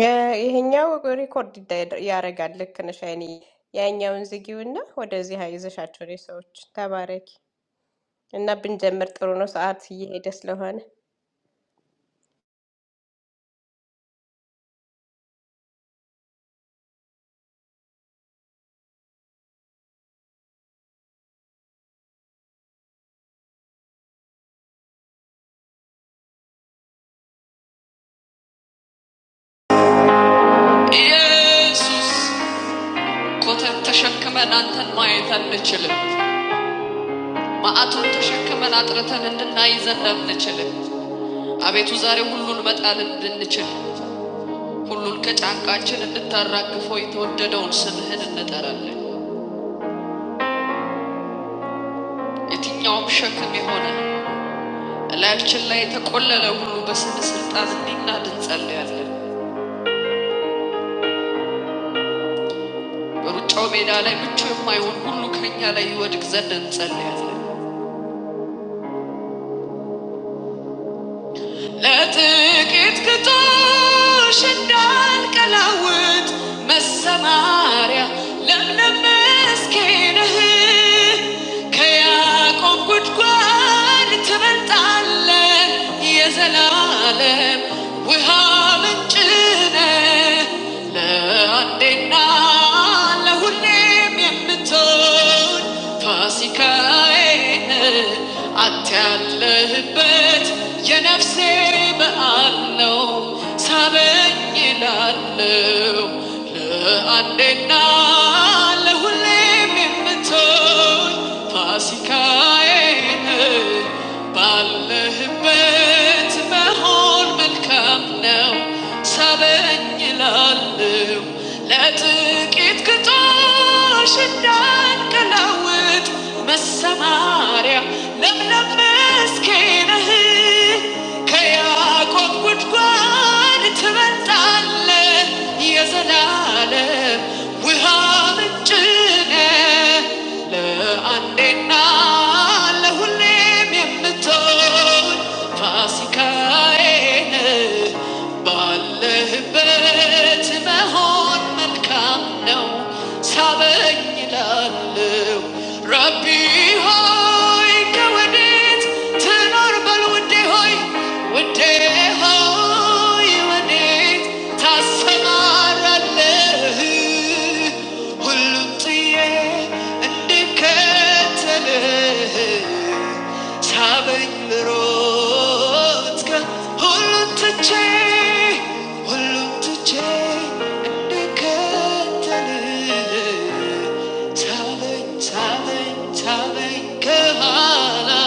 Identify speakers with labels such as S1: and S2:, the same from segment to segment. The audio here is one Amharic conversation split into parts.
S1: እ፣ ይሄኛው ሪኮርድ ይዳ- ያደርጋል። ልክ ነሽ አይኔ። ያኛውን ዝጊውና ወደዚህ አይዘሻቸው ነው ሰዎች ተባረኪ እና ብንጀምር ጥሩ ነው። ሰዓት እየሄደ ስለሆነ
S2: Jesus, what a shock when I turn my head and see him. What a shock when I turn and see the nails and the chains. I've been to Zarehulul but I didn't see him. Zarehulul's got an ancient tower that's been around since the days of the Romans. It's in no shape to be home. I left Chile to go to Zarehulul, but I didn't see him. I didn't see him. I went to Zarehulul, but I didn't see him. Let it get caught, shut down, collude, mess up, Maria. Let me mask it, nah. Can you keep it quiet? When it's all a disaster, we're all in tune. Le andenal le hunem yem teol fasikaen atel le hibet ye nafse be alno saben yin alno le andenal le hunem yem teol fasikaen bal le hibet be hol mel kap. Now, suddenly I knew. Letting it go doesn't mean I'm not aware. Not that I'm scared of it. I just don't want to lose you. Bal hunem yametol, fasikaene. Bal hubej mehon man kanou saben yalaou. Rabi hoy, wadet ta nor balude hoy, wade hoy wadet ta samaraleh. Hulu tye ande katele, sabay roads ka hulu tche, hulu tche ande katele, sabay sabay sabay kehala.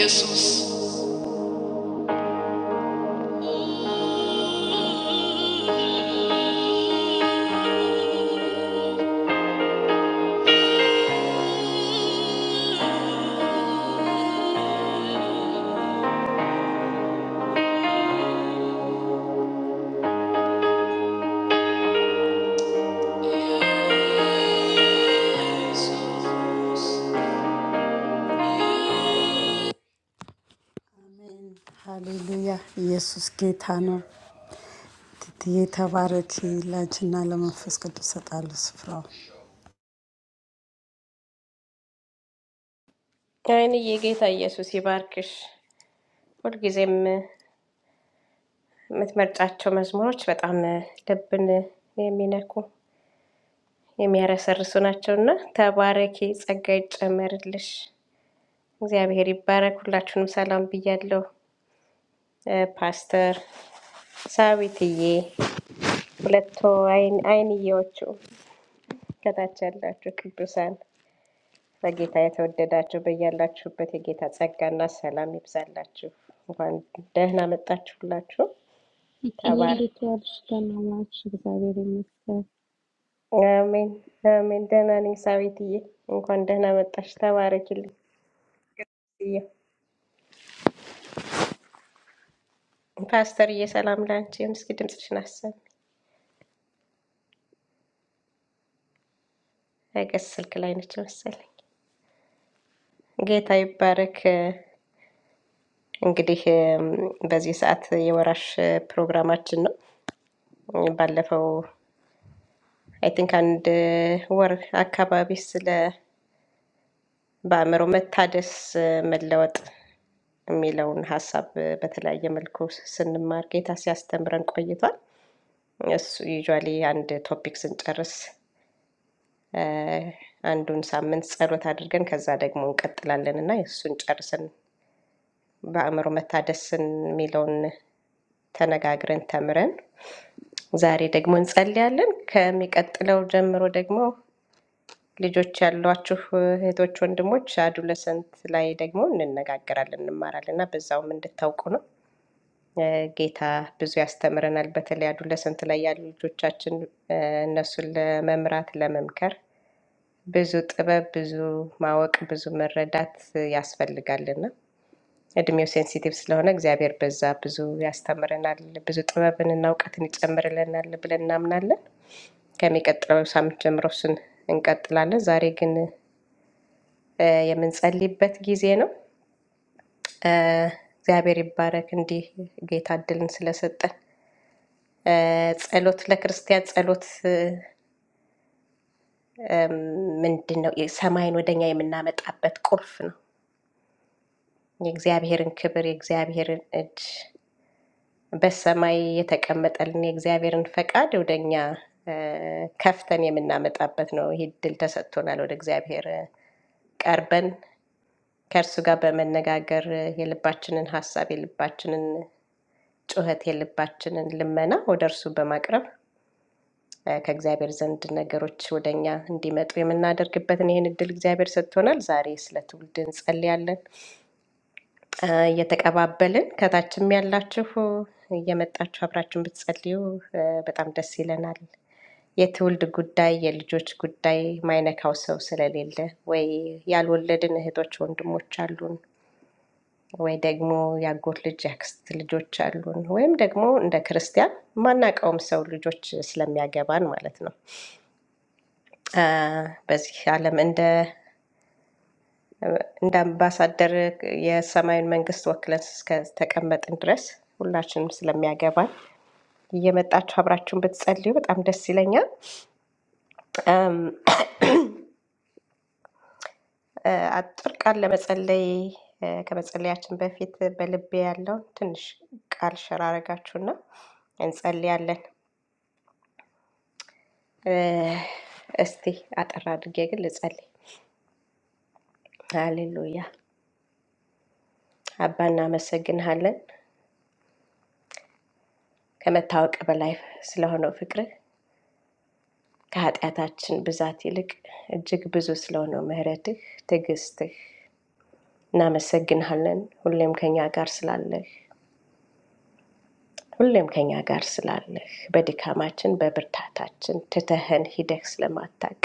S2: Yes.
S1: አይንዬ፣ ጌታ ኢየሱስ ይባርክሽ። ሁልጊዜም የምትመርጫቸው መዝሙሮች በጣም ልብን የሚነኩ የሚያረሰርሱ ናቸው እና ተባረኪ፣ ጸጋ ይጨመርልሽ። እግዚአብሔር ይባረክ። ሁላችሁንም ሰላም ብያለሁ። እ፣ ፓስተር ሳዊትዬ ሁለቱ አይን አይንዬዎቹ ከታች ያላችሁ ቅዱሳን በጌታ የተወደዳችሁ በያላችሁበት የጌታ ጸጋና ሰላም ይብዛላችሁ። እንኳን ደህና መጣችሁላችሁ።
S3: ቲቲዬ
S1: ተባረ
S3: እንዴት ዋልሽ? ደህና ዋልሽ? እግዚአብሔር ይመስገን።
S1: አሜን አሜን። ደህና ነኝ ሳዊትዬ፣ እንኳን ደህና መጣሽ። ተባረኪልኝ። ዬ- ፓስተርዬ ሰላም ለአንቺ ይሁን። እስኪ ድምፅሽን አሰሚ። አይገስ ስልክ ላይ ነች መሰለኝ። ጌታ ይባረክ። እንግዲህ እም፣ በዚህ ሰዓት የወራሽ ፕሮግራማችን ነው። ባለፈው አይ ቲንክ አንድ uh, ወር አካባቢ ስለ በአእምሮ መታደስ uh, መለወጥ የሚለውን ሀሳብ uh, በተለያየ መልኩ ስንማር ጌታ ሲያስተምረን ቆይቷል። እሱ ዩዥዋሊ አንድ ቶፒክ ስንጨርስ አ፣ አንዱን ሳምንት ጸሎት አድርገን ከዛ ደግሞ እንቀጥላለን እና እሱን ጨርሰን በአእምሮ መታደስን የሚለውን ተነጋግረን ተምረን ዛሬ ደግሞ እንጸልያለን። ከሚቀጥለው ጀምሮ ደግሞ ልጆች ያሏችሁ እህቶች፣ ወንድሞች አዱለሰንት ላይ ደግሞ እንነጋገራለን፣ እንማራለን እና በዛውም እንድታውቁ ነው። እ፣ ጌታ ብዙ ያስተምረናል። በተለይ አዱለሰንት ላይ ያሉ ልጆቻችን እ፣ እነሱን ለመምራት ለመምከር ብዙ ጥበብ፣ ብዙ ማወቅ፣ ብዙ መረዳት ያስፈልጋልና እድሜው ሴንሲቲቭ ስለሆነ እግዚአብሔር በዛ ብዙ ያስተምረናል፣ ብዙ ጥበብንና እውቀትን ይጨምርልናል ብለን እናምናለን። ከሚቀጥለው ሳምንት ጀምሮ እሱን እንቀጥላለን። ዛሬ ግን እ የምንጸልይበት ጊዜ ነው። እ እግዚአብሔር ይባረክ እንዲህ ጌታ እድልን ስለሰጠን። እ ጸሎት ለክርስቲያን ጸሎት እ ምንድን ነው? ሰማይን ወደኛ የምናመጣበት ቁልፍ ነው። የእግዚአብሔርን ክብር የእግዚአብሔርን እጅ በሰማይ የተቀመጠልን የእግዚአብሔርን ፈቃድ ወደኛ እ ከፍተን የምናመጣበት ነው። ይህ እድል ተሰጥቶናል። ወደ እግዚአብሔር ቀርበን ከእርሱ ጋር በመነጋገር የልባችንን ሀሳብ የልባችንን ጩኸት የልባችንን ልመና ወደ እርሱ በማቅረብ ከእግዚአብሔር ዘንድ ነገሮች ወደ እኛ እንዲመጡ የምናደርግበትን ይህን እድል እግዚአብሔር ሰጥቶናል። ዛሬ ስለ ትውልድ እንጸልያለን አ፣ እየተቀባበልን ከታችም ያላችሁ እየመጣችሁ አብራችሁን ብትጸልዩ እ፣ በጣም ደስ ይለናል። የትውልድ ጉዳይ፣ የልጆች ጉዳይ ማይነካው ሰው ስለሌለ ወይ ያልወለድን እህቶች ወንድሞች አሉን ወይ ደግሞ የአጎት ልጅ የአክስት ልጆች አሉን፣ ወይም ደግሞ እንደ ክርስቲያን ማናቀውም ሰው ልጆች ስለሚያገባን ማለት ነው። አ፣ በዚህ ዓለም እንደ እንደ አምባሳደር የሰማዩን መንግስት ወክለን እስከተቀመጥን ድረስ ሁላችንም ስለሚያገባን እየመጣችሁ አብራችሁን ብትጸልዩ በጣም ደስ ይለኛል። አም፣ አ፣ አጭር ቃል ለመጸለይ አ፣ ከመጸለያችን በፊት በልቤ ያለውን ትንሽ ቃል ሸራረጋችሁና እንጸልያለን። እስቲ አጠር አድርጌ ግን ልጸልይ። ሃሌሉያ። አባ እናመሰግንሃለን ከመታወቅ በላይ ስለሆነው ፍቅርህ፣ ከኃጢአታችን ብዛት ይልቅ እጅግ ብዙ ስለሆነው ምሕረትህ፣ ትዕግስትህ እናመሰግንሃለን። ሁሌም ከኛ ጋር ስላለህ ሁሌም ከኛ ጋር ስላለህ በድካማችን በብርታታችን ትተህን ሂደህ ስለማታቅ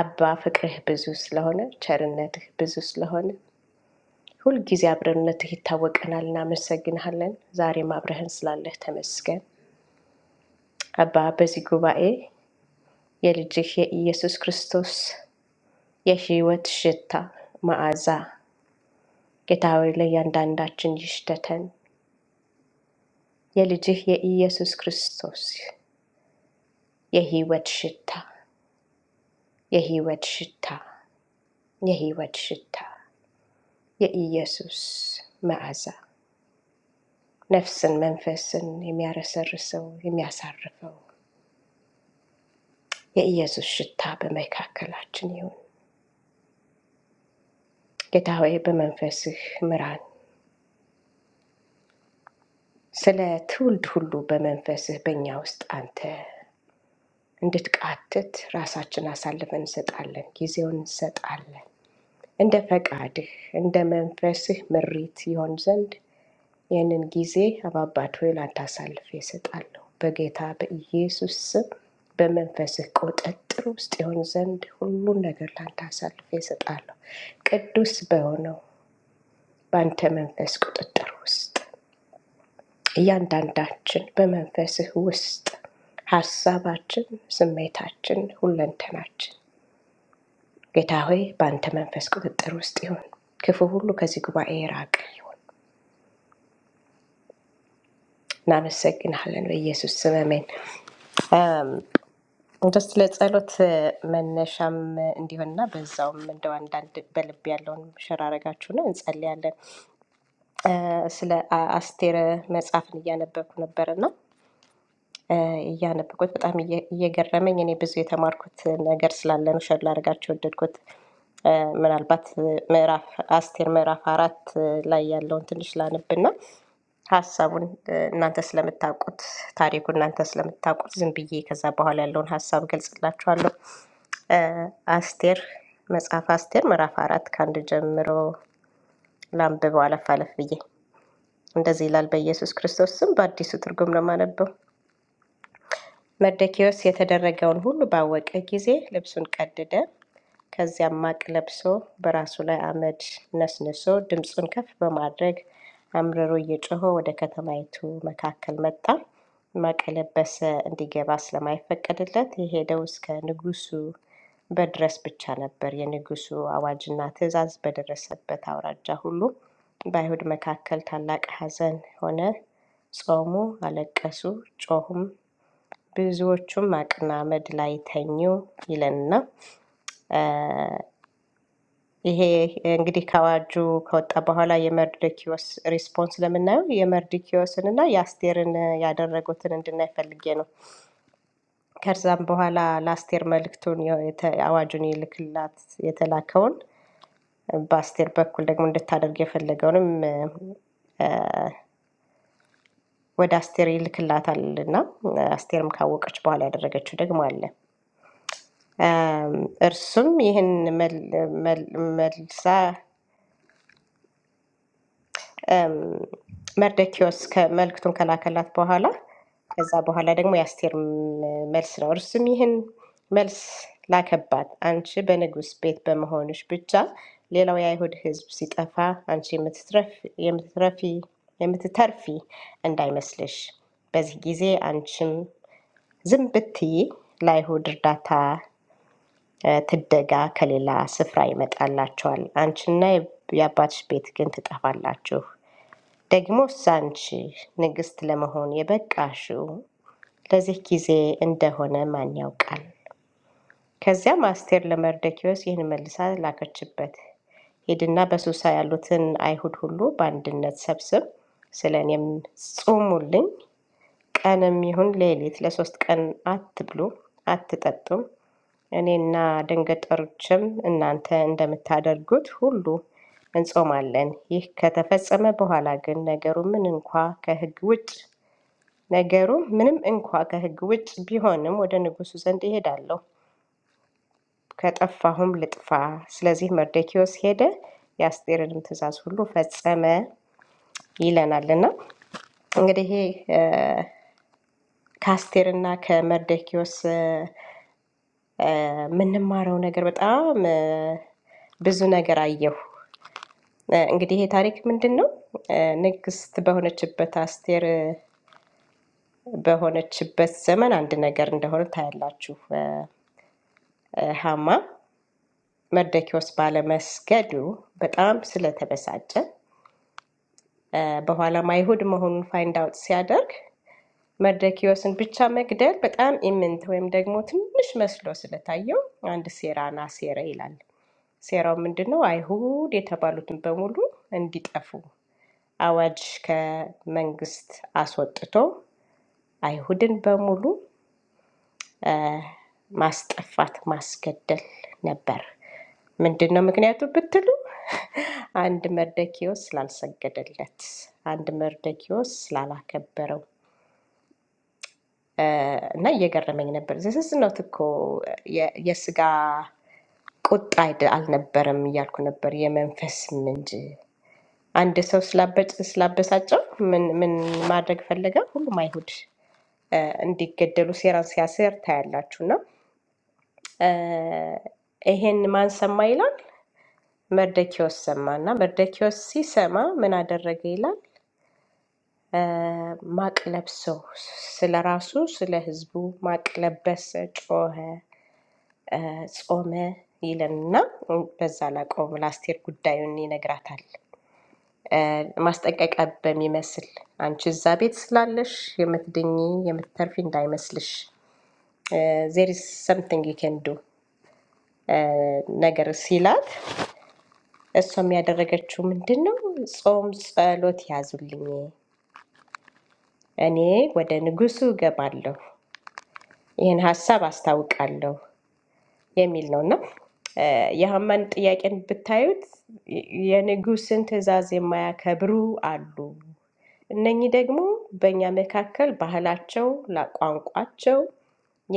S1: አባ ፍቅርህ ብዙ ስለሆነ ቸርነትህ ብዙ ስለሆነ ሁልጊዜ አብረንነትህ ይታወቀናል፣ እናመሰግንሃለን። ዛሬም አብረህን ስላለህ ተመስገን። አባ በዚህ ጉባኤ የልጅህ የኢየሱስ ክርስቶስ የህይወት ሽታ መዓዛ ጌታ ሆይ ለእያንዳንዳችን ይሽተተን። የልጅህ የኢየሱስ ክርስቶስ የህይወት ሽታ የህይወት ሽታ የህይወት ሽታ የኢየሱስ መዓዛ ነፍስን መንፈስን የሚያረሰርሰው የሚያሳርፈው የኢየሱስ ሽታ በመካከላችን ይሁን። ጌታ ሆይ በመንፈስህ ምራን። ስለ ትውልድ ሁሉ በመንፈስህ በእኛ ውስጥ አንተ እንድትቃትት ራሳችን አሳልፈን እንሰጣለን፣ ጊዜውን እንሰጣለን። እንደ ፈቃድህ እንደ መንፈስህ ምሪት ይሆን ዘንድ ይህንን ጊዜ አባባት ሆይ ላንተ አሳልፌ እሰጣለሁ። በጌታ በኢየሱስ ስም በመንፈስህ ቁጥጥር ውስጥ ይሆን ዘንድ ሁሉን ነገር ላንተ አሳልፌ እሰጣለሁ። ቅዱስ በሆነው በአንተ መንፈስ ቁጥጥር ውስጥ እያንዳንዳችን በመንፈስህ ውስጥ ሀሳባችን፣ ስሜታችን፣ ሁለንተናችን ጌታ ሆይ በአንተ መንፈስ ቁጥጥር ውስጥ ይሁን። ክፉ ሁሉ ከዚህ ጉባኤ የራቀ ይሁን። እናመሰግናለን በኢየሱስ ስም አሜን። እንደስ ለጸሎት መነሻም እንዲሆንና በዛውም እንደው አንዳንድ በልብ ያለውን ሸር አረጋችሁ ነው እንጸልያለን። አ፣ ስለ አ- አስቴር መጽሐፍን እያነበብኩ ነበርና እያነበብኩት በጣም እየ- እየገረመኝ እኔ ብዙ የተማርኩት ነገር ስላለ ነው ሸር ላደርጋችሁ ወደድኩት። እ፣ ምናልባት እ፣ ምዕራፍ አስቴር ምዕራፍ አራት እ፣ ላይ ያለውን ትንሽ ላነብና ሀሳቡን እ፣ እናንተ ስለምታውቁት ታሪኩ እናንተ ስለምታውቁት ዝም ብዬ ከዛ በኋላ ያለውን ሀሳብ ገልጽላችኋለሁ። እ፣ አስቴር መጽሐፍ አስቴር ምዕራፍ አራት ከአንድ ጀምሮ ላንብበው አለፍ አለፍ ብዬ እንደዚህ ይላል። በኢየሱስ ክርስቶስ ስም በአዲሱ ትርጉም ነው የማነበው። መርዶክዮስ የተደረገውን ሁሉ ባወቀ ጊዜ ልብሱን ቀደደ። ከዚያም ማቅ ለብሶ በራሱ ላይ አመድ ነስንሶ ድምፁን ከፍ በማድረግ አምርሮ እየጮኸ ወደ ከተማይቱ መካከል መጣ። ማቅ የለበሰ እንዲገባ ስለማይፈቀድለት የሄደው እስከ ንጉሡ በድረስ ብቻ ነበር። የንጉሡ አዋጅና ትእዛዝ በደረሰበት አውራጃ ሁሉ በአይሁድ መካከል ታላቅ ሐዘን ሆነ። ጾሙ፣ አለቀሱ፣ ጮሁም። ብዙዎቹም አቅማመድ ላይ ተኙ ይለንና ይሄ እንግዲህ ከአዋጁ ከወጣ በኋላ የመርዶኪዎስ ሪስፖንስ ለምናየው የመርዶኪዎስን እና የአስቴርን ያደረጉትን እንድናይ ፈልጌ ነው። ከዛም በኋላ ለአስቴር መልእክቱን የተ- አዋጁን ይልክላት የተላከውን በአስቴር በኩል ደግሞ እንድታደርግ የፈለገውንም እ፣ ወደ አስቴር ይልክላታል እና አስቴርም ካወቀች በኋላ ያደረገችው ደግሞ አለ። እርሱም ይህን መል- መል- መልሳ እም፣ መርደኪዎስ ከ- መልእክቱን ከላከላት በኋላ ከዛ በኋላ ደግሞ የአስቴር ም- መልስ ነው። እርሱም ይህን መልስ ላከባት፣ አንቺ በንጉሥ ቤት በመሆንሽ ብቻ ሌላው የአይሁድ ሕዝብ ሲጠፋ አንቺ የምትትረፍ- የምትትረፊ የምትተርፊ እንዳይመስልሽ። በዚህ ጊዜ አንቺም ዝም ብትይ ለአይሁድ እርዳታ ትደጋ ከሌላ ስፍራ ይመጣላቸዋል። አንቺና የአባትሽ ቤት ግን ትጠፋላችሁ። ደግሞስ አንቺ ንግሥት ለመሆን የበቃሽው ለዚህ ጊዜ እንደሆነ ማን ያውቃል? ከዚያም አስቴር ለመርደኪዎስ ይህን መልሳ ላከችበት። ሂድና በሱሳ ያሉትን አይሁድ ሁሉ በአንድነት ሰብስብ፣ ስለ እኔም ጹሙልኝ ቀንም ይሁን ሌሊት ለሶስት ቀን አትብሉ አትጠጡም፣ እኔና ደንገጠሮችም እናንተ እንደምታደርጉት ሁሉ እንጾማለን። ይህ ከተፈጸመ በኋላ ግን ነገሩ ምን እንኳ ከሕግ ውጭ ነገሩ ምንም እንኳ ከሕግ ውጭ ቢሆንም ወደ ንጉሡ ዘንድ እሄዳለሁ፣ ከጠፋሁም ልጥፋ። ስለዚህ መርዶክዮስ ሄደ፣ የአስቴርንም ትእዛዝ ሁሉ ፈጸመ ይለናልና እንግዲህ ይሄ ከአስቴርና ከመርዶክዮስ የምንማረው ነገር በጣም ብዙ ነገር አየሁ። እንግዲህ ይሄ ታሪክ ምንድን ነው? ንግስት በሆነችበት አስቴር በሆነችበት ዘመን አንድ ነገር እንደሆነ ታያላችሁ። ሀማ መርደኪዎስ ባለመስገዱ በጣም ስለተበሳጨ በኋላም አይሁድ መሆኑን ፋይንድ አውት ሲያደርግ መርደኪዮስን ብቻ መግደል በጣም ኢምንት ወይም ደግሞ ትንሽ መስሎ ስለታየው አንድ ሴራና ሴረ ይላል። ሴራው ምንድን ነው? አይሁድ የተባሉትን በሙሉ እንዲጠፉ አዋጅ ከመንግስት አስወጥቶ አይሁድን በሙሉ አ፣ ማስጠፋት ማስገደል ነበር። ምንድን ነው ምክንያቱ ብትሉ አንድ መርደኪዮስ ስላልሰገደለት፣ አንድ መርደኪዮስ ስላላከበረው እና እየገረመኝ ነበር። ዘሰዝነት እኮ የ- የስጋ ቁጣ አይደ- አልነበረም እያልኩ ነበር፣ የመንፈስም እንጂ። አንድ ሰው ስላበጭ ስላበሳጨው ምን ምን ማድረግ ፈለገ? ሁሉም አይሁድ እ፣ እንዲገደሉ ሴራን ሲያሴር ታያላችሁ። እና እ፣ ይሄን ማን ሰማ ይላል? መርደኪዎስ ሰማ እና መርደኪዎስ ሲሰማ ምን አደረገ ይላል? እ፣ ማቅ ለብሶ ስለ ራሱ ስለ ህዝቡ ማቅ ለበሰ፣ ጮኸ። ጾመ ይለንና በዛ ላቆም ለአስቴር ጉዳዩን ይነግራታል። እ፣ ማስጠንቀቂያ በሚመስል አንቺ እዛ ቤት ስላለሽ የምትድኝ የምትተርፊ እንዳይመስልሽ ዜሪስ ሰምቲንግ ኬንዱ ነገር ሲላት እሷም ያደረገችው ምንድን ነው? ጾም ጸሎት ያዙልኝ፣ እኔ ወደ ንጉሱ እገባለሁ፣ ይህን ሀሳብ አስታውቃለሁ የሚል ነው እና የሀማን ጥያቄን ብታዩት የንጉስን ትእዛዝ የማያከብሩ አሉ። እነኚህ ደግሞ በእኛ መካከል ባህላቸው፣ ቋንቋቸው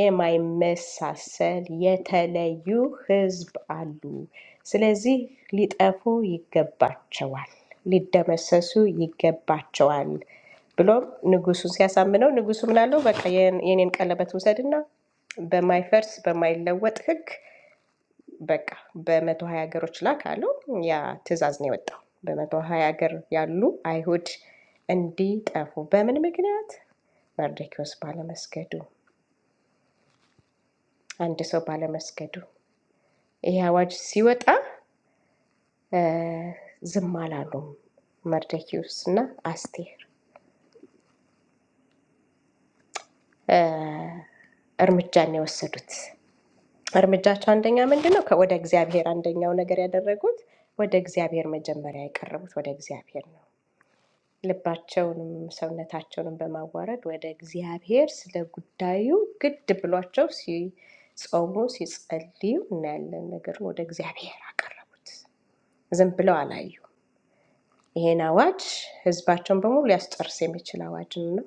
S1: የማይመሳሰል የተለዩ ህዝብ አሉ። ስለዚህ ሊጠፉ ይገባቸዋል፣ ሊደመሰሱ ይገባቸዋል ብሎም ንጉሱን ሲያሳምነው ንጉሱ ምናለው በቃ የኔን ቀለበት ውሰድና በማይፈርስ በማይለወጥ ህግ በቃ በመቶ ሀያ ሀገሮች ላክ አለው። ያ ትዕዛዝ ነው የወጣው። በመቶ ሀያ ሀገር ያሉ አይሁድ እንዲጠፉ በምን ምክንያት? መርዶክዮስ ባለመስገዱ፣ አንድ ሰው ባለመስገዱ። ይህ አዋጅ ሲወጣ እ ዝም አላሉም መርዶክዮስ እና አስቴር እርምጃን ነው የወሰዱት። እርምጃቸው አንደኛ ምንድን ነው? ከወደ እግዚአብሔር አንደኛው ነገር ያደረጉት ወደ እግዚአብሔር መጀመሪያ የቀረቡት ወደ እግዚአብሔር ነው። ልባቸውንም ሰውነታቸውንም በማዋረድ ወደ እግዚአብሔር ስለ ጉዳዩ ግድ ብሏቸው ሲጾሙ ሲጸልዩ እናያለን። ነገሩን ወደ እግዚአብሔር አቀረቡት፣ ዝም ብለው አላዩ። ይሄን አዋጅ ህዝባቸውን በሙሉ ሊያስጨርስ የሚችል አዋጅ ነው።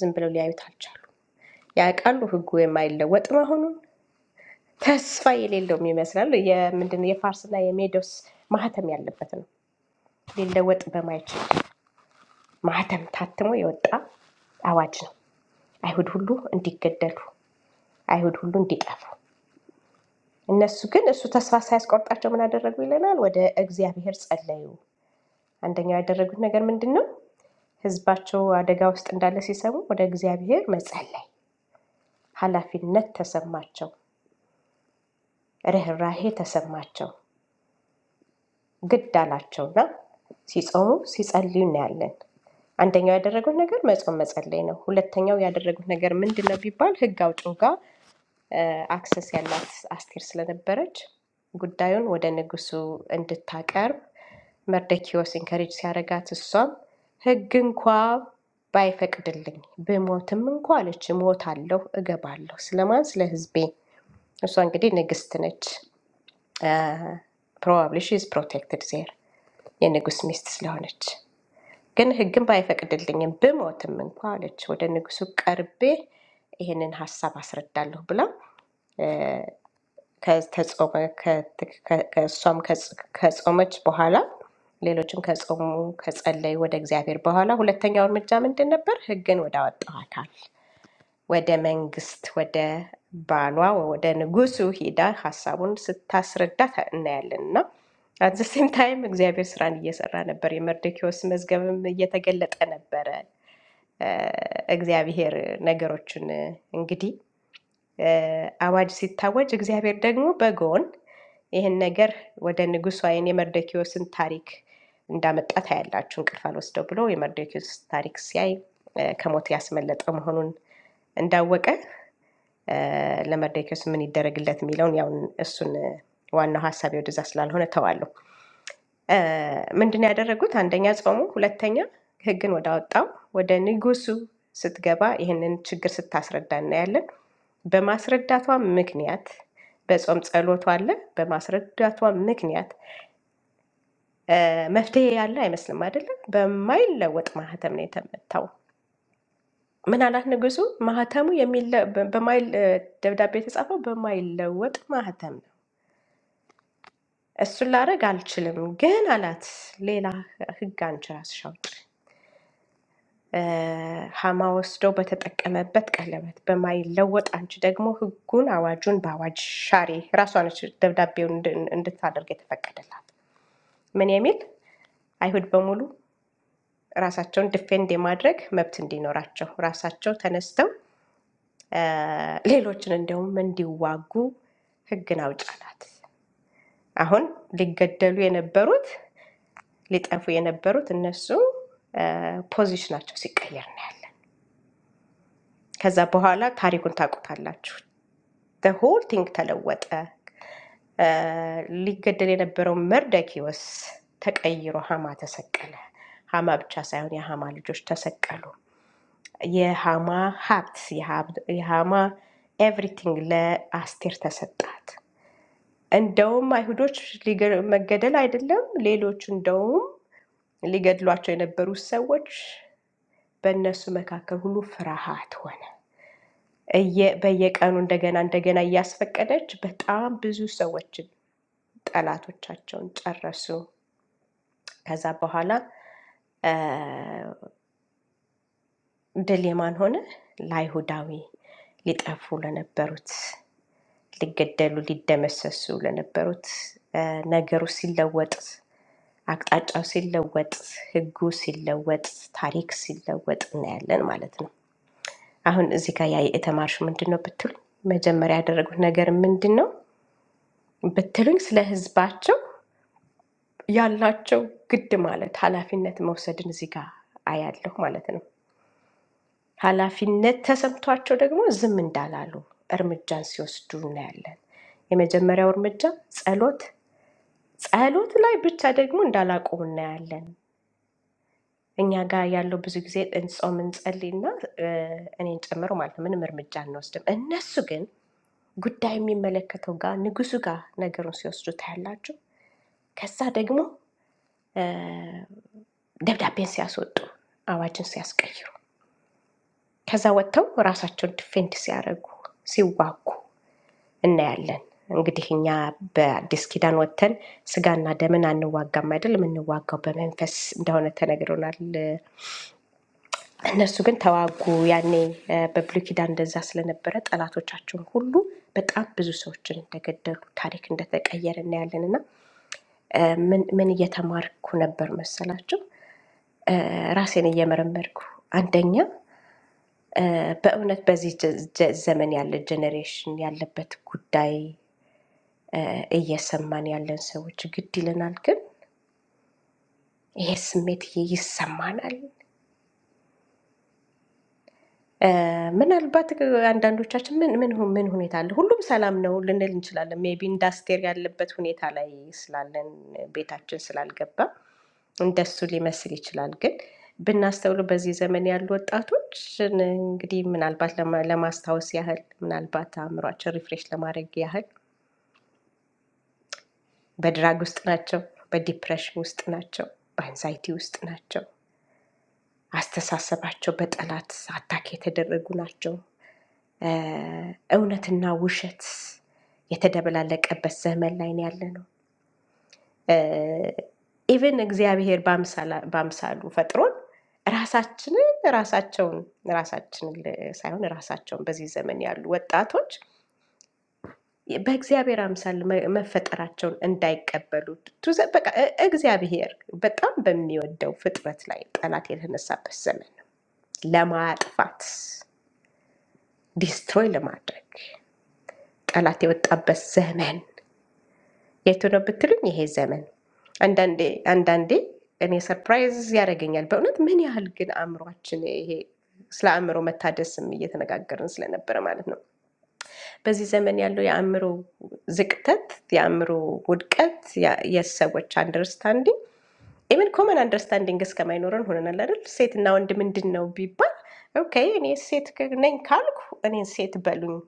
S1: ዝም ብለው ሊያዩት አልቻሉም። ያውቃሉ ህጉ የማይለወጥ መሆኑን። ተስፋ የሌለውም ይመስላል። የምንድን ነው የፋርስና የሜዶስ ማህተም ያለበት ነው። ሊለወጥ በማይችል ማህተም ታትሞ የወጣ አዋጅ ነው። አይሁድ ሁሉ እንዲገደሉ፣ አይሁድ ሁሉ እንዲጠፉ። እነሱ ግን እሱ ተስፋ ሳያስቆርጣቸው ምን አደረጉ ይለናል? ወደ እግዚአብሔር ጸለዩ። አንደኛው ያደረጉት ነገር ምንድን ነው? ህዝባቸው አደጋ ውስጥ እንዳለ ሲሰሙ ወደ እግዚአብሔር መጸለይ፣ ኃላፊነት ተሰማቸው፣ ርኅራሄ ተሰማቸው፣ ግድ አላቸውና ሲጾሙ ሲጸልዩ እናያለን። አንደኛው ያደረጉት ነገር መጾም መጸለይ ነው። ሁለተኛው ያደረጉት ነገር ምንድን ነው ቢባል ህግ አውጪው ጋር አክሰስ ያላት አስቴር ስለነበረች ጉዳዩን ወደ ንጉሱ እንድታቀርብ መርደኪዎስ ኢንከሬጅ ሲያደርጋት እሷም ህግ እንኳ ባይፈቅድልኝ ብሞትም እንኳ አለች እሞታለሁ፣ እገባለሁ። ስለማን? ስለ ህዝቤ። እሷ እንግዲህ ንግስት ነች። ፕሮባብሊ ሺ ኢዝ ፕሮቴክትድ ዜር የንጉስ ሚስት ስለሆነች፣ ግን ህግም ባይፈቅድልኝም ብሞትም እንኳ አለች ወደ ንጉሱ ቀርቤ ይህንን ሀሳብ አስረዳለሁ ብላ ከተጾመ ከት- ከ- ከእሷም ከጽ- ከጾመች በኋላ ሌሎችም ከጾሙ ከጸለዩ ወደ እግዚአብሔር በኋላ ሁለተኛው እርምጃ ምንድን ነበር? ሕግን ወደ አወጣው አካል ወደ መንግስት ወደ ባሏ ወደ ንጉሱ ሂዳ ሀሳቡን ስታስረዳ ታ- እናያለን እና አዘሴም ታይም እግዚአብሔር ስራን እየሰራ ነበር። የመርዶኪዎስ መዝገብም እየተገለጠ ነበረ። እ፣ እግዚአብሔር ነገሮችን እንግዲህ አዋጅ ሲታወጅ እግዚአብሔር ደግሞ በጎን ይህን ነገር ወደ ንጉሡ ዓይን የመርዶክዮስን ታሪክ እንዳመጣ ታያላችሁ። እንቅልፍ አልወስደው ብሎ የመርዶክዮስ ታሪክ ሲያይ እ፣ ከሞት ያስመለጠ መሆኑን እንዳወቀ እ፣ ለመርዶክዮስ ምን ይደረግለት የሚለውን ያውን እሱን እ፣ ዋናው ሀሳቤ ወደዛ ስላልሆነ ተዋለሁ። ምንድን ያደረጉት? አንደኛ ጾሙ፣ ሁለተኛ ሕግን ወደ አወጣው ወደ ንጉሱ ስትገባ ይህንን ችግር ስታስረዳ እናያለን። በማስረዳቷ ምክንያት በጾም ጸሎቷ አለ። በማስረዳቷ ምክንያት እ፣ መፍትሄ ያለ አይመስልም አይደለም። በማይለወጥ ማህተም ነው የተመታው። ምን አላት ንጉሱ? ማህተሙ የሚለ- በ- በማይል እ፣ ደብዳቤ የተጻፈው በማይለወጥ ማህተም ነው። እሱን ላረግ አልችልም፣ ግን አላት ሌላ ሕግ አንቺ ራስሽ አውጪ ሀማ ወስደው በተጠቀመበት ቀለበት በማይለወጥ አንቺ ደግሞ ህጉን አዋጁን በአዋጅ ሻሪ ራሷ ነች ደብዳቤውን እንድ- እንድታደርግ የተፈቀደላት። ምን የሚል አይሁድ በሙሉ ራሳቸውን ዲፌንድ የማድረግ መብት እንዲኖራቸው ራሳቸው ተነስተው አ፣ ሌሎችን እንዲያውም እንዲዋጉ ህግን አውጭ አላት። አሁን ሊገደሉ የነበሩት ሊጠፉ የነበሩት እነሱ አ፣ ፖዚሽናቸው ሲቀየር እናያለን። ከዛ በኋላ ታሪኩን ታውቁታላችሁ። ሆል ቲንግ ተለወጠ። ሊገደል የነበረው መርደኪዎስ ተቀይሮ ሀማ ተሰቀለ። ሀማ ብቻ ሳይሆን የሀማ ልጆች ተሰቀሉ። የሀማ ሀብት፣ የሀብ- የሀማ ኤቭሪቲንግ ለአስቴር ተሰጣት። እንደውም አይሁዶች ሊገ- መገደል አይደለም ሌሎች እንደውም ሊገድሏቸው የነበሩ ሰዎች በእነሱ መካከል ሁሉ ፍርሃት ሆነ። እየ- በየቀኑ እንደገና እንደገና እያስፈቀደች በጣም ብዙ ሰዎች ጠላቶቻቸውን ጨረሱ። ከዛ በኋላ ድል የማን ሆነ? ለአይሁዳዊ ሊጠፉ ለነበሩት ሊገደሉ ሊደመሰሱ ለነበሩት እ፣ ነገሩ ሲለወጥ አቅጣጫው ሲለወጥ ህጉ ሲለወጥ ታሪክ ሲለወጥ እናያለን ማለት ነው። አሁን እዚህ ጋር ያ የተማርሹ ምንድን ነው ብትሉኝ፣ መጀመሪያ ያደረጉት ነገር ምንድን ነው ብትሉኝ፣ ስለ ህዝባቸው ያላቸው ግድ ማለት ኃላፊነት መውሰድን እዚህ ጋር አያለሁ ማለት ነው። ኃላፊነት ተሰምቷቸው ደግሞ ዝም እንዳላሉ እርምጃን ሲወስዱ እናያለን። የመጀመሪያው እርምጃ ጸሎት፣ ጸሎት ላይ ብቻ ደግሞ እንዳላቆሙ እናያለን። እኛ ጋር ያለው ብዙ ጊዜ እንጾም እንጸልይና እ፣ እኔን ጨምሮ ማለት ነው ምንም እርምጃ አንወስድም። እነሱ ግን ጉዳይ የሚመለከተው ጋር ንጉሱ ጋር ነገሩን ሲወስዱ ታያላችሁ። ከዛ ደግሞ ደብዳቤን ሲያስወጡ፣ አዋጅን ሲያስቀይሩ፣ ከዛ ወጥተው ራሳቸውን ዲፌንድ ሲያደርጉ፣ ሲዋጉ እናያለን። እንግዲህ እኛ በአዲስ ኪዳን ወጥተን ስጋና ደምን አንዋጋም አይደል? የምንዋጋው በመንፈስ እንደሆነ ተነግሮናል። እነሱ ግን ተዋጉ። ያኔ እ፣ በብሉይ ኪዳን እንደዛ ስለነበረ ጠላቶቻቸውን ሁሉ በጣም ብዙ ሰዎችን እንደገደሉ ታሪክ እንደተቀየረ እናያለን። እና እ፣ ምን ምን እየተማርኩ ነበር መሰላቸው? እ፣ ራሴን እየመረመርኩ አንደኛ በእውነት በዚህ ጀ- ጀ- ዘመን ያለ ጀኔሬሽን ያለበት ጉዳይ እ፣ እየሰማን ያለን ሰዎች ግድ ይለናል። ግን ይሄ ስሜት ይሄ ይሰማናል። እ፣ ምናልባት አንዳንዶቻችን ምን ምን ሁ- ምን ሁኔታ አለ ሁሉም ሰላም ነው ልንል እንችላለን። ሜቢ ኢንዳስቴር ያለበት ሁኔታ ላይ ስላለን ቤታችን ስላልገባ እንደሱ ሊመስል ይችላል። ግን ብናስተውለው በዚህ ዘመን ያሉ ወጣቶች እንግዲህ ምናልባት ለማ- ለማስታወስ ያህል ምናልባት አእምሯችን ሪፍሬሽ ለማድረግ ያህል በድራግ ውስጥ ናቸው፣ በዲፕሬሽን ውስጥ ናቸው፣ በአንዛይቲ ውስጥ ናቸው። አስተሳሰባቸው በጠላት አታክ የተደረጉ ናቸው። እ እውነትና ውሸት የተደበላለቀበት ዘመን ላይ ነው ያለ ነው። ኢቨን እግዚአብሔር በአምሳላ- በአምሳሉ ፈጥሮን ራሳችንን ራሳቸውን ራሳችንን ል- ሳይሆን ራሳቸውን በዚህ ዘመን ያሉ ወጣቶች በእግዚአብሔር አምሳል መ- መፈጠራቸውን እንዳይቀበሉ ቱ- በቃ እ- እግዚአብሔር በጣም በሚወደው ፍጥረት ላይ ጠላት የተነሳበት ዘመን ነው። ለማጥፋት ዲስትሮይ ለማድረግ ጠላት የወጣበት ዘመን የቱ ነው ብትሉኝ፣ ይሄ ዘመን አንዳንዴ አንዳንዴ እኔ ሰርፕራይዝ ያደርገኛል በእውነት ምን ያህል ግን አእምሯችን ይሄ ስለ አእምሮ መታደስም እየተነጋገርን ስለነበረ ማለት ነው በዚህ ዘመን ያለው የአእምሮ ዝቅተት፣ የአእምሮ ውድቀት፣ የሰዎች አንደርስታንዲንግ ኢቨን ኮመን አንደርስታንዲንግ እስከማይኖረን ሆነናል አይደል? ሴትና ወንድ ምንድን ነው ቢባል ኦኬ እኔ ሴት ነኝ ካልኩ እኔን ሴት በሉኝ።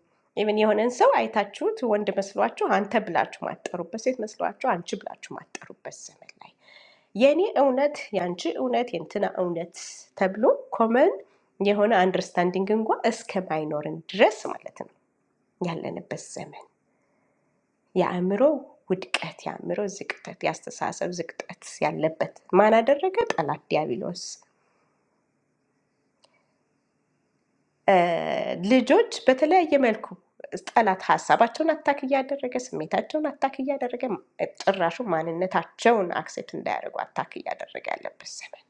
S1: ኢቨን የሆነን ሰው አይታችሁት ወንድ መስሏችሁ አንተ ብላችሁ ማጠሩበት፣ ሴት መስሏችሁ አንቺ ብላችሁ ማጠሩበት ዘመን ላይ የእኔ እውነት፣ የአንቺ እውነት፣ የእንትና እውነት ተብሎ ኮመን የሆነ አንደርስታንዲንግ እንኳ እስከማይኖርን ድረስ ማለት ነው ያለንበት ዘመን የአእምሮ ውድቀት የአእምሮ ዝቅጠት የአስተሳሰብ ዝቅጠት ያለበት ማን አደረገ? ጠላት ዲያብሎስ። እ፣ ልጆች በተለያየ መልኩ ጠላት ሀሳባቸውን አታክ እያደረገ ስሜታቸውን አታክ እያደረገ ጭራሹ ማንነታቸውን አክሴፕት እንዳያደርጉ አታክ እያደረገ ያለበት ዘመን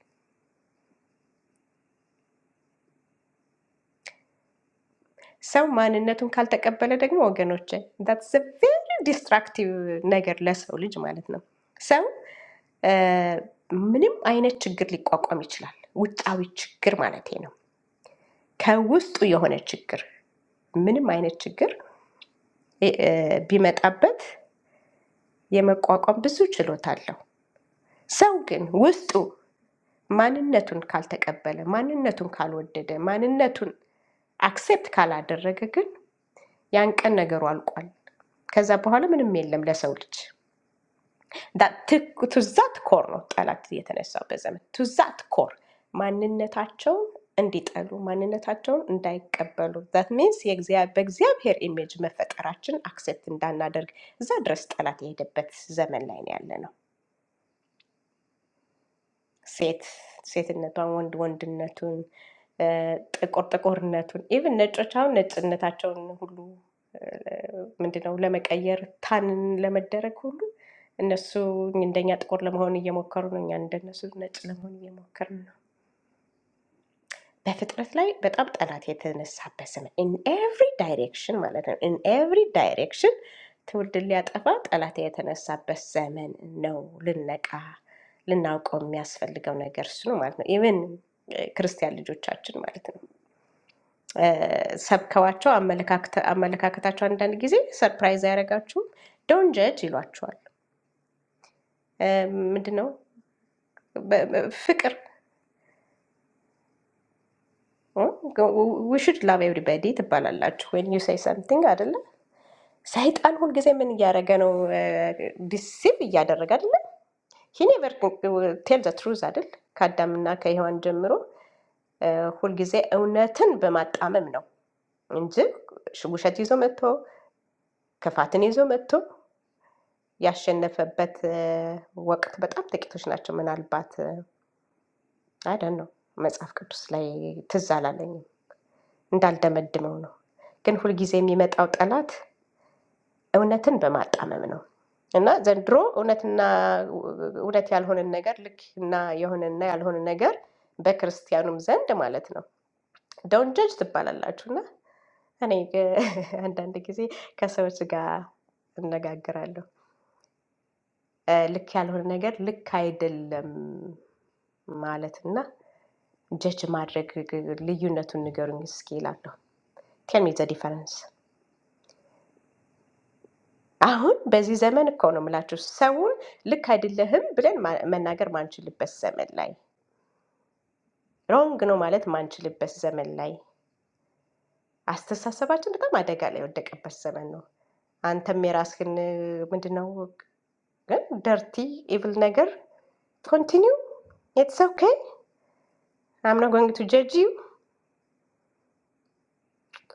S1: ሰው ማንነቱን ካልተቀበለ ደግሞ ወገኖች ዛትስ ቬሪ ዲስትራክቲቭ ነገር ለሰው ልጅ ማለት ነው። ሰው እ፣ ምንም አይነት ችግር ሊቋቋም ይችላል። ውጫዊ ችግር ማለት ነው። ከውስጡ የሆነ ችግር ምንም አይነት ችግር እ- እ ቢመጣበት የመቋቋም ብዙ ችሎታ አለው። ሰው ግን ውስጡ ማንነቱን ካልተቀበለ፣ ማንነቱን ካልወደደ፣ ማንነቱን አክሴፕት ካላደረገ ግን ያን ቀን ነገሩ አልቋል። ከዛ በኋላ ምንም የለም ለሰው ልጅ። ቱዛት ኮር ነው ጠላት የተነሳበት ዘመን። ቱዛት ኮር ማንነታቸውን እንዲጠሉ ማንነታቸውን እንዳይቀበሉ ዛት ሚንስ በእግዚአብሔር ኢሜጅ መፈጠራችን አክሴፕት እንዳናደርግ እዛ ድረስ ጠላት የሄደበት ዘመን ላይ ነው ያለ ነው። ሴት ሴትነቷን ወንድ ወንድነቱን እ፣ ጥቁር ጥቁርነቱን ኢቭን ነጮች አሁን ነጭነታቸውን ሁሉ እ፣ ምንድነው ለመቀየር ታንን ለመደረግ ሁሉ እነሱ እንደኛ ጥቁር ለመሆን እየሞከሩ ነው። እኛ እንደነሱ ነጭ ለመሆን እየሞከርን ነው። በፍጥረት ላይ በጣም ጠላት የተነሳበት ዘመን ኢን ኤቭሪ ዳይሬክሽን ማለት ነው። ኢን ኤቭሪ ዳይሬክሽን ትውልድን ሊያጠፋ ጠላት የተነሳበት ዘመን ነው። ልነቃ ልናውቀው የሚያስፈልገው ነገር እሱ ነው ማለት ነው። ኢቨን ክርስቲያን ልጆቻችን ማለት ነው እ፣ ሰብከዋቸው አመለካከተ- አመለካከታቸው አንዳንድ ጊዜ ሰርፕራይዝ አያደርጋችሁም? ዶን ጀጅ ይሏቸዋል። ምንድን ነው በ- በ- ፍቅር ዊ ሹድ ላቭ ኤቭሪባዲ ትባላላችሁ ወን ዩ ሰይ ሰምቲንግ ሰይጣን ሁልጊዜ ምን እያደረገ ነው? ዲሲቭ እያደረገ አይደለ? ሂኔቨር ቴል ዘ ትሩዝ አይደል? ከአዳምና ከሔዋን ጀምሮ እ፣ ሁልጊዜ እውነትን በማጣመም ነው እንጂ ሽ- ውሸት ይዞ መጥቶ ክፋትን ይዞ መጥቶ ያሸነፈበት እ፣ ወቅት በጣም ጥቂቶች ናቸው። ምናልባት አይደን ነው መጽሐፍ ቅዱስ ላይ ትዝ አላለኝም እንዳልደመድመው ነው። ግን ሁልጊዜ የሚመጣው ጠላት እውነትን በማጣመም ነው። እና ዘንድሮ እውነትና እውነት ያልሆነን ነገር ልክ እና የሆነና ያልሆነ ነገር በክርስቲያኑም ዘንድ ማለት ነው ዶን ጀጅ ትባላላችሁ። እና እኔ ግ- አንዳንድ ጊዜ ከሰዎች ጋር እነጋገራለሁ እ፣ ልክ ያልሆነ ነገር ልክ አይደለም ማለትና ጀጅ ማድረግ ግ- ልዩነቱን ንገሩኝ እስኪ ይላለሁ። ቴል ሚ ዘ ዲፈረንስ አሁን በዚህ ዘመን እኮ ነው የምላችሁ ሰውን ልክ አይደለህም ብለን ማ- መናገር ማንችልበት ዘመን ላይ ሮንግ ነው ማለት ማንችልበት ዘመን ላይ አስተሳሰባችን በጣም አደጋ ላይ የወደቀበት ዘመን ነው። አንተም የራስህን ምንድነው ግን ደርቲ ኢቭል ነገር ኮንቲኒው ኢትስ ኦኬ አምና ጎንግ ቱ ጀጅ ዩ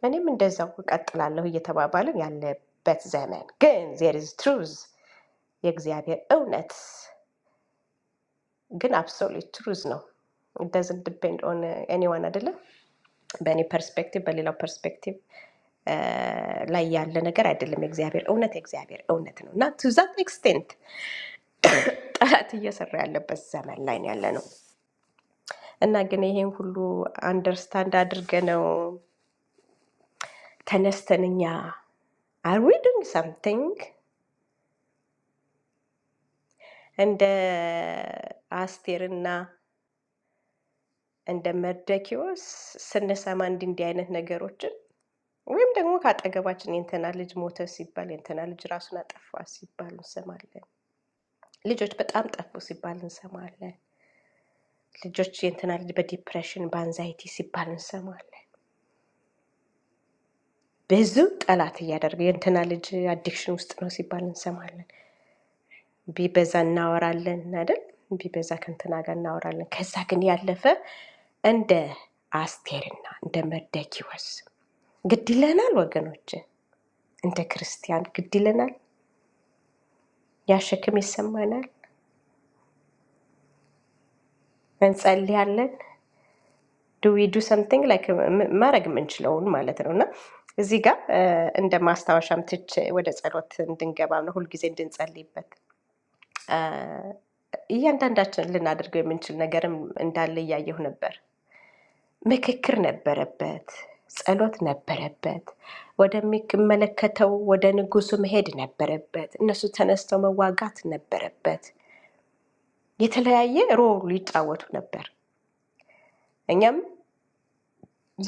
S1: እኔም እንደዛው እቀጥላለሁ እየተባባልን ያለበት ዘመን ግን ዜር ኢዝ ትሩዝ የእግዚአብሔር እውነት ግን አብሶሉት ትሩዝ ነው ደዝን ዲፔንድ ኦን ኤኒዋን አይደለም። በእኔ ፐርስፔክቲቭ በሌላው ፐርስፔክቲቭ ላይ ያለ ነገር አይደለም። የእግዚአብሔር እውነት የእግዚአብሔር እውነት ነው እና ቱ ዛት ኤክስቴንት ጠላት እየሰራ ያለበት ዘመን ላይ ነው ያለ ነው እና ግን ይሄን ሁሉ አንደርስታንድ አድርገ ነው ተነስተን እኛ አር ዊ ዱንግ ሳምቲንግ እንደ አስቴርና እንደ መርደኪዎስ ስንሰማ እንዲህ እንዲህ አይነት ነገሮችን ወይም ደግሞ ከአጠገባችን የእንትና ልጅ ሞተ ሲባል የእንትና ልጅ ራሱን አጠፋ ሲባል እንሰማለን። ልጆች በጣም ጠፉ ሲባል እንሰማለን። ልጆች የእንትና ልጅ በዲፕሬሽን በአንዛይቲ ሲባል እንሰማለን። ብዙ ጠላት እያደረገ የእንትና ልጅ አዲክሽን ውስጥ ነው ሲባል እንሰማለን። ቢበዛ እናወራለን አይደል? ቢበዛ ከእንትና ጋር እናወራለን። ከዛ ግን ያለፈ እንደ አስቴርና እንደ መርደኪዎስ ግድ ይለናል ወገኖች፣ እንደ ክርስቲያን ግድ ይለናል። ያ ሸክም ይሰማናል። እንጸልያለን ዱዊዱ ሰምቲንግ ላይክ ማድረግ የምንችለውን ማለት ነው እና እዚህ ጋር እ፣ እንደ ማስታወሻም ትች ወደ ጸሎት እንድንገባ ነው ሁልጊዜ እንድንጸልይበት እያንዳንዳችን ልናደርገው የምንችል ነገርም እንዳለ እያየሁ ነበር። ምክክር ነበረበት፣ ጸሎት ነበረበት፣ ወደሚመለከተው ወደ ንጉሱ መሄድ ነበረበት፣ እነሱ ተነስተው መዋጋት ነበረበት። የተለያየ ሮል ይጫወቱ ነበር። እኛም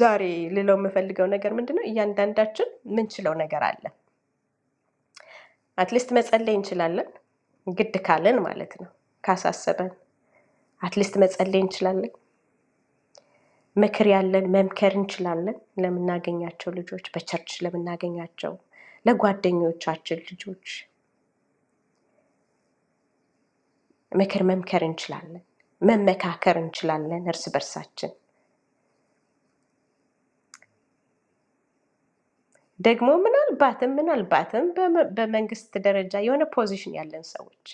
S1: ዛሬ ልለው የምፈልገው ነገር ምንድን ነው? እያንዳንዳችን ምንችለው ነገር አለ። አትሊስት መጸለይ እንችላለን፣ ግድ ካለን ማለት ነው። ካሳሰበን አትሊስት መጸለይ እንችላለን። ምክር ያለን መምከር እንችላለን፣ ለምናገኛቸው ልጆች፣ በቸርች ለምናገኛቸው ለጓደኞቻችን ልጆች ምክር መምከር እንችላለን፣ መመካከር እንችላለን እርስ በርሳችን። ደግሞ ምናልባትም ምናልባትም በመ- በመንግስት ደረጃ የሆነ ፖዚሽን ያለን ሰዎች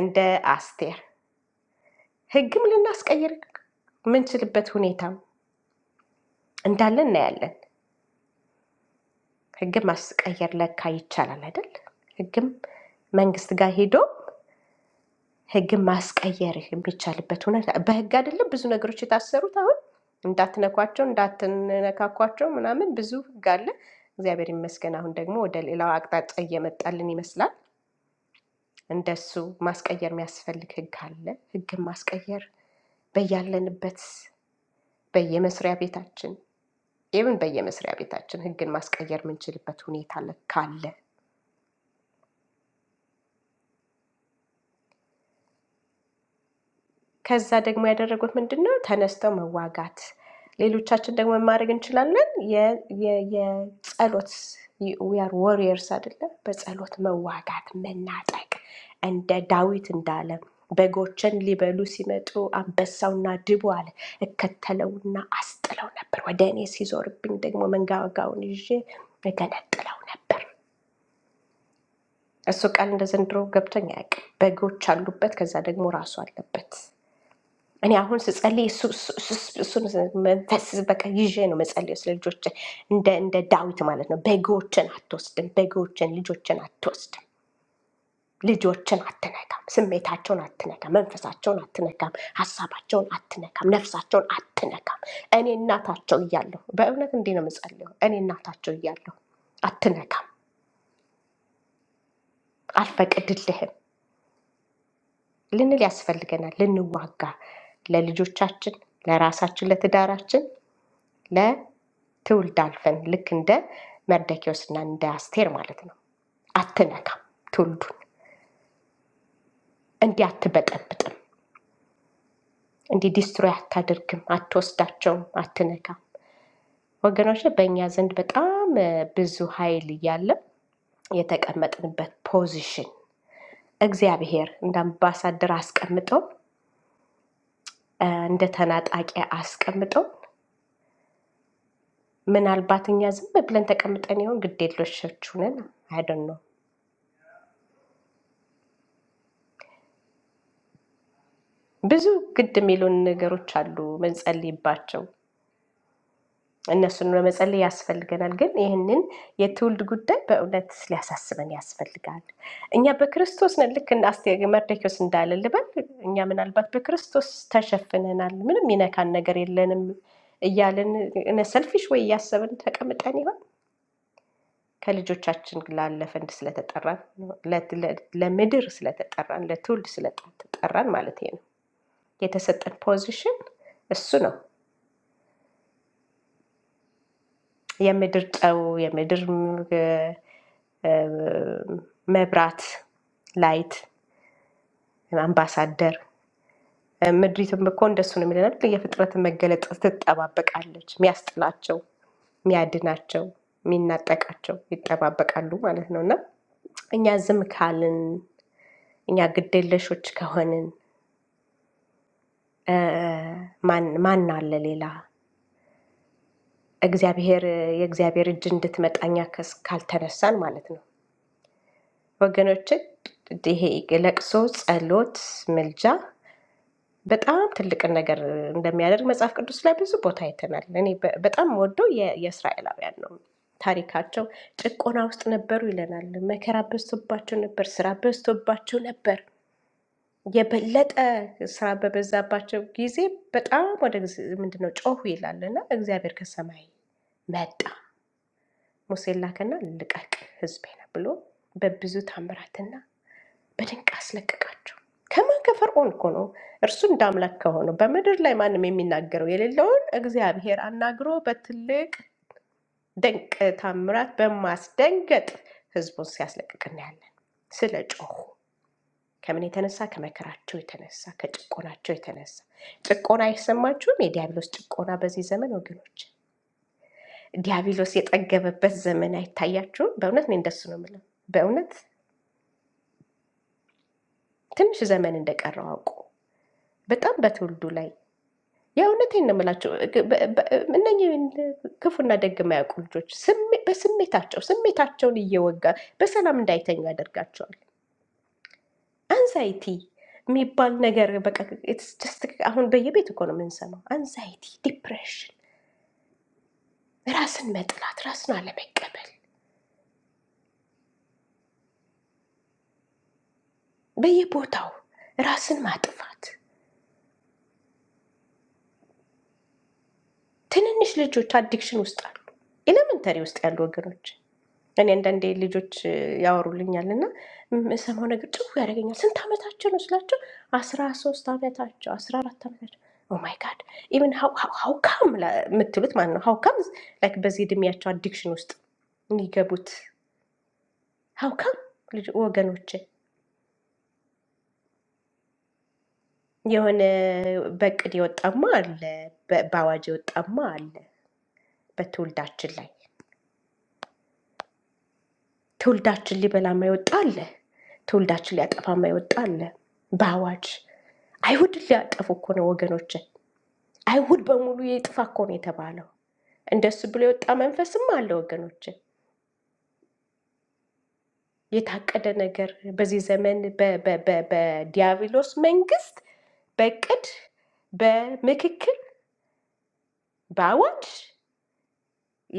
S1: እንደ አስቴር ህግም ልናስቀይር የምንችልበት ሁኔታ እንዳለ እናያለን። ህግም ማስቀየር ለካ ይቻላል አይደል? ህግም መንግስት ጋር ሄዶ ህግም ማስቀየር የሚቻልበት ሁኔታ በህግ አይደለም ብዙ ነገሮች የታሰሩት አሁን እንዳትነኳቸው እንዳትነካኳቸው ምናምን ብዙ ህግ አለ። እግዚአብሔር ይመስገን አሁን ደግሞ ወደ ሌላው አቅጣጫ እየመጣልን ይመስላል። እንደሱ ማስቀየር የሚያስፈልግ ህግ አለ። ህግም ማስቀየር በያለንበት በየመስሪያ ቤታችን ኢቭን በየመስሪያ ቤታችን ህግን ማስቀየር የምንችልበት ሁኔታ ለ- ካለ ከዛ ደግሞ ያደረጉት ምንድን ነው? ተነስተው መዋጋት። ሌሎቻችን ደግሞ ምን ማድረግ እንችላለን? የ- የ- የጸሎት ዊአር ወሪየርስ አይደለም? በጸሎት መዋጋት፣ መናጠቅ እንደ ዳዊት እንዳለ በጎችን ሊበሉ ሲመጡ አንበሳውና ድቡ አለ እከተለውና አስጥለው ነበር፣ ወደ እኔ ሲዞርብኝ ደግሞ መንጋጋውን ይዤ እገነጥለው ነበር። እሱ ቃል እንደ ዘንድሮ ገብቶኝ አያውቅም። በጎች አሉበት፣ ከዛ ደግሞ ራሱ አለበት። እኔ አሁን ስጸልይ እሱ- እሱ- እሱ- እሱን መንፈስ በቃ ይዤ ነው መጸልየው ስለ ልጆች እንደ እንደ ዳዊት ማለት ነው። በጎችን አትወስድም፣ በጎችን ልጆችን አትወስድም፣ ልጆችን አትነካም፣ ስሜታቸውን አትነካም፣ መንፈሳቸውን አትነካም፣ ሀሳባቸውን አትነካም፣ ነፍሳቸውን አትነካም። እኔ እናታቸው እያለሁ በእውነት እንዲህ ነው የምጸልየው። እኔ እናታቸው እያለሁ አትነካም፣ አልፈቅድልህም ልንል ያስፈልገናል። ልንዋጋ ለልጆቻችን፣ ለራሳችን፣ ለትዳራችን፣ ለትውልድ አልፈን ልክ እንደ መርደኪዎስና እንደ አስቴር ማለት ነው። አትነካም ትውልዱን፣ እንዲህ አትበጠብጥም፣ እንዲህ ዲስትሮይ አታደርግም፣ አትወስዳቸውም፣ አትነካም። ወገኖች በእኛ ዘንድ በጣም እ፣ ብዙ ኃይል እያለ የተቀመጥንበት ፖዚሽን እግዚአብሔር እንደ አምባሳደር አስቀምጠው እ፣ እንደ ተናጣቂ አስቀምጠው ምናልባት እኛ ዝም ብለን ተቀምጠን ይሆን ግድ የለሾች ነን አይደን ነው። ብዙ ግድ የሚሉን ነገሮች አሉ መንጸልይባቸው፣ እነሱን ለመጸለይ ያስፈልገናል። ግን ይህንን የትውልድ ጉዳይ በእውነት ሊያሳስበን ያስፈልጋል። እኛ በክርስቶስ ነን። ልክ እንደ አስቴ መርዶክዮስ እንዳለ ልበል፣ እኛ ምናልባት በክርስቶስ ተሸፍነናል፣ ምንም ይነካን ነገር የለንም እያልን እነ ሰልፊሽ ወይ እያሰብን ተቀምጠን ይሆን? ከልጆቻችን ላለፈንድ ስለተጠራን ለምድር ስለተጠራን ለትውልድ ስለተጠራን ማለት ነው። የተሰጠን ፖዚሽን እሱ ነው። የምድር ጨው፣ የምድር እ፣ እ፣ መብራት፣ ላይት፣ አምባሳደር ምድሪትም እኮ እንደሱ ነው የሚለናል። የፍጥረትን መገለጥ ትጠባበቃለች። የሚያስጥላቸው፣ የሚያድናቸው፣ የሚናጠቃቸው ይጠባበቃሉ ማለት ነው እና እኛ ዝም ካልን እኛ ግዴለሾች ከሆንን ማን ማን አለ ሌላ? እግዚአብሔር የእግዚአብሔር እጅ እንድትመጣኛ ከስ- ካልተነሳን ማለት ነው ወገኖች። ይሄ ለቅሶ፣ ጸሎት፣ ምልጃ በጣም ትልቅን ነገር እንደሚያደርግ መጽሐፍ ቅዱስ ላይ ብዙ ቦታ አይተናል። እኔ በ- በጣም ወደው የእስራኤላውያን ነው ታሪካቸው። ጭቆና ውስጥ ነበሩ ይለናል። መከራ በዝቶባቸው ነበር። ስራ በዝቶባቸው ነበር። የበለጠ ስራ በበዛባቸው ጊዜ በጣም ወደ እግዚ- ምንድነው ጮሁ ይላል እና እግዚአብሔር ከሰማይ መጣ ሙሴን ላከና ልቀቅ ህዝቤን ብሎ በብዙ ታምራትና በድንቅ አስለቀቃቸው። ከማን ከፈርዖን እኮ ነው። እርሱ እንደ አምላክ ከሆነው በምድር ላይ ማንም የሚናገረው የሌለውን እግዚአብሔር አናግሮ በትልቅ ድንቅ ታምራት በማስደንገጥ ህዝቡን ሲያስለቅቅ እናያለን ስለ ጮሁ ከምን የተነሳ ከመከራቸው የተነሳ ከጭቆናቸው የተነሳ ጭቆና አይሰማችሁም? የዲያብሎስ ጭቆና በዚህ ዘመን ወገኖች፣ ዲያብሎስ የጠገበበት ዘመን አይታያችሁም? በእውነት እኔ እንደሱ ነው የምለው። በእውነት ትንሽ ዘመን እንደቀረው አውቁ። በጣም በትውልዱ ላይ የእውነቴን ነው የምላቸው። እነኚህ ክፉና ደግ የማያውቁ ልጆች ስሜ- በስሜታቸው ስሜታቸውን እየወጋ በሰላም እንዳይተኙ ያደርጋቸዋል። አንዛይቲ የሚባል ነገር በቃ it's just አሁን በየቤት እኮ ነው የምንሰማው። አንዛይቲ፣ ዲፕሬሽን፣ ራስን መጥላት፣ ራስን አለመቀበል፣ በየቦታው ራስን ማጥፋት። ትንንሽ ልጆች አዲክሽን ውስጥ አሉ። ኤሌመንተሪ ውስጥ ያሉ ወገኖች እኔ አንዳንዴ ልጆች ያወሩልኛል እና የምሰማው ነገር ጭው ያደርገኛል። ስንት ዓመታቸው ነው ስላቸው አስራ ሶስት ዓመታቸው አስራ አራት ዓመታቸው ኦማይ ጋድ ኢቨን ሀውካም የምትሉት ማለት ነው። ሀውካም ላይክ በዚህ እድሜያቸው አዲክሽን ውስጥ የሚገቡት ሀውካም ልጅ ወገኖች የሆነ በእቅድ የወጣማ አለ፣ በ- በአዋጅ የወጣማ አለ በትውልዳችን ላይ ትውልዳችን ሊበላ የማይወጣ አለ። ትውልዳችን ሊያጠፋ የማይወጣ አለ። በአዋጅ አይሁድ ሊያጠፉ እኮ ነው ወገኖች። አይሁድ በሙሉ የጥፋ እኮ ነው የተባለው። እንደሱ ብሎ የወጣ መንፈስም አለ ወገኖች። የታቀደ ነገር በዚህ ዘመን በ- በ- በ- በዲያብሎስ መንግስት በእቅድ በምክክል በአዋጅ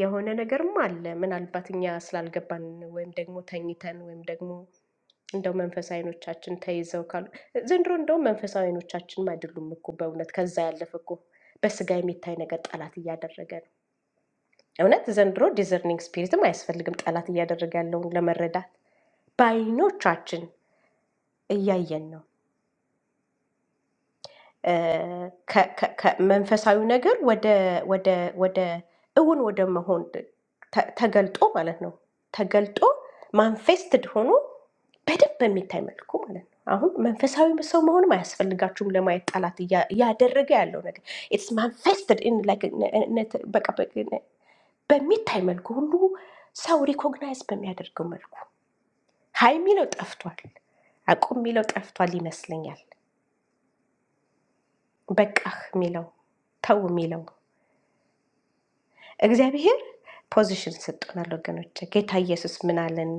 S1: የሆነ ነገርም አለ። ምናልባት እኛ ስላልገባን ወይም ደግሞ ተኝተን ወይም ደግሞ እንደው መንፈሳዊ አይኖቻችን ተይዘው ካሉ ዘንድሮ እንደውም መንፈሳዊ አይኖቻችንም አይደሉም እኮ በእውነት ከዛ ያለፈ እኮ በስጋ የሚታይ ነገር ጠላት እያደረገ ነው። እውነት ዘንድሮ ዲዘርኒንግ ስፒሪትም አያስፈልግም ጠላት እያደረገ ያለውን ለመረዳት በአይኖቻችን እያየን ነው። ከ- ከ- ከ- መንፈሳዊ ነገር ወደ ወደ ወደ እውን ወደ መሆን ተ- ተገልጦ ማለት ነው። ተገልጦ ማንፌስትድ ሆኖ በደንብ በሚታይ መልኩ ማለት ነው። አሁን መንፈሳዊ ሰው መሆንም አያስፈልጋችሁም ለማየት ጠላት እያ- እያደረገ ያለው ነገር ኢትስ ማንፌስትድ ኢን ላይክ ነ- ነ- በቃ በ- ነ- በሚታይ መልኩ ሁሉ ሰው ሪኮግናይዝ በሚያደርገው መልኩ ሀይ የሚለው ጠፍቷል፣ አቁም የሚለው ጠፍቷል ይመስለኛል። በቃህ የሚለው ተው የሚለው እግዚአብሔር ፖዚሽን ሰጥቶናል ወገኖች። ጌታ ኢየሱስ ምን አለን?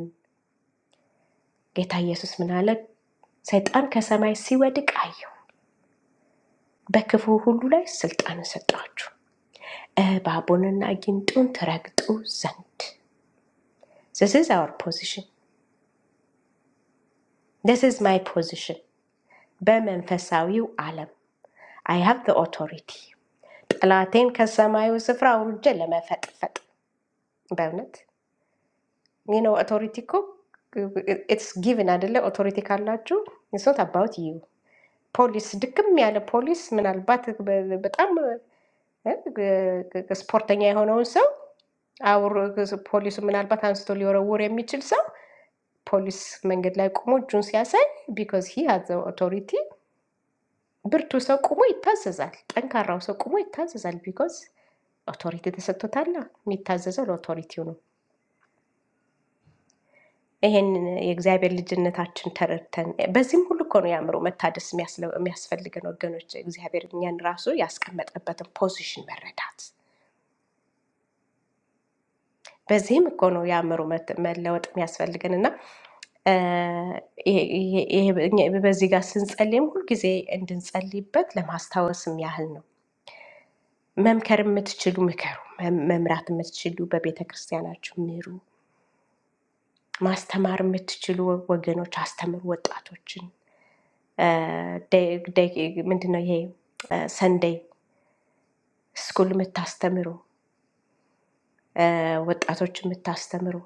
S1: ጌታ ኢየሱስ ምን አለ? ሰይጣን ከሰማይ ሲወድቅ አየሁ፣ በክፉ ሁሉ ላይ ስልጣንን ሰጠኋችሁ እባቡንና ጊንጡን ትረግጡ ዘንድ። ዚስ ኢዝ አወር ፖዚሽን፣ ዚስ ኢዝ ማይ ፖዚሽን። በመንፈሳዊው ዓለም አይ ሃቭ ዘ ኦቶሪቲ ጠላቴን ከሰማዩ ስፍራ አውርጄ ለመፈጥፈጥ። በእውነት ይህ ነው ኦቶሪቲ እኮ ኢትስ ጊቭን አይደለ? ኦቶሪቲ ካላችሁ ኢትስ ኖት አባውት ዩ ፖሊስ ድክም ያለ ፖሊስ ምናልባት በ- በጣም እ፣ ግ- ግ- ስፖርተኛ የሆነውን ሰው አውር ፖሊሱ ምናልባት አንስቶ ሊወረውር የሚችል ሰው ፖሊስ መንገድ ላይ ቆሞ እጁን ሲያሳይ ቢኮዝ ሂ ሃዝ ኦቶሪቲ ብርቱ ሰው ቆሞ ይታዘዛል። ጠንካራው ሰው ቆሞ ይታዘዛል። ቢኮዝ ኦቶሪቲ ተሰጥቶታል። የሚታዘዘው ለኦቶሪቲው ነው። ይሄንን የእግዚአብሔር ልጅነታችን ተረድተን በዚህም ሁሉ እኮ ነው የአእምሮ መታደስ የሚያስለ- የሚያስፈልገን ወገኖች። እግዚአብሔር እኛን ራሱ ያስቀመጠበትን ፖዚሽን መረዳት፣ በዚህም እኮ ነው የአእምሮ መት- መለወጥ የሚያስፈልገን እና እ፣ ይሄ- ይሄ- ይሄ- እኛ በዚህ ጋር ስንጸልይም ሁልጊዜ እንድንጸልይበት ለማስታወስም ያህል ነው። መምከር የምትችሉ ምከሩ፣ መም- መምራት የምትችሉ በቤተ ክርስቲያናችሁ ምሩ። ማስተማር የምትችሉ ወገኖች አስተምሩ ወጣቶችን ምንድን ነው ይሄ ሰንደይ ስኩል የምታስተምሩ እ፣ ወጣቶች የምታስተምሩ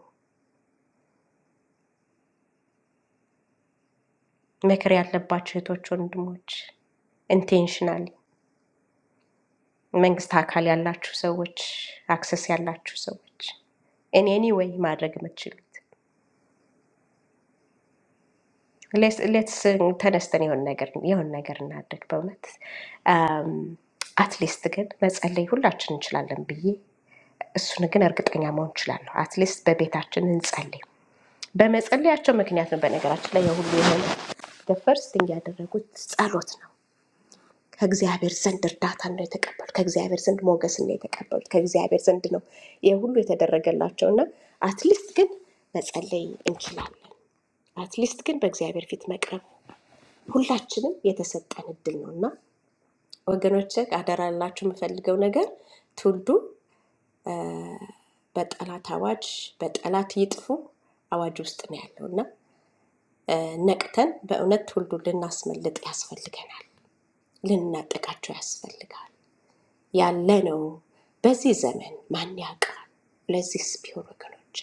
S1: ምክር ያለባቸው እህቶች፣ ወንድሞች ኢንቴንሽናል መንግስት አካል ያላችሁ ሰዎች፣ አክሰስ ያላችሁ ሰዎች እኔ ኤኒዌይ ማድረግ የምትችሉት ሌትስ ተነስተን የሆን ነገር የሆን ነገር እናድርግ። በእውነት አትሊስት ግን መጸለይ ሁላችን እንችላለን ብዬ እሱን ግን እርግጠኛ መሆን እችላለሁ። አትሊስት በቤታችን እንጸልይ። በመጸለያቸው ምክንያት ነው። በነገራችን ላይ የሁሉ የሆነ በፈርስቲንግ ያደረጉት ጸሎት ነው። ከእግዚአብሔር ዘንድ እርዳታ ነው የተቀበሉት። ከእግዚአብሔር ዘንድ ሞገስ ነው የተቀበሉት። ከእግዚአብሔር ዘንድ ነው ይህ ሁሉ የተደረገላቸው እና አትሊስት ግን መጸለይ እንችላለን። አትሊስት ግን በእግዚአብሔር ፊት መቅረብ ሁላችንም የተሰጠን እድል ነው እና ወገኖች አደራ ላችሁ የምፈልገው ነገር ትውልዱ በጠላት አዋጅ በጠላት ይጥፉ አዋጅ ውስጥ ነው ያለው ነቅተን በእውነት ሁሉ ልናስመልጥ ያስፈልገናል። ልናጠቃቸው ያስፈልጋል። ያለ ነው በዚህ ዘመን ማን ያውቃል? ለዚህስ ቢሆን ወገኖች፣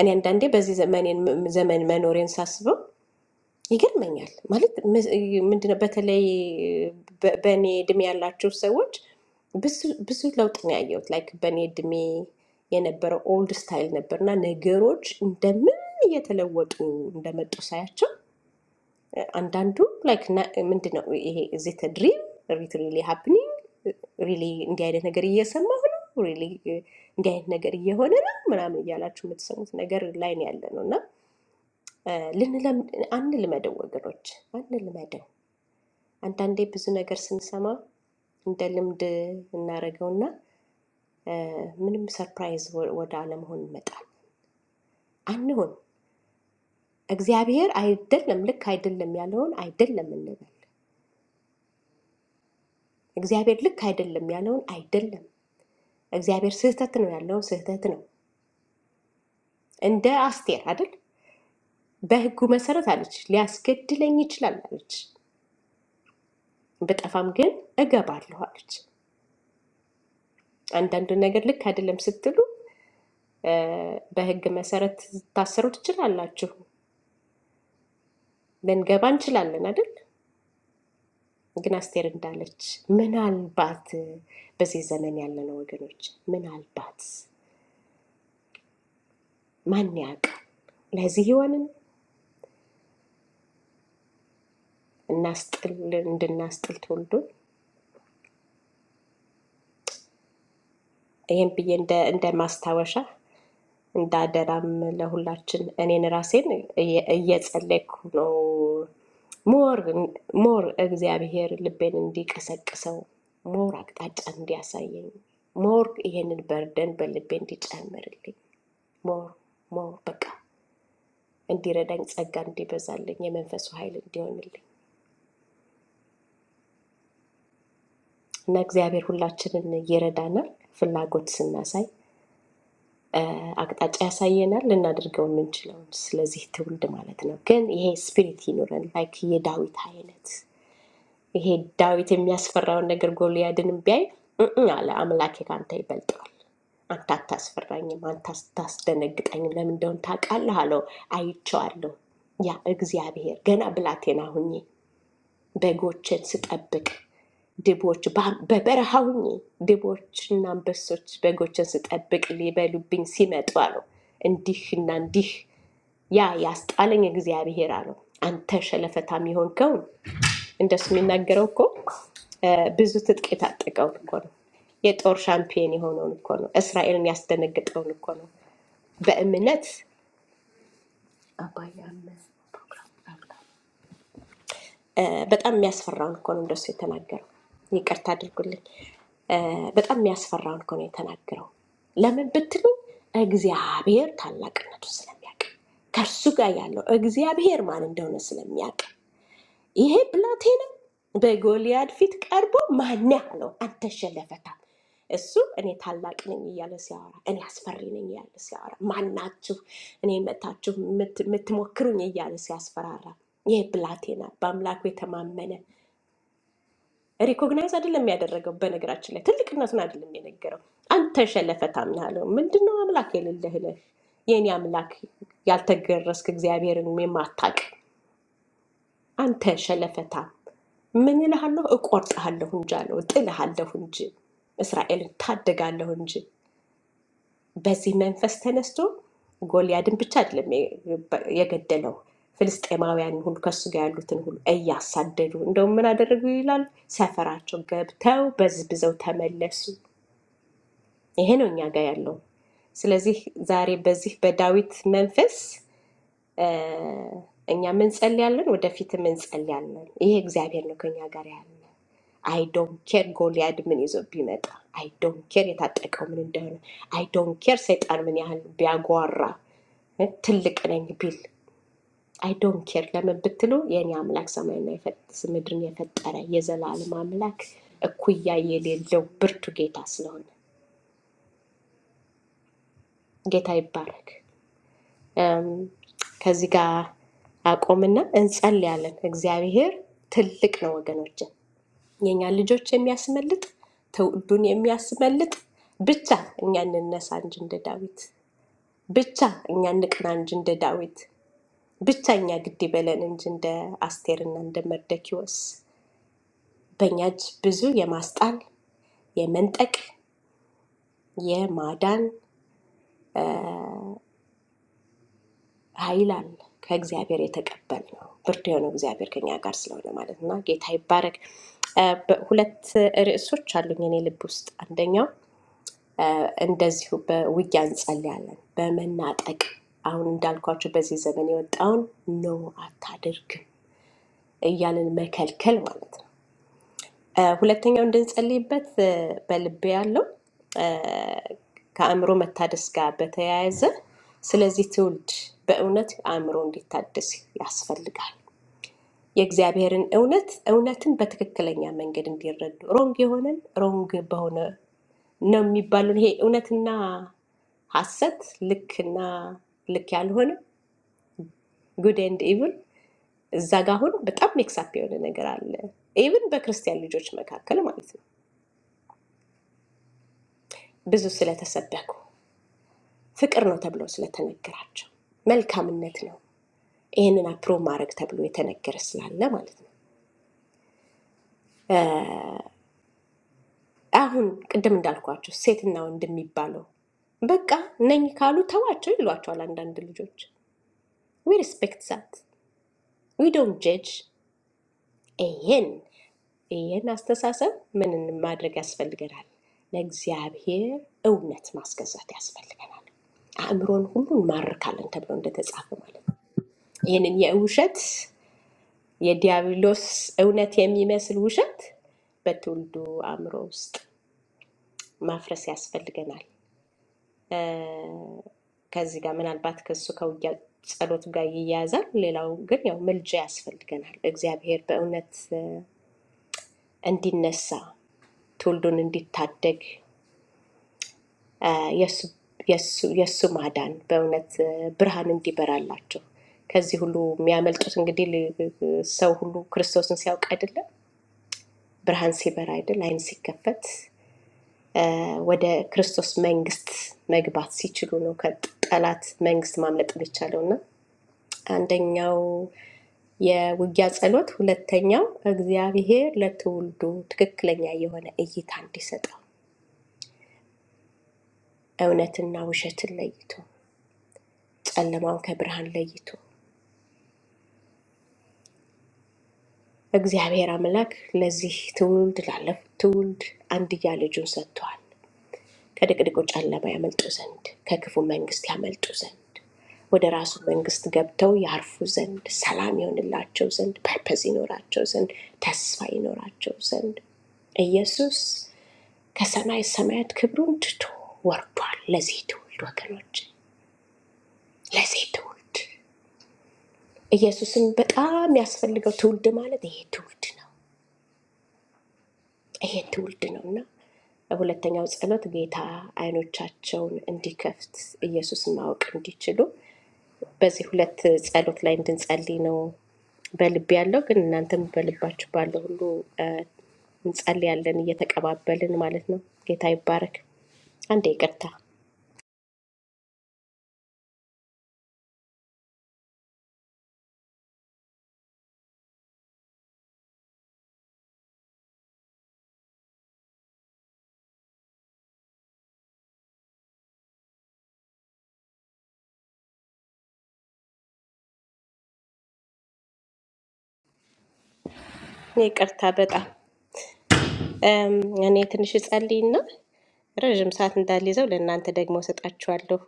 S1: እኔ አንዳንዴ በዚህ ዘመኔን- ዘመን መኖሬን ሳስበው ይገርመኛል። ማለት ምንድነው በተለይ በ- በእኔ እድሜ ያላቸው ሰዎች ብዙ ብዙ ለውጥ ነው ያየሁት። ላይክ በእኔ እድሜ የነበረው ኦልድ ስታይል ነበርና ነገሮች እንደምን እየተለወጡ እንደመጡ ሳያቸው አንዳንዱ ላይክ ምንድን ነው ይሄ እዚህ ድሪም ሪት ሪሊ ሃፕኒንግ ሪሊ እንዲህ አይነት ነገር እየሰማሁ ነው ሪሊ እንዲህ አይነት ነገር እየሆነ ነው ምናምን እያላችሁ የምትሰሙት ነገር ላይ ነው ያለ ነው እና ልንለምድ አንልመደው ወገኖች፣ አንልመደው። አንዳንዴ ብዙ ነገር ስንሰማ እንደ ልምድ እናደርገውና እ፣ ምንም ሰርፕራይዝ ወ- ወደ አለመሆን እንመጣል። አንሁን። እግዚአብሔር አይደለም ልክ አይደለም ያለውን አይደለም እንበል። እግዚአብሔር ልክ አይደለም ያለውን አይደለም እግዚአብሔር ስህተት ነው ያለው ስህተት ነው። እንደ አስቴር አይደል በህጉ መሰረት አለች፣ ሊያስገድለኝ ይችላል አለች፣ ብጠፋም ግን እገባለሁ አለች። አንዳንድ ነገር ልክ አይደለም ስትሉ እ፣ በህግ መሰረት ታሰሩ ትችላላችሁ፣ ልንገባ እንችላለን አይደል? ግን አስቴር እንዳለች ምናልባት በዚህ ዘመን ያለነው ወገኖች ምናልባት ማን ያውቃል ለዚህ ይሆንን እናስጥል እንድናስጥል ተወልዶ ይህም ብዬ እንደ እንደ ማስታወሻ እንዳደራም ለሁላችን እኔን ራሴን እየ- እየጸለይኩ ነው። ሞር ሞር እግዚአብሔር ልቤን እንዲቀሰቅሰው ሞር አቅጣጫ እንዲያሳየኝ ሞር ይሄንን በርደን በልቤ እንዲጨምርልኝ ሞር ሞር በቃ እንዲረዳኝ ጸጋ እንዲበዛልኝ የመንፈሱ ኃይል እንዲሆንልኝ እና እግዚአብሔር ሁላችንን ይረዳናል ፍላጎት ስናሳይ አቅጣጫ ያሳየናል፣ ልናደርገው የምንችለው ስለዚህ ትውልድ ማለት ነው። ግን ይሄ ስፒሪት ይኑረን፣ ላይክ የዳዊት አይነት ይሄ ዳዊት የሚያስፈራውን ነገር ጎልያድንም ቢያይ "እም አለ አምላኬ ከአንተ ይበልጠዋል፣ አንተ አታስፈራኝም፣ አንተ አታስደነግጠኝም፣ ለምን እንደሆን ታውቃለህ አለው። አይቼዋለሁ ያ እግዚአብሔር ገና ብላቴና ሁኜ በጎችን ስጠብቅ ድቦች ባ- በበረሃ ሁኜ ድቦችና አንበሶች በጎችን ስጠብቅ ሊበሉብኝ ሲመጡ አለው እንዲህና እንዲህ ያ ያስጣለኝ እግዚአብሔር አለው። አንተ ሸለፈታም የሆንከውን እንደሱ የሚናገረው እኮ እ፣ ብዙ ትጥቅ የታጠቀውን እኮ ነው። የጦር ሻምፒዮን የሆነውን እኮ ነው። እስራኤልን ያስደነግጠውን እኮ ነው። በእምነት አባያም እ፣ በጣም የሚያስፈራውን እኮ ነው እንደሱ የተናገረው። ይቅርታ አድርጉልኝ። እ፣ በጣም የሚያስፈራውን እኮ ነው የተናገረው። ለምን ብትሉ እግዚአብሔር ታላቅነቱን ስለሚያውቅ ከእርሱ ጋር ያለው እግዚአብሔር ማን እንደሆነ ስለሚያውቅ ይሄ ብላቴ ነው። በጎልያድ ፊት ቀርቦ ማን ያለው አንተ ሸለፈታ፣ እሱ እኔ ታላቅ ነኝ እያለ ሲያወራ፣ እኔ አስፈሪ ነኝ እያለ ሲያወራ፣ ማናችሁ እኔ መታችሁ ምት- የምትሞክሩኝ እያለ ሲያስፈራራ፣ ይሄ ብላቴና በአምላኩ የተማመነ ሪኮግናይዝ አይደለም ያደረገው። በነገራችን ላይ ትልቅነቱን አይደለም የነገረው። አንተ ሸለፈታ ምን አለው? ምንድነው አምላክ የሌለህ ነህ? የእኔ አምላክ ያልተገረስክ እግዚአብሔርን የማታቅ አንተ ሸለፈታ ምን እልሃለሁ? እቆርጥሃለሁ እንጂ አለው። እጥልሃለሁ እንጂ እስራኤልን ታደጋለሁ እንጂ። በዚህ መንፈስ ተነስቶ ጎልያድን ብቻ አይደለም የገ- የገደለው ፍልስጤማውያን ሁሉ ከሱ ጋር ያሉትን ሁሉ እያሳደዱ እንደውም ምን አደረጉ ይላል፣ ሰፈራቸው ገብተው በዝብዘው ተመለሱ። ይሄ ነው እኛ ጋር ያለው። ስለዚህ ዛሬ በዚህ በዳዊት መንፈስ እኛ እንጸልያለን፣ ወደፊትም እንጸልያለን። ይሄ እግዚአብሔር ነው ከኛ ጋር ያለው። አይ ዶን ኬር ጎልያድ ምን ይዞ ቢመጣ፣ አይ ዶን ኬር የታጠቀው ምን እንደሆነ፣ አይ ዶን ኬር ሰይጣን ምን ያህል ቢያጓራ እ ትልቅ ነኝ ቢል፣ አይ ዶን ኬር ለምን ብትሉ፣ የእኔ አምላክ ሰማይና የፈ- ምድርን የፈጠረ የዘላለም አምላክ እኩያ የሌለው ብርቱ ጌታ ስለሆነ ጌታ ይባረክ። እም፣ ከዚህ ጋር አቆምና እንጸልያለን። እግዚአብሔር ትልቅ ነው ወገኖችን የእኛን ልጆች የሚያስመልጥ ትውልዱን የሚያስመልጥ ብቻ እኛ እንነሳ እንጂ እንደ ዳዊት ብቻ እኛ እንቅና እንጂ እንደ ዳዊት ብቻ እኛ ግድ ይበለን እንጂ እንደ አስቴርና እንደ መርደኪዎስ በእኛ እጅ ብዙ የማስጣል የመንጠቅ የማዳን ኃይል አለ ከእግዚአብሔር የተቀበል ነው ብርድ የሆነው እግዚአብሔር ከኛ ጋር ስለሆነ ማለት ነው ጌታ ይባረክ እ በ- ሁለት ርዕሶች አሉኝ እኔ ልብ ውስጥ አንደኛው እንደዚሁ በውጊያ እንጸልያለን። በመናጠቅ አሁን እንዳልኳቸው በዚህ ዘመን የወጣውን ኖ አታድርግም እያልን መከልከል ማለት ነው። እ፣ ሁለተኛው እንድንጸልይበት እ፣ በልቤ ያለው ከአእምሮ መታደስ ጋር በተያያዘ ስለዚህ ትውልድ በእውነት አእምሮ እንዲታደስ ያስፈልጋል። የእግዚአብሔርን እውነት እውነትን በትክክለኛ መንገድ እንዲረዱ ሮንግ የሆነን ሮንግ በሆነ ነው የሚባሉን ይሄ እውነትና ሐሰት ልክና ልክ ያልሆነ ጉድ ኤንድ ኢቭል እዛ ጋ አሁን በጣም ሜክሳፕ የሆነ ነገር አለ። ኢቭን በክርስቲያን ልጆች መካከል ማለት ነው። ብዙ ስለተሰበኩ ፍቅር ነው ተብሎ ስለተነገራቸው መልካምነት ነው ይህንን አፕሮ ማድረግ ተብሎ የተነገረ ስላለ ማለት ነው። አሁን ቅድም እንዳልኳቸው ሴትና ወንድ የሚባለው በቃ ነኝ ካሉ ተዋቸው ይሏቸዋል አንዳንድ ልጆች። ዊ ሪስፔክት ዛት ዊ ዶንት ጀጅ። ይሄን ይህን አስተሳሰብ ምን ማድረግ ያስፈልገናል? ለእግዚአብሔር እውነት ማስገዛት ያስፈልገናል። አእምሮን ሁሉ እንማርካለን ተብሎ እንደተጻፈ ማለት ነው። ይህንን የውሸት የዲያብሎስ እውነት የሚመስል ውሸት በትውልዱ አእምሮ ውስጥ ማፍረስ ያስፈልገናል። ከዚህ ጋር ምናልባት ከሱ ከውጊያ ጸሎቱ ጋር ይያያዛል። ሌላው ግን ያው ምልጃ ያስፈልገናል። እግዚአብሔር በእውነት እ፣ እንዲነሳ ትውልዱን እንዲታደግ እ፣ የሱ የሱ- የሱ ማዳን በእውነት እ፣ ብርሃን እንዲበራላቸው ከዚህ ሁሉ የሚያመልጡት እንግዲህ ል- ሰው ሁሉ ክርስቶስን ሲያውቅ አይደለም ብርሃን ሲበራ አይደል ዓይን ሲከፈት እ፣ ወደ ክርስቶስ መንግስት መግባት ሲችሉ ነው ከጠላት መንግስት ማምለጥ የሚቻለው አንደኛው የውጊያ ጸሎት፣ ሁለተኛው እግዚአብሔር ለትውልዱ ትክክለኛ የሆነ እይታ እንዲሰጠው እውነትና ውሸትን ለይቶ ጨለማውን ከብርሃን ለይቶ እግዚአብሔር አምላክ ለዚህ ትውልድ ላለፉት ትውልድ አንድያ ልጁን ሰጥቷል። ከድቅድቁ ጨለማ ያመልጡ ዘንድ ከክፉ መንግስት ያመልጡ ዘንድ ወደ ራሱ መንግስት ገብተው ያርፉ ዘንድ ሰላም ይሆንላቸው ዘንድ ፐርፐዝ ይኖራቸው ዘንድ ተስፋ ይኖራቸው ዘንድ ኢየሱስ ከሰማይ ሰማያት ክብሩን ትቶ ወርዷል። ለዚህ ትውልድ ወገኖች፣ ለዚህ ትውልድ ኢየሱስን በጣም ያስፈልገው ትውልድ ማለት ይሄ ትውልድ ነው። ይሄ ትውልድ ነው እና ሁለተኛው ጸሎት ጌታ አይኖቻቸውን እንዲከፍት ኢየሱስን ማወቅ እንዲችሉ በዚህ ሁለት ጸሎት ላይ እንድንጸልይ ነው በልብ ያለው ግን እናንተም በልባችሁ ባለው ሁሉ እ፣ እንጸልያለን እየተቀባበልን ማለት ነው። ጌታ ይባረክ። አንዴ ይቅርታ፣ እኔ ይቅርታ በጣም እም፣ እኔ ትንሽ እጸልይና ረዥም ሰዓት እንዳልይዘው ለእናንተ ደግሞ እሰጣችኋለሁ።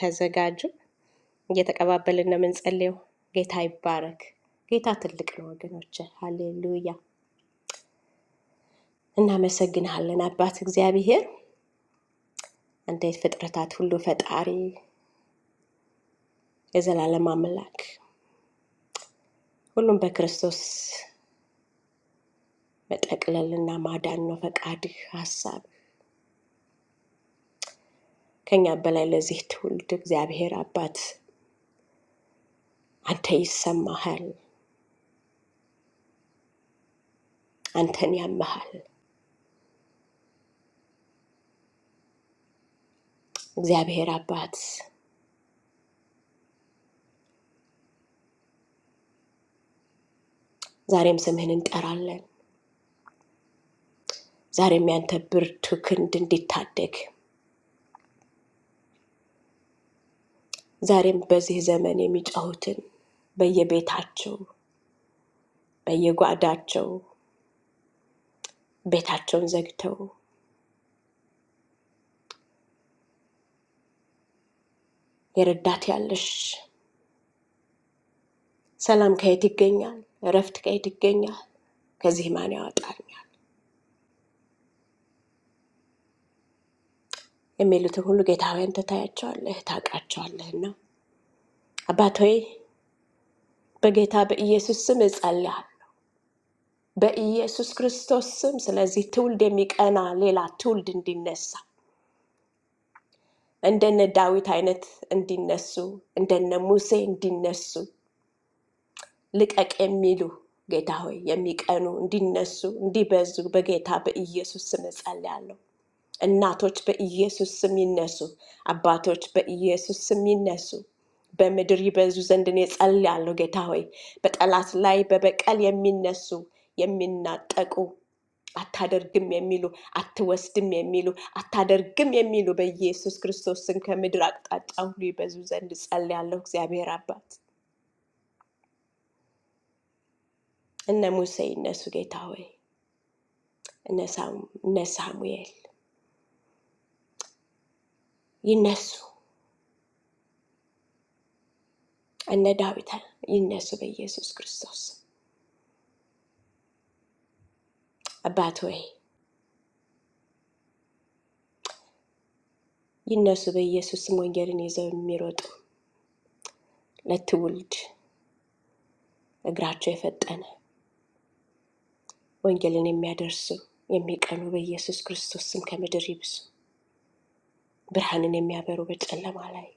S1: ተዘጋጁ። እየተቀባበልን ነው የምንጸልየው። ጌታ ይባረክ። ጌታ ትልቅ ነው ወገኖች። ሃሌሉያ። እናመሰግንሃለን አባት እግዚአብሔር፣ እንዴት ፍጥረታት ሁሉ ፈጣሪ፣ የዘላለም አምላክ፣ ሁሉም በክርስቶስ መጠቅለልና ማዳን ነው ፈቃድህ፣ ሀሳብ ከኛ በላይ ለዚህ ትውልድ እግዚአብሔር አባት አንተ ይሰማሃል። አንተን ያመሃል እግዚአብሔር አባት። ዛሬም ስምህን እንጠራለን። ዛሬም ያንተ ብርቱ ክንድ እንዲታደግ ዛሬም በዚህ ዘመን የሚጮሁትን በየቤታቸው በየጓዳቸው ቤታቸውን ዘግተው የረዳት ያለሽ ሰላም ከየት ይገኛል? እረፍት ከየት ይገኛል? ከዚህ ማን ያወጣኛል? የሚሉትን ሁሉ ጌታ ሆይ አንተ ታያቸዋለህ፣ ታውቃቸዋለህና አባት ሆይ በጌታ በኢየሱስ ስም እጸልያለሁ። በኢየሱስ ክርስቶስ ስም። ስለዚህ ትውልድ የሚቀና ሌላ ትውልድ እንዲነሳ እንደነ ዳዊት አይነት እንዲነሱ እንደነ ሙሴ እንዲነሱ ልቀቅ የሚሉ ጌታ ሆይ የሚቀኑ እንዲነሱ እንዲበዙ በጌታ በኢየሱስ ስም እጸልያለሁ። እናቶች በኢየሱስ ስም ይነሱ። አባቶች በኢየሱስ ስም ይነሱ። በምድር ይበዙ ዘንድ እኔ ጸልያለሁ። ጌታ ሆይ በጠላት ላይ በበቀል የሚነሱ የሚናጠቁ አታደርግም የሚሉ አትወስድም የሚሉ አታደርግም የሚሉ በኢየሱስ ክርስቶስ ስም ከምድር አቅጣጫ ሁሉ ይበዙ ዘንድ ጸልያለሁ። እግዚአብሔር አባት እነ ሙሴ ይነሱ። ጌታ ሆይ እነ ሳሙ- እነ ሳሙኤል ይነሱ። እነ ዳዊት ይነሱ በኢየሱስ ክርስቶስ ስም። አባት ሆይ ይነሱ በኢየሱስ ስም ወንጌልን ይዘው የሚሮጡ ለትውልድ እግራቸው የፈጠነ ወንጌልን የሚያደርሱ የሚቀኑ በኢየሱስ ክርስቶስ ስም ከምድር ይብዙ። ብርሃንን የሚያበሩ በጨለማ ላይ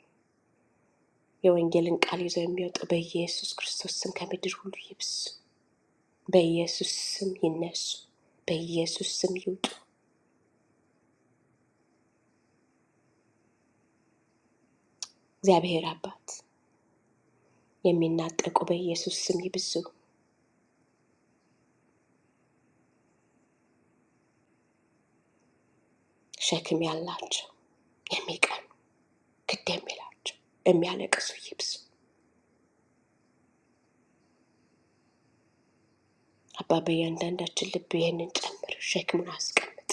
S1: የወንጌልን ቃል ይዘው የሚወጡ በኢየሱስ ክርስቶስ ስም ከምድር ሁሉ ይብዙ። በኢየሱስ ስም ይነሱ፣ በኢየሱስ ስም ይውጡ። እግዚአብሔር አባት የሚናጠቁ በኢየሱስ ስም ይብዙ። ሸክም ያላቸው የሚቀኑ ክድ የሚላቸው የሚያለቅሱ ይብዙ። አባ በእያንዳንዳችን ልብ ይህንን ጨምር፣ ሸክሙን አስቀምጥ።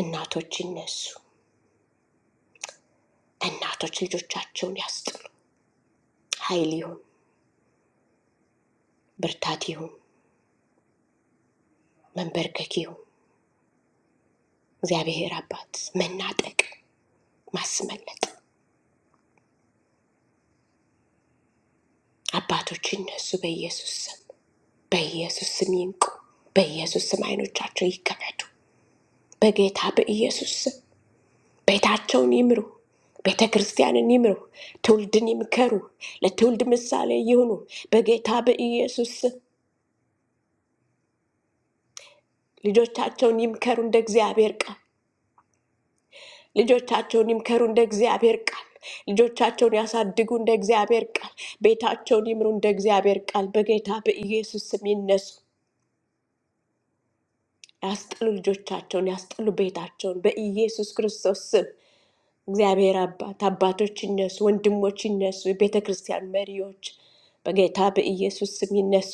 S1: እናቶች ይነሱ፣ እናቶች ልጆቻቸውን ያስጥሉ። ኃይል ይሁን፣ ብርታት ይሁን፣ መንበርከክ ይሁን። እግዚአብሔር አባት መናጠቅ፣ ማስመለጥ። አባቶች ይነሱ በኢየሱስ ስም፣ በኢየሱስ ስም ይንቁ፣ በኢየሱስ ስም አይኖቻቸው ይከፈቱ። በጌታ በኢየሱስ ስም ቤታቸውን ይምሩ፣ ቤተ ክርስቲያንን ይምሩ፣ ትውልድን ይምከሩ፣ ለትውልድ ምሳሌ ይሁኑ። በጌታ በኢየሱስ ስም። ልጆቻቸውን ይምከሩ እንደ እግዚአብሔር ቃል። ልጆቻቸውን ይምከሩ እንደ እግዚአብሔር ቃል። ልጆቻቸውን ያሳድጉ እንደ እግዚአብሔር ቃል። ቤታቸውን ይምሩ እንደ እግዚአብሔር ቃል። በጌታ በኢየሱስ ስም ይነሱ። ያስጥሉ ልጆቻቸውን፣ ያስጥሉ ቤታቸውን በኢየሱስ ክርስቶስ ስም። እግዚአብሔር አባት አባቶች ይነሱ፣ ወንድሞች ይነሱ፣ የቤተ ክርስቲያን መሪዎች በጌታ በኢየሱስ ስም ይነሱ።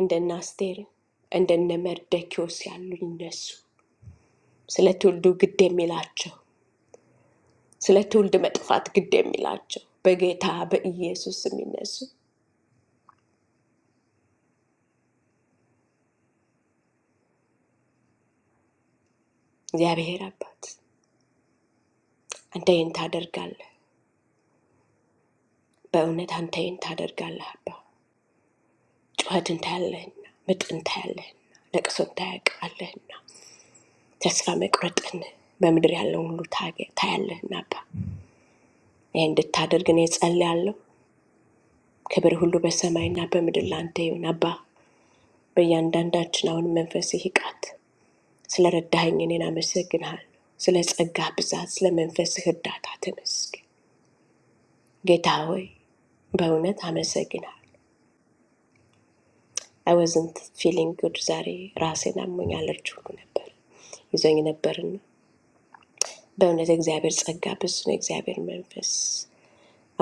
S1: እንደነ አስቴር እንደነ መርደኪዎስ ያሉ ይነሱ። ስለ ትውልዱ ግድ የሚላቸው ስለ ትውልድ መጥፋት ግድ የሚላቸው በጌታ በኢየሱስ የሚነሱ እግዚአብሔር አባት አንተ ይህን ታደርጋለህ፣ በእውነት አንተ ይህን ታደርጋለህ። አባ ጩኸት እንታያለህና፣ ምጥ እንታያለህና፣ ለቅሶ እንታያቃለህና፣ ተስፋ መቁረጥን በምድር ያለውን ሁሉ ታገ- ታያለህና አባ ይህ እንድታደርግ እኔ ጸልያለሁ። ክብር ሁሉ በሰማይና በምድር ለአንተ ይሁን አባ። በእያንዳንዳችን አሁን መንፈስ ይቃት ስለ ረዳኸኝ እኔን አመሰግንሃለሁ። ስለ ጸጋህ ብዛት፣ ስለ መንፈስህ እርዳታ ተመስገን። ጌታ ሆይ በእውነት አመሰግናለሁ። አይ ዋዝንት ፊሊንግ ጉድ ዛሬ ራሴን አሞኛል፣ እርጅ ሁሉ ነበር ይዞኝ ነበርና በእውነት እግዚአብሔር ጸጋ ብዙ ነው። እግዚአብሔር መንፈስ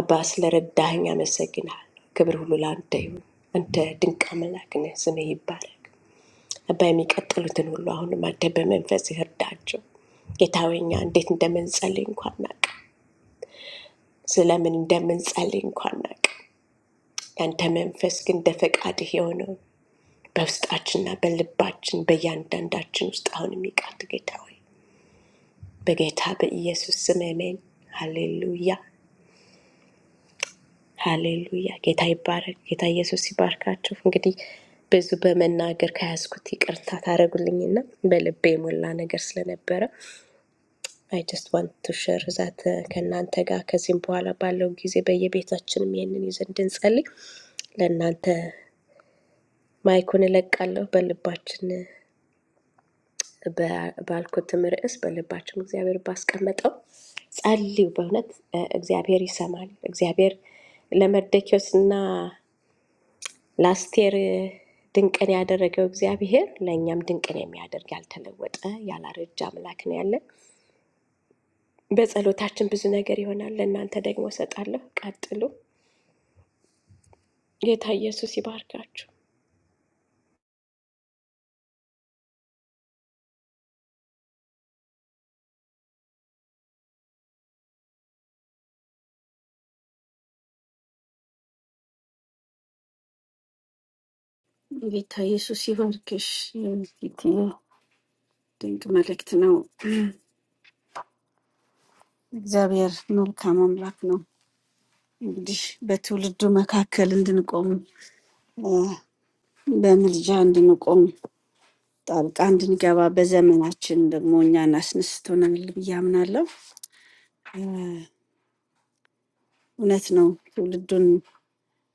S1: አባ ስለ ረዳኸኝ አመሰግናለሁ። ክብር ሁሉ ለአንተ ይሁን። አንተ ድንቅ አምላክ ነህ፣ ስምህ ይባረክ። አባ የሚቀጥሉትን ሁሉ አሁንም አንተ በመንፈስህ እርዳቸው። ጌታ ሆይ እኛ እንዴት እንደምንጸልይ እንኳን እናውቅ ስለምን እንደምንጸልይ እንኳን ናቅ። ያንተ መንፈስ ግን እንደ ፈቃድህ የሆነውን በውስጣችንና በልባችን በእያንዳንዳችን ውስጥ አሁን የሚቃት ጌታ ሆይ በጌታ በኢየሱስ ስም አሜን። ሃሌሉያ ሃሌሉያ። ጌታ ይባረክ። ጌታ ኢየሱስ ይባርካችሁ። እንግዲህ ብዙ በመናገር ከያዝኩት ይቅርታ ታደረጉልኝና በልቤ የሞላ ነገር ስለነበረ አይ ጀስት ዋንት ቱ ሸር ዛት ከእናንተ ጋር ከዚህም በኋላ ባለው ጊዜ በየቤታችንም ይህንን ይዘን እንድንጸልይ ለእናንተ ማይኩን እለቃለሁ በልባችን ባልኩትም ርዕስ በልባችን እግዚአብሔር ባስቀመጠው ጸልዩ። በእውነት እ፣ እግዚአብሔር ይሰማል። እግዚአብሔር ለመርደኪዎስ እና ለአስቴር ድንቅን ያደረገው እግዚአብሔር ለእኛም ድንቅን የሚያደርግ ያልተለወጠ ያላረጀ አምላክ ነው ያለን። በጸሎታችን ብዙ ነገር ይሆናል። ለእናንተ ደግሞ እሰጣለሁ። ቀጥሉ። ጌታ ኢየሱስ ይባርካችሁ።
S4: ጌታ ኢየሱስ ይባርክሽ። ጌቴ ድንቅ መልእክት ነው። እግዚአብሔር መልካም አምላክ ነው። እንግዲህ በትውልዱ መካከል እንድንቆም እ፣ በምልጃ እንድንቆም ጣልቃ እንድንገባ በዘመናችን ደግሞ እኛን አስነስቶናል ብዬ አምናለሁ። እ፣ እውነት ነው። ትውልዱን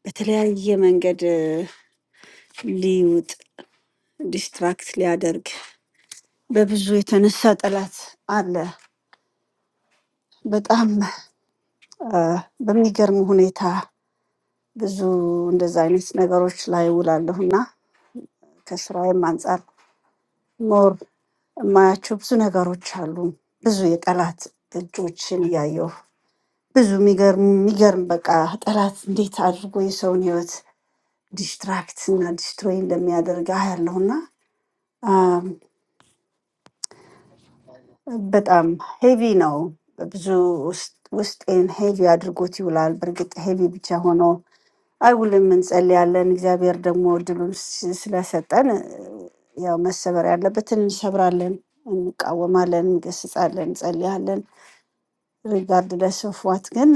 S4: በተለያየ መንገድ እ፣ ሊውጥ ዲስትራክት ሊያደርግ በብዙ የተነሳ ጠላት አለ። በጣም እ፣ በሚገርም ሁኔታ ብዙ እንደዛ አይነት ነገሮች ላይ ውላለሁ እና ከስራዬም አንጻር ሞር የማያቸው ብዙ ነገሮች አሉ። ብዙ የጠላት እጆችን እያየሁ ብዙ የሚገርም የሚገርም በቃ ጠላት እንዴት አድርጎ የሰውን ህይወት ዲስትራክት እና ዲስትሮይ እንደሚያደርግ አያለሁ እና አም፣ በጣም ሄቪ ነው። ብዙ ውስጥ- ውስጤን ሄቪ አድርጎት ይውላል። በእርግጥ ሄቪ ብቻ ሆኖ አይውልም እንጸልያለን። እግዚአብሔር ደግሞ እድሉን ስ- ስለሰጠን እ፣ ያው መሰበር ያለበትን እንሰብራለን፣ እንቃወማለን፣ እንገስጻለን፣ እንጸልያለን። ሪጋርድለስ ኦፍ ዋት ግን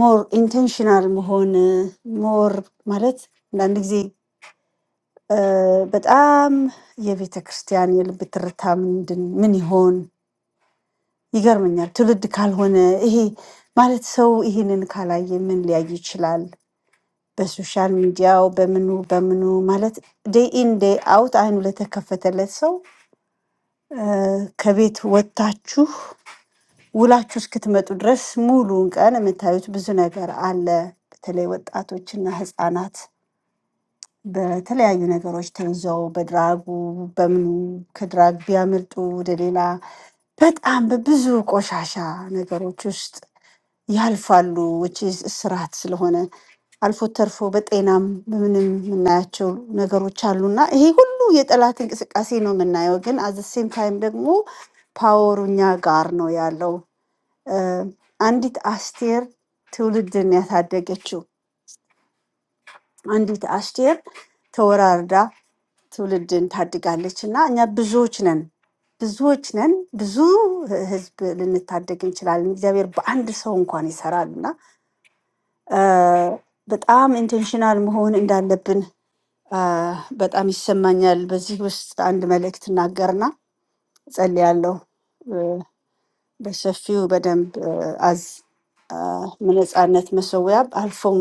S4: ሞር ኢንቴንሽናል መሆን ሞር ማለት አንዳንድ ጊዜ እ፣ በጣም የቤተ ክርስቲያን የልብ ትርታ ምንድን ምን ይሆን ይገርመኛል። ትውልድ ካልሆነ ይሄ ማለት ሰው ይህንን ካላየ ምን ሊያይ ይችላል? በሶሻል ሚዲያው በምኑ በምኑ ማለት ዴይ ኢን ዴይ አውት አይኑ ለተከፈተለት ሰው እ፣ ከቤት ወጥታችሁ ውላችሁ እስክትመጡ ድረስ ሙሉውን ቀን የምታዩት ብዙ ነገር አለ። በተለይ ወጣቶችና ህፃናት በተለያዩ ነገሮች ተይዘው በድራጉ በምኑ ከድራግ ቢያመልጡ ወደ ሌላ በጣም በብዙ ቆሻሻ ነገሮች ውስጥ ያልፋሉ which is ስርዓት ስለሆነ አልፎ ተርፎ በጤናም በምንም የምናያቸው ነገሮች አሉና ይሄ ሁሉ የጠላት እንቅስቃሴ ነው የምናየው። ግን አዘ ሴም ታይም ደግሞ ፓወሩ እኛ ጋር ነው ያለው። እ፣ አንዲት አስቴር ትውልድን ያሳደገችው አንዲት አስቴር ተወራርዳ ትውልድን ታድጋለች እና እኛ ብዙዎች ነን ብዙዎች ነን። ብዙ ህዝብ ልንታደግ እንችላለን። እግዚአብሔር በአንድ ሰው እንኳን ይሰራል በጣም ኢንቴንሽናል መሆን እንዳለብን አ፣ በጣም ይሰማኛል። በዚህ ውስጥ አንድ መልእክት እናገርና ጸልያለሁ እ፣ በሰፊው በደንብ እ፣ አዝ አ፣ በነፃነት መሰዊያ አልፎም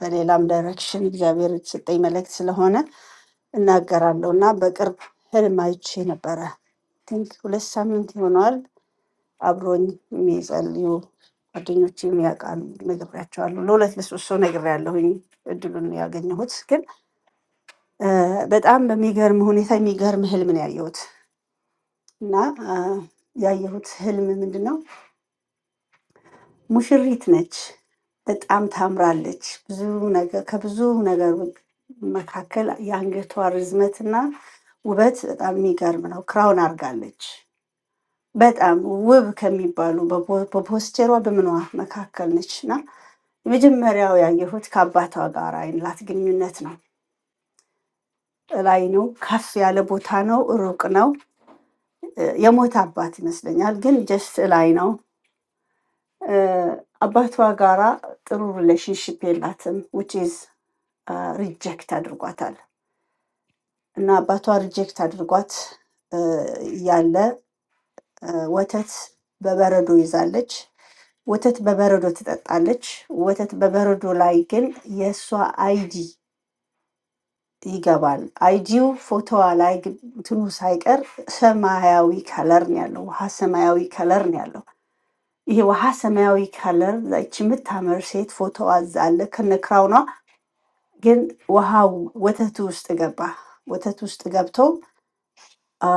S4: በሌላም ዳይሬክሽን እግዚአብሔር የተሰጠኝ መልእክት ስለሆነ እናገራለሁ እና በቅርብ ህልም አይቼ ነበረ ቲንክ ሁለት ሳምንት ይሆነዋል አብሮኝ የሚጸልዩ ጓደኞች የሚያውቃሉ ነግሬያቸዋለሁ። ለሁለት ለሶስት ሰው ነግሬያለሁኝ እድሉን ያገኘሁት። ግን እ፣ በጣም በሚገርም ሁኔታ የሚገርም ህልም ነው ያየሁት እና እ፣ ያየሁት ህልም ምንድን ነው? ሙሽሪት ነች፣ በጣም ታምራለች። ብዙ ነገር ከብዙ ነገር መካከል የአንገቷ ርዝመትና ውበት በጣም የሚገርም ነው። ክራውን አድርጋለች። በጣም ውብ ከሚባሉ በፖስቸሯ በምኗ መካከል ነች የመጀመሪያው ያየሁት ከአባቷ ጋር ያላት ግንኙነት ነው። እላይ ነው፣ ከፍ ያለ ቦታ ነው፣ ሩቅ ነው። እ የሞተ አባት ይመስለኛል፣ ግን ጀስት እላይ ነው። እ አባቷ ጋራ ጥሩ ሪሌሽንሽፕ የላትም፣ ዊች ኢዝ ሪጀክት አድርጓታል። እና አባቷ ሪጀክት አድርጓት እ እያለ እ ወተት በበረዶ ይዛለች። ወተት በበረዶ ትጠጣለች። ወተት በበረዶ ላይ ግን የእሷ አይዲ ይገባል። አይጂው ፎቶዋ ላይ ግ- እንትኑ ሳይቀር ሰማያዊ ከለር ነው ያለው፣ ውሃ ሰማያዊ ከለር ነው ያለው። ይሄ ውሃ ሰማያዊ ከለር ላይች የምታምር ሴት ፎቶዋ እዛ አለ ከነክራውኗ። ግን ውሃው ወተቱ ውስጥ ገባ። ወተቱ ውስጥ ገብቶ አ፣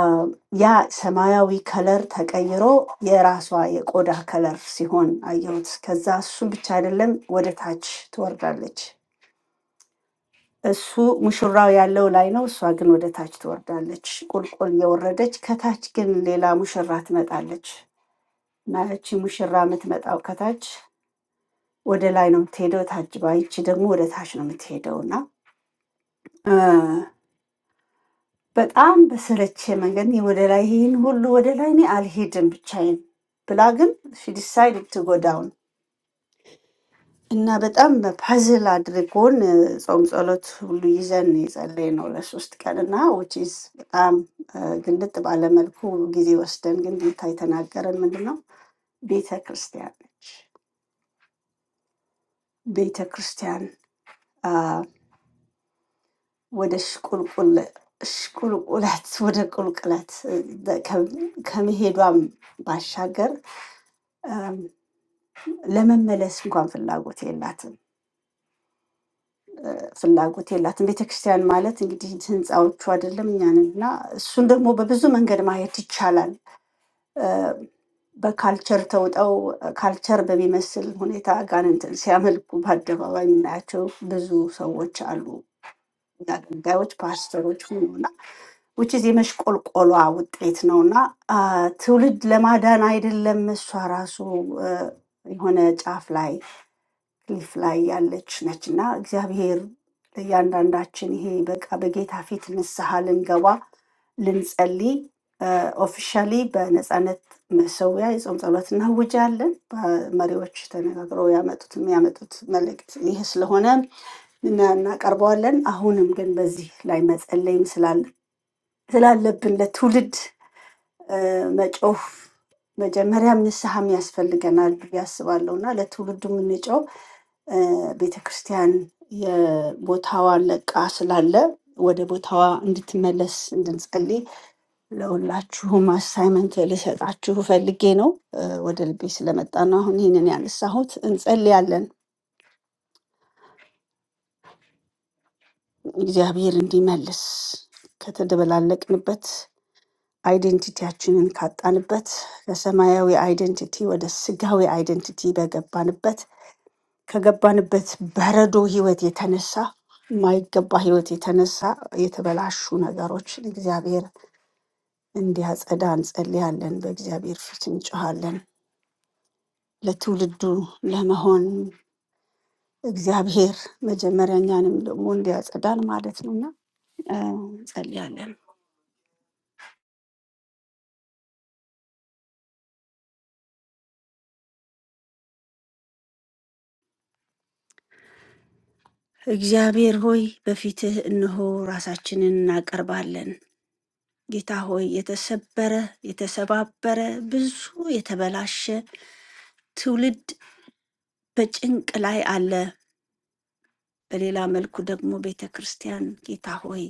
S4: ያ ሰማያዊ ከለር ተቀይሮ የራሷ የቆዳ ከለር ሲሆን አየሁት። ከዛ እሱም ብቻ አይደለም ወደ ታች ትወርዳለች። እሱ ሙሽራው ያለው ላይ ነው፣ እሷ ግን ወደ ታች ትወርዳለች። ቁልቁል እየወረደች ከታች ግን ሌላ ሙሽራ ትመጣለች እና እቺ ሙሽራ የምትመጣው ከታች ወደ ላይ ነው የምትሄደው ታጅባ፣ ይቺ ደግሞ ወደ ታች ነው የምትሄደው እና እ፣ በጣም በሰለቸ መንገድ እኔ ወደ ላይ ይህን ሁሉ ወደ ላይ እኔ አልሄድም ብቻዬን ብላ ግን ሺ ዲሳይድድ እና በጣም በፐዝል አድርጎን ጾም ጸሎት ሁሉ ይዘን የጸለይ ነው ለሶስት ቀን እና ውጪስ በጣም አ፣ ግልጥ ባለመልኩ ጊዜ ወስደን ግን ጌታ የተናገረን ምንድን ነው? ቤተ ክርስቲያን ነች። ቤተ ክርስቲያን አ፣ ወደ ሽቁልቁል ሽቁልቁለት ወደ ቁልቁለት እ፣ ከ- ከመሄዷም ባሻገር አም፣ ለመመለስ እንኳን ፍላጎት የላትም። ፍላጎት የላትም። ቤተክርስቲያን ማለት እንግዲህ ህንፃዎቹ አይደለም እኛን እና እሱን ደግሞ በብዙ መንገድ ማየት ይቻላል። እ፣ በካልቸር ተውጠው ካልቸር በሚመስል ሁኔታ አጋንንትን ሲያመልኩ በአደባባይ የምናያቸው ብዙ ሰዎች አሉ። አገልጋዮች፣ ፓስተሮች ሁኑና ውችዝ የመሽቆልቆሏ ውጤት ነው እና አ፣ ትውልድ ለማዳን አይደለም እሷ ራሱ እ፣ የሆነ ጫፍ ላይ ክሊፍ ላይ ያለች ነች እና እግዚአብሔር ለእያንዳንዳችን ይሄ በቃ በጌታ ፊት ንስሐ ልንገባ ልንጸልይ ኦፊሻሊ በነፃነት መሰዊያ የጾም ጸሎት እናውጃለን። መሪዎች ተነጋግረው ያመጡት የሚያመጡት መልእክት ይህ ስለሆነ እና- እናቀርበዋለን። አሁንም ግን በዚህ ላይ መጸለይም ስላለ- ስላለብን ለትውልድ እ፣ መጮህ መጀመሪያም ንስሐም ያስፈልገናል ብዬ አስባለሁ እና ለትውልዱ የምንጮው ቤተ ክርስቲያን የቦታዋን ለቃ ስላለ ወደ ቦታዋ እንድትመለስ እንድንጸልይ ለሁላችሁም አሳይመንት ልሰጣችሁ ፈልጌ ነው። እ፣ ወደ ልቤ ስለመጣ ነው አሁን ይህንን ያነሳሁት። እንጸልያለን፣ እግዚአብሔር እንዲመልስ ከተደበላለቅንበት አይዴንቲቲያችንን ካጣንበት ከሰማያዊ አይዴንቲቲ ወደ ስጋዊ አይዴንቲቲ በገባንበት ከገባንበት በረዶ ህይወት የተነሳ የማይገባ ህይወት የተነሳ የተበላሹ ነገሮችን እግዚአብሔር እንዲያጸዳ እንጸልያለን። በእግዚአብሔር ፊት እንጮሃለን። ለትውልዱ ለመሆን እግዚአብሔር መጀመሪያ እኛንም ደግሞ እንዲያጸዳን ማለት ነው እና እ፣ እንጸልያለን። እግዚአብሔር ሆይ በፊትህ እነሆ ራሳችንን እናቀርባለን። ጌታ ሆይ የተሰበረ የተሰባበረ ብዙ የተበላሸ ትውልድ በጭንቅ ላይ አለ። በሌላ መልኩ ደግሞ ቤተ ክርስቲያን ጌታ ሆይ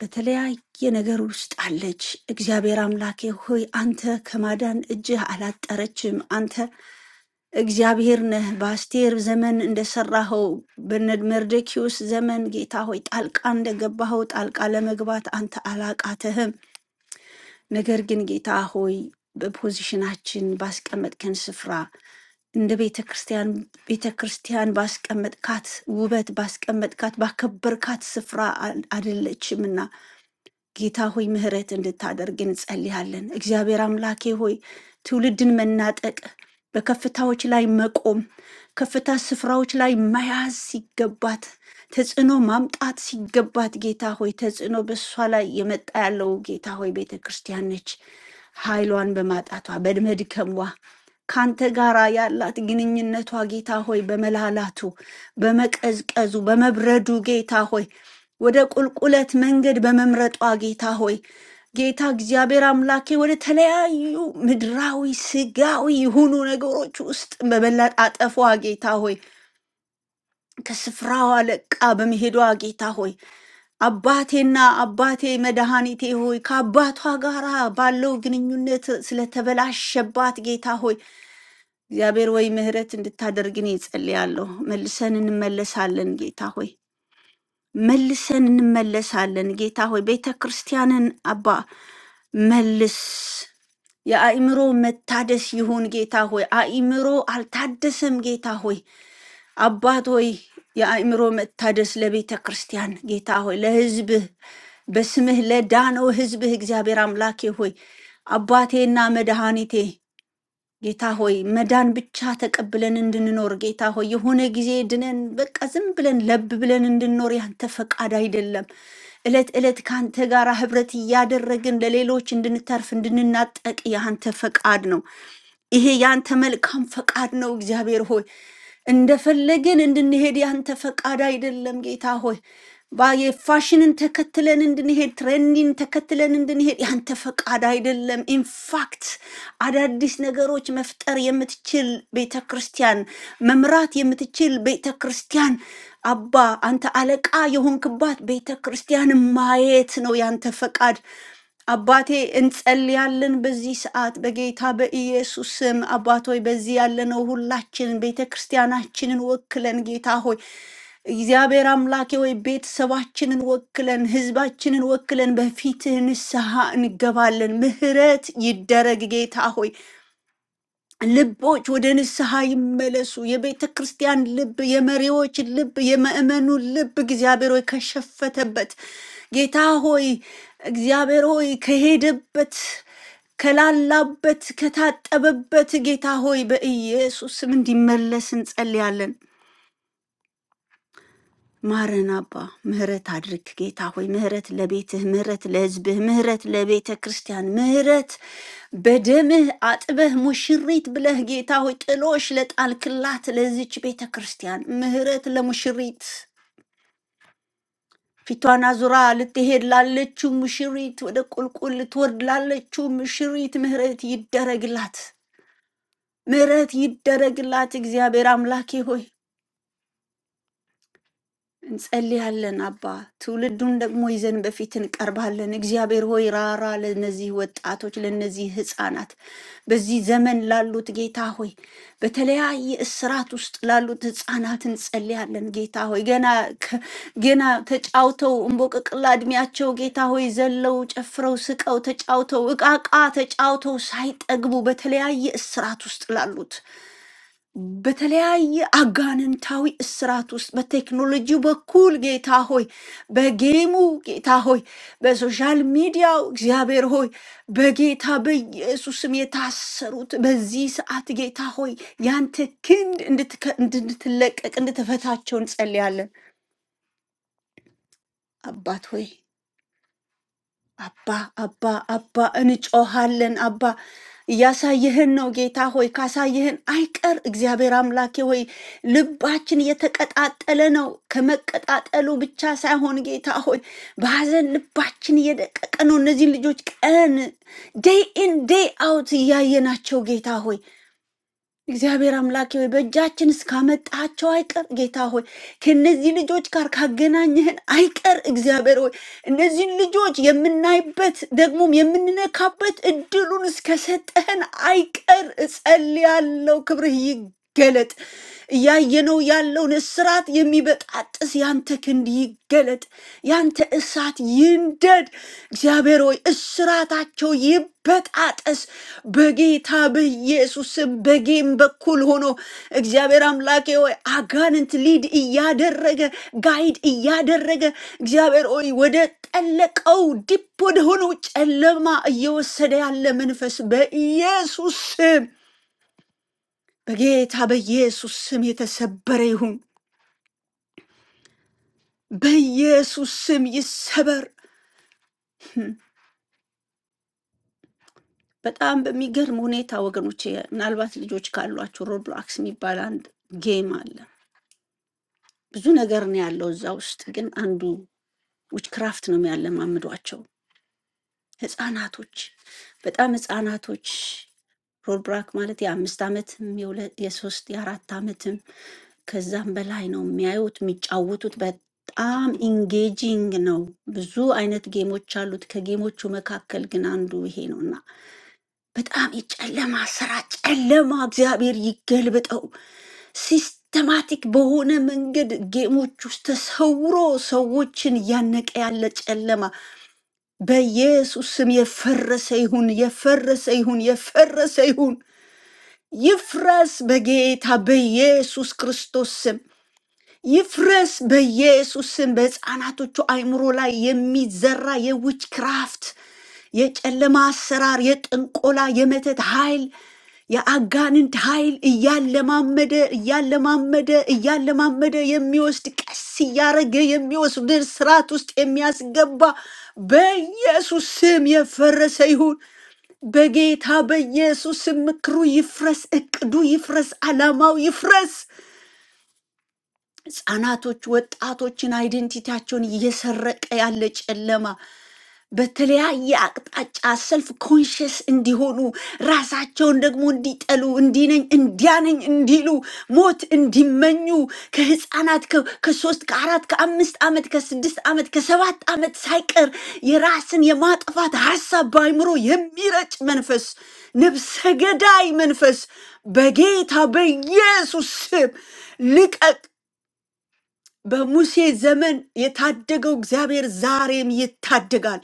S4: በተለያየ ነገር ውስጥ አለች። እግዚአብሔር አምላኬ ሆይ አንተ ከማዳን እጅህ አላጠረችም። አንተ እግዚአብሔር ነህ። በአስቴር ዘመን እንደሰራኸው በነ መርዶክዮስ ዘመን ጌታ ሆይ ጣልቃ እንደገባኸው ጣልቃ ለመግባት አንተ አላቃተህም። ነገር ግን ጌታ ሆይ በፖዚሽናችን ባስቀመጥከን ስፍራ እንደ ቤተ ክርስቲያን ቤተ ክርስቲያን ባስቀመጥካት ውበት ባስቀመጥካት ባከበርካት ስፍራ አይደለችምና ጌታ ሆይ ምሕረት እንድታደርግ እንጸልያለን። እግዚአብሔር አምላኬ ሆይ ትውልድን መናጠቅ፣ በከፍታዎች ላይ መቆም፣ ከፍታ ስፍራዎች ላይ መያዝ ሲገባት ተጽዕኖ ማምጣት ሲገባት ጌታ ሆይ ተጽዕኖ በእሷ ላይ የመጣ ያለው ጌታ ሆይ ቤተ ክርስቲያን ነች። ኃይሏን በማጣቷ በመድከሟ ካንተ ጋር ያላት ግንኙነቷ ጌታ ሆይ በመላላቱ በመቀዝቀዙ በመብረዱ ጌታ ሆይ ወደ ቁልቁለት መንገድ በመምረጧ ጌታ ሆይ ጌታ እግዚአብሔር አምላኬ ወደ ተለያዩ ምድራዊ ስጋዊ የሆኑ ነገሮች ውስጥ በመለጣጠፏ ጌታ ሆይ ከስፍራዋ ለቃ በመሄዷ ጌታ ሆይ አባቴና አባቴ መድኃኒቴ ሆይ ከአባቷ ጋር ባለው ግንኙነት ስለተበላሸባት ጌታ ሆይ እግዚአብሔር ወይ ምሕረት እንድታደርግን ይጸልያለሁ። መልሰን እንመለሳለን ጌታ ሆይ፣ መልሰን እንመለሳለን ጌታ ሆይ። ቤተ ክርስቲያንን አባ መልስ፣ የአእምሮ መታደስ ይሁን ጌታ ሆይ። አእምሮ አልታደሰም ጌታ ሆይ። አባት ሆይ የአእምሮ መታደስ ለቤተ ክርስቲያን ጌታ ሆይ፣ ለሕዝብህ በስምህ ለዳነው ሕዝብህ እግዚአብሔር አምላኬ ሆይ አባቴና መድኃኒቴ ጌታ ሆይ መዳን ብቻ ተቀብለን እንድንኖር፣ ጌታ ሆይ የሆነ ጊዜ ድነን በቃ ዝም ብለን ለብ ብለን እንድንኖር ያንተ ፈቃድ አይደለም። እለት እለት ከአንተ ጋር ህብረት እያደረግን ለሌሎች እንድንተርፍ እንድንናጠቅ ያንተ ፈቃድ ነው። ይሄ ያንተ መልካም ፈቃድ ነው እግዚአብሔር ሆይ። እንደፈለግን እንድንሄድ ያንተ ፈቃድ አይደለም ጌታ ሆይ። ባየ ፋሽንን ተከትለን እንድንሄድ ትሬንዲን ተከትለን እንድንሄድ ያንተ ፈቃድ አይደለም። ኢንፋክት አዳዲስ ነገሮች መፍጠር የምትችል ቤተ ክርስቲያን መምራት የምትችል ቤተ ክርስቲያን አባ አንተ አለቃ የሆንክባት ቤተ ክርስቲያን ማየት ነው ያንተ ፈቃድ። አባቴ እንጸልያለን በዚህ ሰዓት በጌታ በኢየሱስ ስም። አባት ሆይ በዚህ ያለነው ሁላችን ቤተ ክርስቲያናችንን ወክለን ጌታ ሆይ እግዚአብሔር አምላኬ ሆይ ቤተሰባችንን ወክለን ሕዝባችንን ወክለን በፊትህ ንስሐ እንገባለን። ምሕረት ይደረግ ጌታ ሆይ ልቦች ወደ ንስሐ ይመለሱ። የቤተ ክርስቲያን ልብ፣ የመሪዎች ልብ፣ የምእመኑ ልብ እግዚአብሔር ሆይ ከሸፈተበት ጌታ ሆይ እግዚአብሔር ሆይ ከሄደበት ከላላበት ከታጠበበት ጌታ ሆይ በኢየሱስ ስም እንዲመለስ እንጸልያለን። ማረን አባ፣ ምህረት አድርግ ጌታ ሆይ፣ ምህረት ለቤትህ፣ ምህረት ለሕዝብህ፣ ምህረት ለቤተ ክርስቲያን፣ ምህረት በደምህ አጥበህ ሙሽሪት ብለህ ጌታ ሆይ ጥሎሽ ለጣልክላት ለዚች ቤተ ክርስቲያን ምህረት ለሙሽሪት ፊቷን አዙራ ልትሄድ ላለችው ሙሽሪት፣ ወደ ቁልቁል ልትወርድ ላለችው ሙሽሪት ምህረት ይደረግላት፣ ምህረት ይደረግላት። እግዚአብሔር አምላኬ ሆይ እንጸልያለን አባ፣ ትውልዱን ደግሞ ይዘን በፊት እንቀርባለን። እግዚአብሔር ሆይ ራራ ለነዚህ ወጣቶች፣ ለነዚህ ህፃናት፣ በዚህ ዘመን ላሉት ጌታ ሆይ በተለያየ እስራት ውስጥ ላሉት ህፃናት እንጸልያለን። ጌታ ሆይ ገና ከ- ገና ተጫውተው እምቦቅቅላ እድሜያቸው ጌታ ሆይ ዘለው ጨፍረው ስቀው ተጫውተው እቃቃ ተጫውተው ሳይጠግቡ በተለያየ እስራት ውስጥ ላሉት በተለያየ አጋንንታዊ እስራት ውስጥ በቴክኖሎጂ በኩል ጌታ ሆይ፣ በጌሙ ጌታ ሆይ፣ በሶሻል ሚዲያው እግዚአብሔር ሆይ፣ በጌታ በኢየሱስም የታሰሩት በዚህ ሰዓት ጌታ ሆይ፣ ያንተ ክንድ እንድትከ- እንድትለቀቅ እንድትፈታቸው እንጸልያለን። አባት ሆይ አባ አባ አባ እንጮሃለን። አባ እያሳየህን ነው ጌታ ሆይ፣ ካሳየህን አይቀር እግዚአብሔር አምላኬ ሆይ ልባችን የተቀጣጠለ ነው። ከመቀጣጠሉ ብቻ ሳይሆን ጌታ ሆይ በሐዘን ልባችን እየደቀቀ ነው። እነዚህን ልጆች ቀን ዴይ ኢን ዴይ አውት እያየናቸው ጌታ ሆይ እግዚአብሔር አምላኬ ሆይ በእጃችን እስካመጣሃቸው አይቀር ጌታ ሆይ ከእነዚህ ልጆች ጋር ካገናኘህን አይቀር እግዚአብሔር ሆይ እነዚህን ልጆች የምናይበት ደግሞም የምንነካበት እድሉን እስከሰጠህን አይቀር እጸልያለሁ። ክብርህ ይገለጥ። እያየነው ያለውን እስራት የሚበጣጥስ ያንተ ክንድ ይገለጥ። ያንተ እሳት ይንደድ። እግዚአብሔር ሆይ እስራታቸው ይበጣጠስ በጌታ በኢየሱስም በጌም በኩል ሆኖ እግዚአብሔር አምላኬ ሆይ አጋንንት ሊድ እያደረገ ጋይድ እያደረገ እግዚአብሔር ሆይ ወደ ጠለቀው ዲፕ ወደ ሆነው ጨለማ እየወሰደ ያለ መንፈስ በኢየሱስ ስም በጌታ በኢየሱስ ስም የተሰበረ ይሁን። በኢየሱስ ስም ይሰበር። በጣም በሚገርም ሁኔታ ወገኖቼ፣ ምናልባት ልጆች ካሏቸው ሮብሎክስ የሚባል አንድ ጌም አለ። ብዙ ነገር ነው ያለው እዛ ውስጥ፣ ግን አንዱ ዊችክራፍት ነው የሚያለማምዷቸው። ህፃናቶች በጣም ህፃናቶች ሮልብራክ ማለት የአምስት ዓመትም የሁለ- የሶስት የአራት ዓመትም ከዛም በላይ ነው የሚያዩት የሚጫወቱት። በጣም ኢንጌጂንግ ነው። ብዙ አይነት ጌሞች አሉት። ከጌሞቹ መካከል ግን አንዱ ይሄ ነው እና በጣም የጨለማ ስራ ጨለማ እግዚአብሔር ይገልብጠው። ሲስተማቲክ በሆነ መንገድ ጌሞች ውስጥ ተሰውሮ ሰዎችን እያነቀ ያለ ጨለማ በኢየሱስ ስም የፈረሰ ይሁን፣ የፈረሰ ይሁን፣ የፈረሰ ይሁን፣ ይፍረስ በጌታ በኢየሱስ ክርስቶስ ስም። ይፍረስ በኢየሱስ ስም በሕፃናቶቹ አእምሮ ላይ የሚዘራ የዊችክራፍት፣ የጨለማ አሰራር፣ የጥንቆላ፣ የመተት ኃይል፣ የአጋንንት ኃይል እያለማመደ እያለማመደ እያለማመደ የሚወስድ ቀስ እያረገ የሚወስድን ስርዓት ውስጥ የሚያስገባ በኢየሱስ ስም የፈረሰ ይሁን። በጌታ በኢየሱስ ስም ምክሩ ይፍረስ፣ እቅዱ ይፍረስ፣ ዓላማው ይፍረስ። ህጻናቶች፣ ወጣቶችን አይደንቲቲያቸውን እየሰረቀ ያለ ጨለማ በተለያየ አቅጣጫ ሰልፍ ኮንሽስ እንዲሆኑ ራሳቸውን ደግሞ እንዲጠሉ እንዲነኝ እንዲያነኝ እንዲሉ ሞት እንዲመኙ ከህፃናት ከ- ከሶስት ከአራት ከአምስት ዓመት ከስድስት ዓመት ከሰባት ዓመት ሳይቀር የራስን የማጥፋት ሀሳብ በአይምሮ የሚረጭ መንፈስ ነፍሰ ገዳይ መንፈስ በጌታ በኢየሱስ ስም ልቀቅ በሙሴ ዘመን የታደገው እግዚአብሔር ዛሬም ይታደጋል።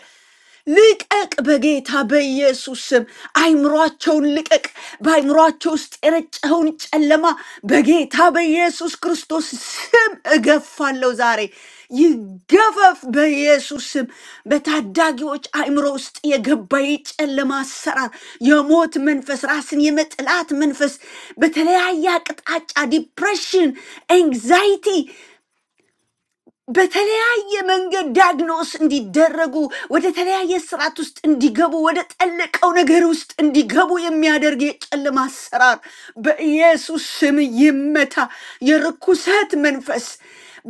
S4: ልቀቅ፣ በጌታ በኢየሱስ ስም አይምሯቸውን ልቀቅ። በአይምሯቸው ውስጥ የረጨኸውን ጨለማ በጌታ በኢየሱስ ክርስቶስ ስም እገፋለሁ። ዛሬ ይገፈፍ በኢየሱስ ስም። በታዳጊዎች አይምሮ ውስጥ የገባ የጨለማ አሰራር፣ የሞት መንፈስ፣ ራስን የመጥላት መንፈስ በተለያየ አቅጣጫ ዲፕሬሽን፣ ኤንግዛይቲ በተለያየ መንገድ ዳግኖስ እንዲደረጉ ወደ ተለያየ ስርዓት ውስጥ እንዲገቡ ወደ ጠለቀው ነገር ውስጥ እንዲገቡ የሚያደርግ የጨለማ አሰራር በኢየሱስ ስም ይመታ። የርኩሰት መንፈስ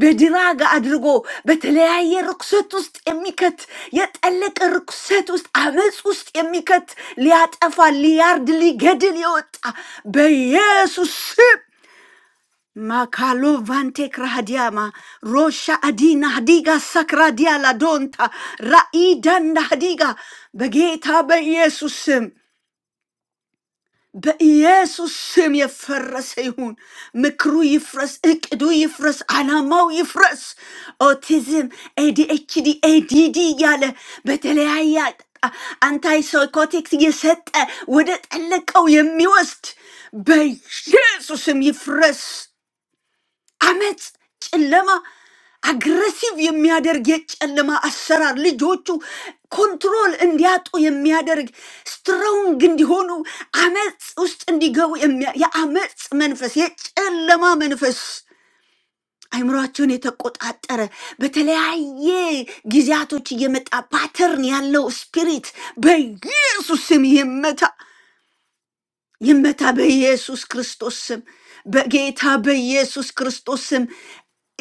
S4: በድራግ አድርጎ በተለያየ ርኩሰት ውስጥ የሚከት የጠለቀ ርኩሰት ውስጥ አመፅ ውስጥ የሚከት ሊያጠፋ ሊያርድ ሊገድል የወጣ በኢየሱስ ስም Makalo vante krahadiama rosha adina hadiga sakradia la donta raidanda hadiga በጌታ በኢየሱስ ስም በኢየሱስ ስም የፈረሰ ይሁን። ምክሩ ይፍረስ፣ እቅዱ ይፍረስ፣ አላማው ይፍረስ። ኦቲዝም፣ ኤዲኤችዲ፣ ኤዲዲ እያለ በተለያየ አንታይ ሳይኮቲክስ እየሰጠ ወደ ጠለቀው የሚወስድ በኢየሱስም ይፍረስ። አመፅ፣ ጨለማ፣ አግረሲቭ የሚያደርግ የጨለማ አሰራር ልጆቹ ኮንትሮል እንዲያጡ የሚያደርግ ስትሮንግ እንዲሆኑ አመፅ ውስጥ እንዲገቡ የሚያ- የአመፅ መንፈስ፣ የጨለማ መንፈስ አይምሯቸውን የተቆጣጠረ በተለያየ ጊዜያቶች እየመጣ ፓተርን ያለው ስፒሪት በኢየሱስ ስም ይመታ። ይመታ በኢየሱስ ክርስቶስ ስም፣ በጌታ በኢየሱስ ክርስቶስ ስም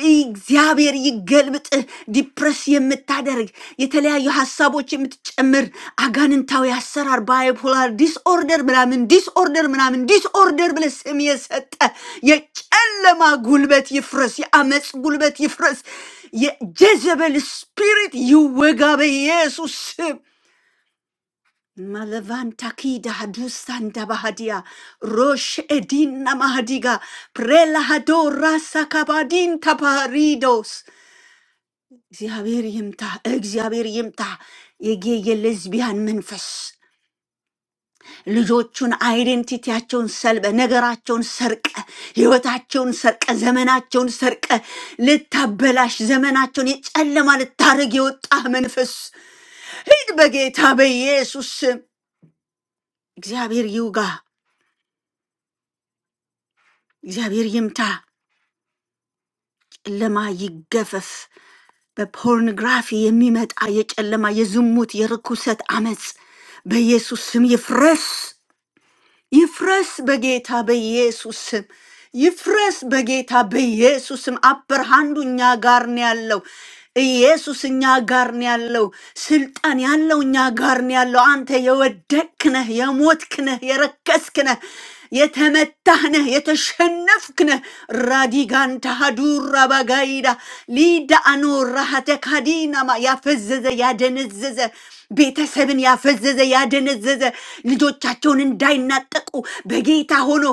S4: እግዚአብሔር ይገልብጥህ። ዲፕረስ የምታደርግ የተለያዩ ሀሳቦች የምትጨምር አጋንንታዊ አሰራር ባይፖላር ዲስኦርደር ምናምን ዲስኦርደር ምናምን ዲስኦርደር ብለህ ስም የሰጠ የጨለማ ጉልበት ይፍረስ፣ የአመፅ ጉልበት ይፍረስ፣ የጀዘበል ስፒሪት ይወጋ በኢየሱስ ስም። Malevanta kida hadusanda bahadia, rosh edina mahadiga, prelahado rasa kabadin taparidos. እግዚአብሔር ይምታ፣ እግዚአብሔር ይምታ። የጌ የሌዝቢያን መንፈስ ልጆቹን አይዴንቲቲያቸውን ሰልበ፣ ነገራቸውን ሰርቀ፣ ህይወታቸውን ሰርቀ፣ ዘመናቸውን ሰርቀ፣ ልታበላሽ ዘመናቸውን የጨለማ ልታረግ የወጣህ መንፈስ ሂድ በጌታ በኢየሱስ ስም። እግዚአብሔር ይውጋ። እግዚአብሔር ይምታ፣ ጨለማ ይገፈፍ። በፖርኖግራፊ የሚመጣ የጨለማ የዝሙት የርኩሰት አመፅ በኢየሱስ ስም ይፍረስ። ይፍረስ በጌታ በኢየሱስ ስም ይፍረስ በጌታ በኢየሱስ ስም። አበር ሃንዱ እኛ ጋር ነው ያለው። ኢየሱስ እኛ ጋር ነው ያለው። ስልጣን ያለው እኛ ጋር ነው ያለው። አንተ የወደቅክ ነህ፣ የሞትክ ነህ፣ የረከስክ ነህ፣ የተመታህ ነህ፣ የተሸነፍክ ነህ። ራዲጋን ተሃዱራ ባጋይዳ ሊዳ አኖ ራሃተ ካዲናማ ያፈዘዘ ያደነዘዘ ቤተሰብን ያፈዘዘ ያደነዘዘ ልጆቻቸውን እንዳይናጠቁ በጌታ ሆኖ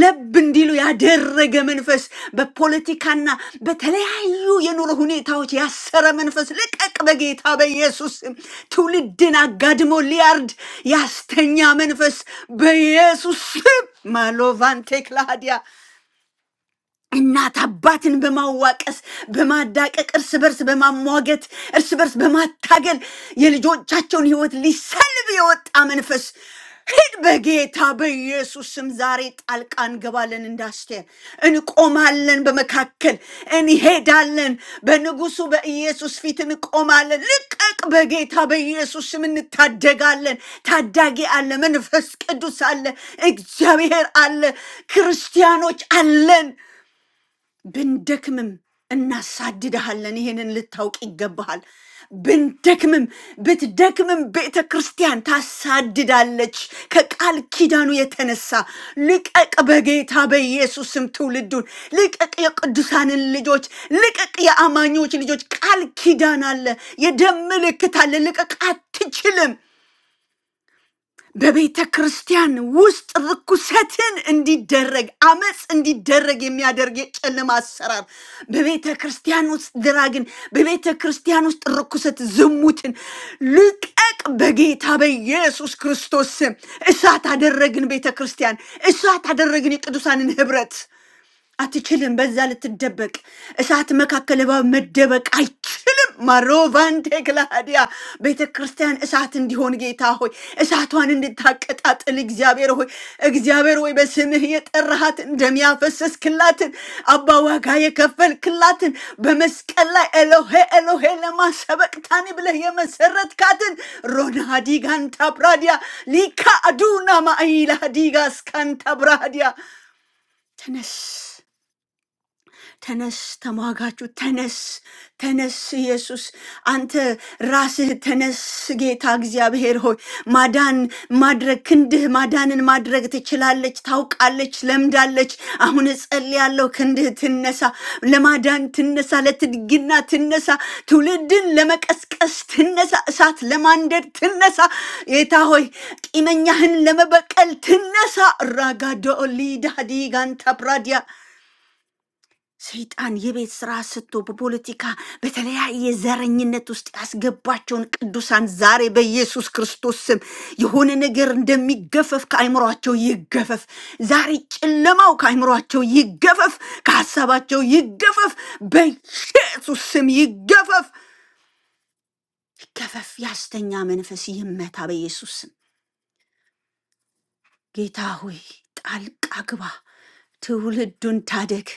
S4: ለብ እንዲሉ ያደረገ መንፈስ በፖለቲካና በተለያዩ የኑሮ ሁኔታዎች ያሰረ መንፈስ ልቀቅ፣ በጌታ በኢየሱስ ስም። ትውልድን አጋድሞ ሊያርድ ያስተኛ መንፈስ በኢየሱስ ስም ማሎቫንቴ ክላዲያ እናት አባትን በማዋቀስ በማዳቀቅ እርስ በርስ በማሟገት እርስ በርስ በማታገል የልጆቻቸውን ህይወት ሊሰልብ የወጣ መንፈስ ሂድ በጌታ በኢየሱስ ስም ዛሬ ጣልቃ እንገባለን። እንዳስቴር እንቆማለን፣ በመካከል እንሄዳለን። በንጉሱ በኢየሱስ ፊት እንቆማለን። ልቀቅ፣ በጌታ በኢየሱስ ስም እንታደጋለን። ታዳጊ አለ፣ መንፈስ ቅዱስ አለ፣ እግዚአብሔር አለ፣ ክርስቲያኖች አለን። ብንደክምም እናሳድድሃለን። ይሄንን ልታውቅ ይገባሃል። ብንደክምም ብትደክምም ቤተ ክርስቲያን ታሳድዳለች ከቃል ኪዳኑ የተነሳ። ልቀቅ፣ በጌታ በኢየሱስም ትውልዱን ልቀቅ፣ የቅዱሳንን ልጆች ልቀቅ፣ የአማኞች ልጆች ቃል ኪዳን አለ፣ የደም ምልክት አለ። ልቀቅ፣ አትችልም። በቤተ ክርስቲያን ውስጥ ርኩሰትን እንዲደረግ አመፅ እንዲደረግ የሚያደርግ የጨለማ አሰራር በቤተ ክርስቲያን ውስጥ ድራግን፣ በቤተ ክርስቲያን ውስጥ ርኩሰት፣ ዝሙትን ልቀቅ በጌታ በኢየሱስ ክርስቶስ ስም። እሳት አደረግን፣ ቤተ ክርስቲያን እሳት አደረግን፣ የቅዱሳንን ህብረት አትችልም። በዛ ልትደበቅ እሳት መካከል እባብ መደበቅ አይችልም። ማሮቫንቴ ክላዲያ ቤተ ክርስቲያን እሳት እንዲሆን ጌታ ሆይ እሳቷን እንድታቀጣጥል እግዚአብሔር ሆይ እግዚአብሔር ሆይ በስምህ የጠራሃት እንደሚያፈሰስ ክላትን አባ ዋጋ የከፈል ክላትን በመስቀል ላይ ኤሎሄ ኤሎሄ ለማሰበቅታኒ ብለህ የመሰረትካትን ሮና ዲጋንታ ብራዲያ ሊካ አዱና ማኢላ ዲጋ ስካንታ ብራዲያ ተነስ ተነስ ተሟጋቹ ተነስ ተነስ ኢየሱስ አንተ ራስህ ተነስ ጌታ እግዚአብሔር ሆይ ማዳን ማድረግ ክንድህ ማዳንን ማድረግ ትችላለች ታውቃለች ለምዳለች አሁን እጸልያለሁ ክንድህ ትነሳ ለማዳን ትነሳ ለትድግና ትነሳ ትውልድን ለመቀስቀስ ትነሳ እሳት ለማንደድ ትነሳ ጌታ ሆይ ቂመኛህን ለመበቀል ትነሳ ራጋዶ ሊዳዲ ጋንታ ብራዲያ ሰይጣን የቤት ስራ ስቶ በፖለቲካ በተለያየ ዘረኝነት ውስጥ ያስገባቸውን ቅዱሳን ዛሬ በኢየሱስ ክርስቶስ ስም የሆነ ነገር እንደሚገፈፍ ከአይምሯቸው ይገፈፍ። ዛሬ ጨለማው ከአይምሯቸው ይገፈፍ፣ ከሀሳባቸው ይገፈፍ፣ በኢየሱስ ስም ይገፈፍ፣ ይገፈፍ። ያስተኛ መንፈስ ይመታ በኢየሱስ ስም። ጌታ ሆይ ጣልቃ ግባ፣ ትውልዱን ታደግ።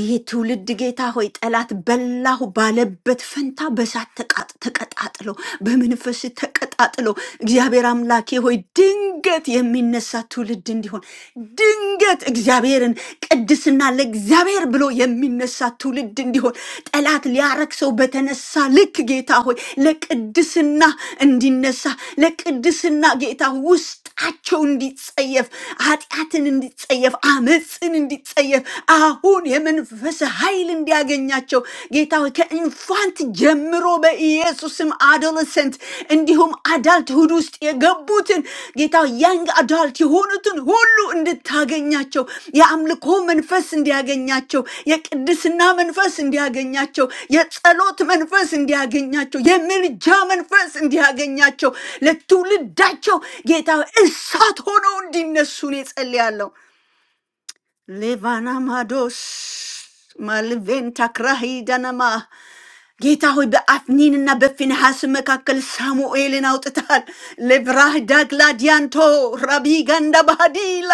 S4: ይሄ ትውልድ ጌታ ሆይ ጠላት በላሁ ባለበት ፈንታ በእሳት ተቃጥ- ተቀጣጥሎ በመንፈስ ተቀጣጥሎ እግዚአብሔር አምላኬ ሆይ ድንገት የሚነሳ ትውልድ እንዲሆን ድንገት እግዚአብሔርን ቅድስና ለእግዚአብሔር ብሎ የሚነሳ ትውልድ እንዲሆን ጠላት ሊያረክሰው በተነሳ ልክ ጌታ ሆይ ለቅድስና እንዲነሳ ለቅድስና ጌታ ውስጣቸው እንዲጸየፍ ኃጢአትን እንዲጸየፍ አመፅን እንዲጸየፍ አሁን የመንፈስ ኃይል እንዲያገኛቸው ጌታ ሆይ ከኢንፋንት ጀምሮ በኢየሱስም አዶለሰንት እንዲሁም አዳልትሁድ ውስጥ የገቡትን ጌታ ሆይ ያንግ አዳልት የሆኑትን ሁሉ እንድታገኛቸው የአምልኮ መንፈስ እንዲያገኛቸው የቅድስና መንፈስ እንዲያገኛቸው የጸሎት መንፈስ እንዲያገኛቸው የምልጃ መንፈስ እንዲያገኛቸው ለትውልዳቸው ጌታ ሆይ እሳት ሆነው እንዲነሱ እኔ ጸልያለሁ። Levana mados, malventa krahida nama. ጌታ ሆይ በአፍኒንና በፊንሐስ መካከል ሳሙኤልን አውጥታል። ለብራህ ዳግላዲያንቶ ራቢ ጋንዳ ባህዲላ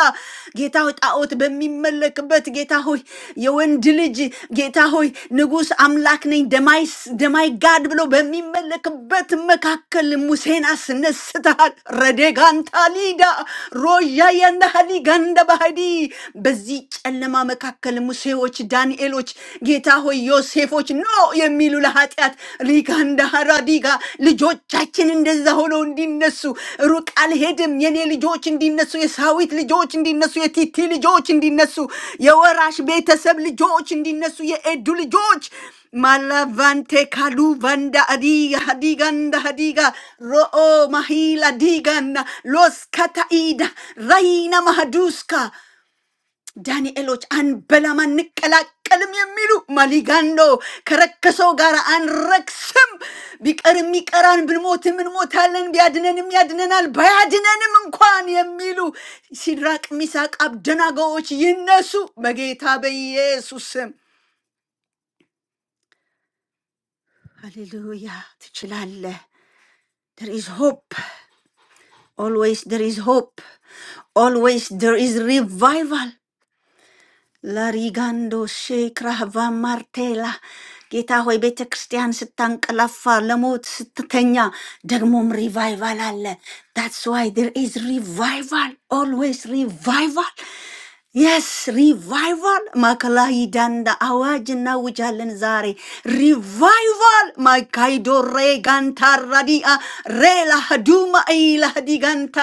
S4: ጌታ ሆይ ጣዖት በሚመለክበት ጌታ ሆይ የወንድ ልጅ ጌታ ሆይ ንጉሥ አምላክ ነኝ ደማይስ ደማይ ጋድ ብሎ በሚመለክበት መካከል ሙሴን አስነስተሃል። ረዴጋንታ ሊዳ ሮያ ያንዳሃሊ ጋንዳ ባህዲ በዚህ ጨለማ መካከል ሙሴዎች ዳንኤሎች፣ ጌታ ሆይ ዮሴፎች ኖ የሚሉ ለኃጢአት ሪጋንዳሃራ ዲጋ ልጆቻችን እንደዛ ሆነው እንዲነሱ ሩቅ አልሄድም የኔ ልጆች እንዲነሱ፣ የሳዊት ልጆች እንዲነሱ፣ የቲቲ ልጆች እንዲነሱ፣ የወራሽ ቤተሰብ ልጆች እንዲነሱ፣ የኤዱ ልጆች ማላቫንቴ ካሉ ቫንዳ አዲጋ ሀዲጋንዳ ሀዲጋ ሮኦ ማሂላ ዲጋና ሎስ ካታኢዳ ራይና ማሃዱስካ ዳንኤሎች አንበላም አንቀላቀልም የሚሉ ማሊጋንዶ ከረከሰው ጋር አንረክስም፣ ቢቀርም ይቀራን፣ ብንሞትም እንሞታለን፣ ቢያድነንም ያድነናል፣ ባያድነንም እንኳን የሚሉ ሲድራቅ ሚሳቅ አብደናጎዎች ይነሱ በጌታ በኢየሱስ ስም። ሃሌሉያ! ትችላለህ። there is hope always there is hope always there is revival ላሪጋንዶ ሼክራህ ቫማርቴላ ጌታ ሆይ ቤተ ክርስቲያን ስታንቀላፋ ለሞት ስትተኛ ደግሞም ሪቫይቫል አለ። ዳትስ ዋይ ዴር ኢዝ ሪቫይቫል ኦልዌይስ ሪቫይቫል። የስ ሪቫይቫል ማዕከላዊ ዳንዳ አዋጅ እናውጃለን ዛሬ ሪቫይቫል ማይካይዶ ሬጋንታ ራዲአ ሬላ ዱማ ኢላዲ ጋንታ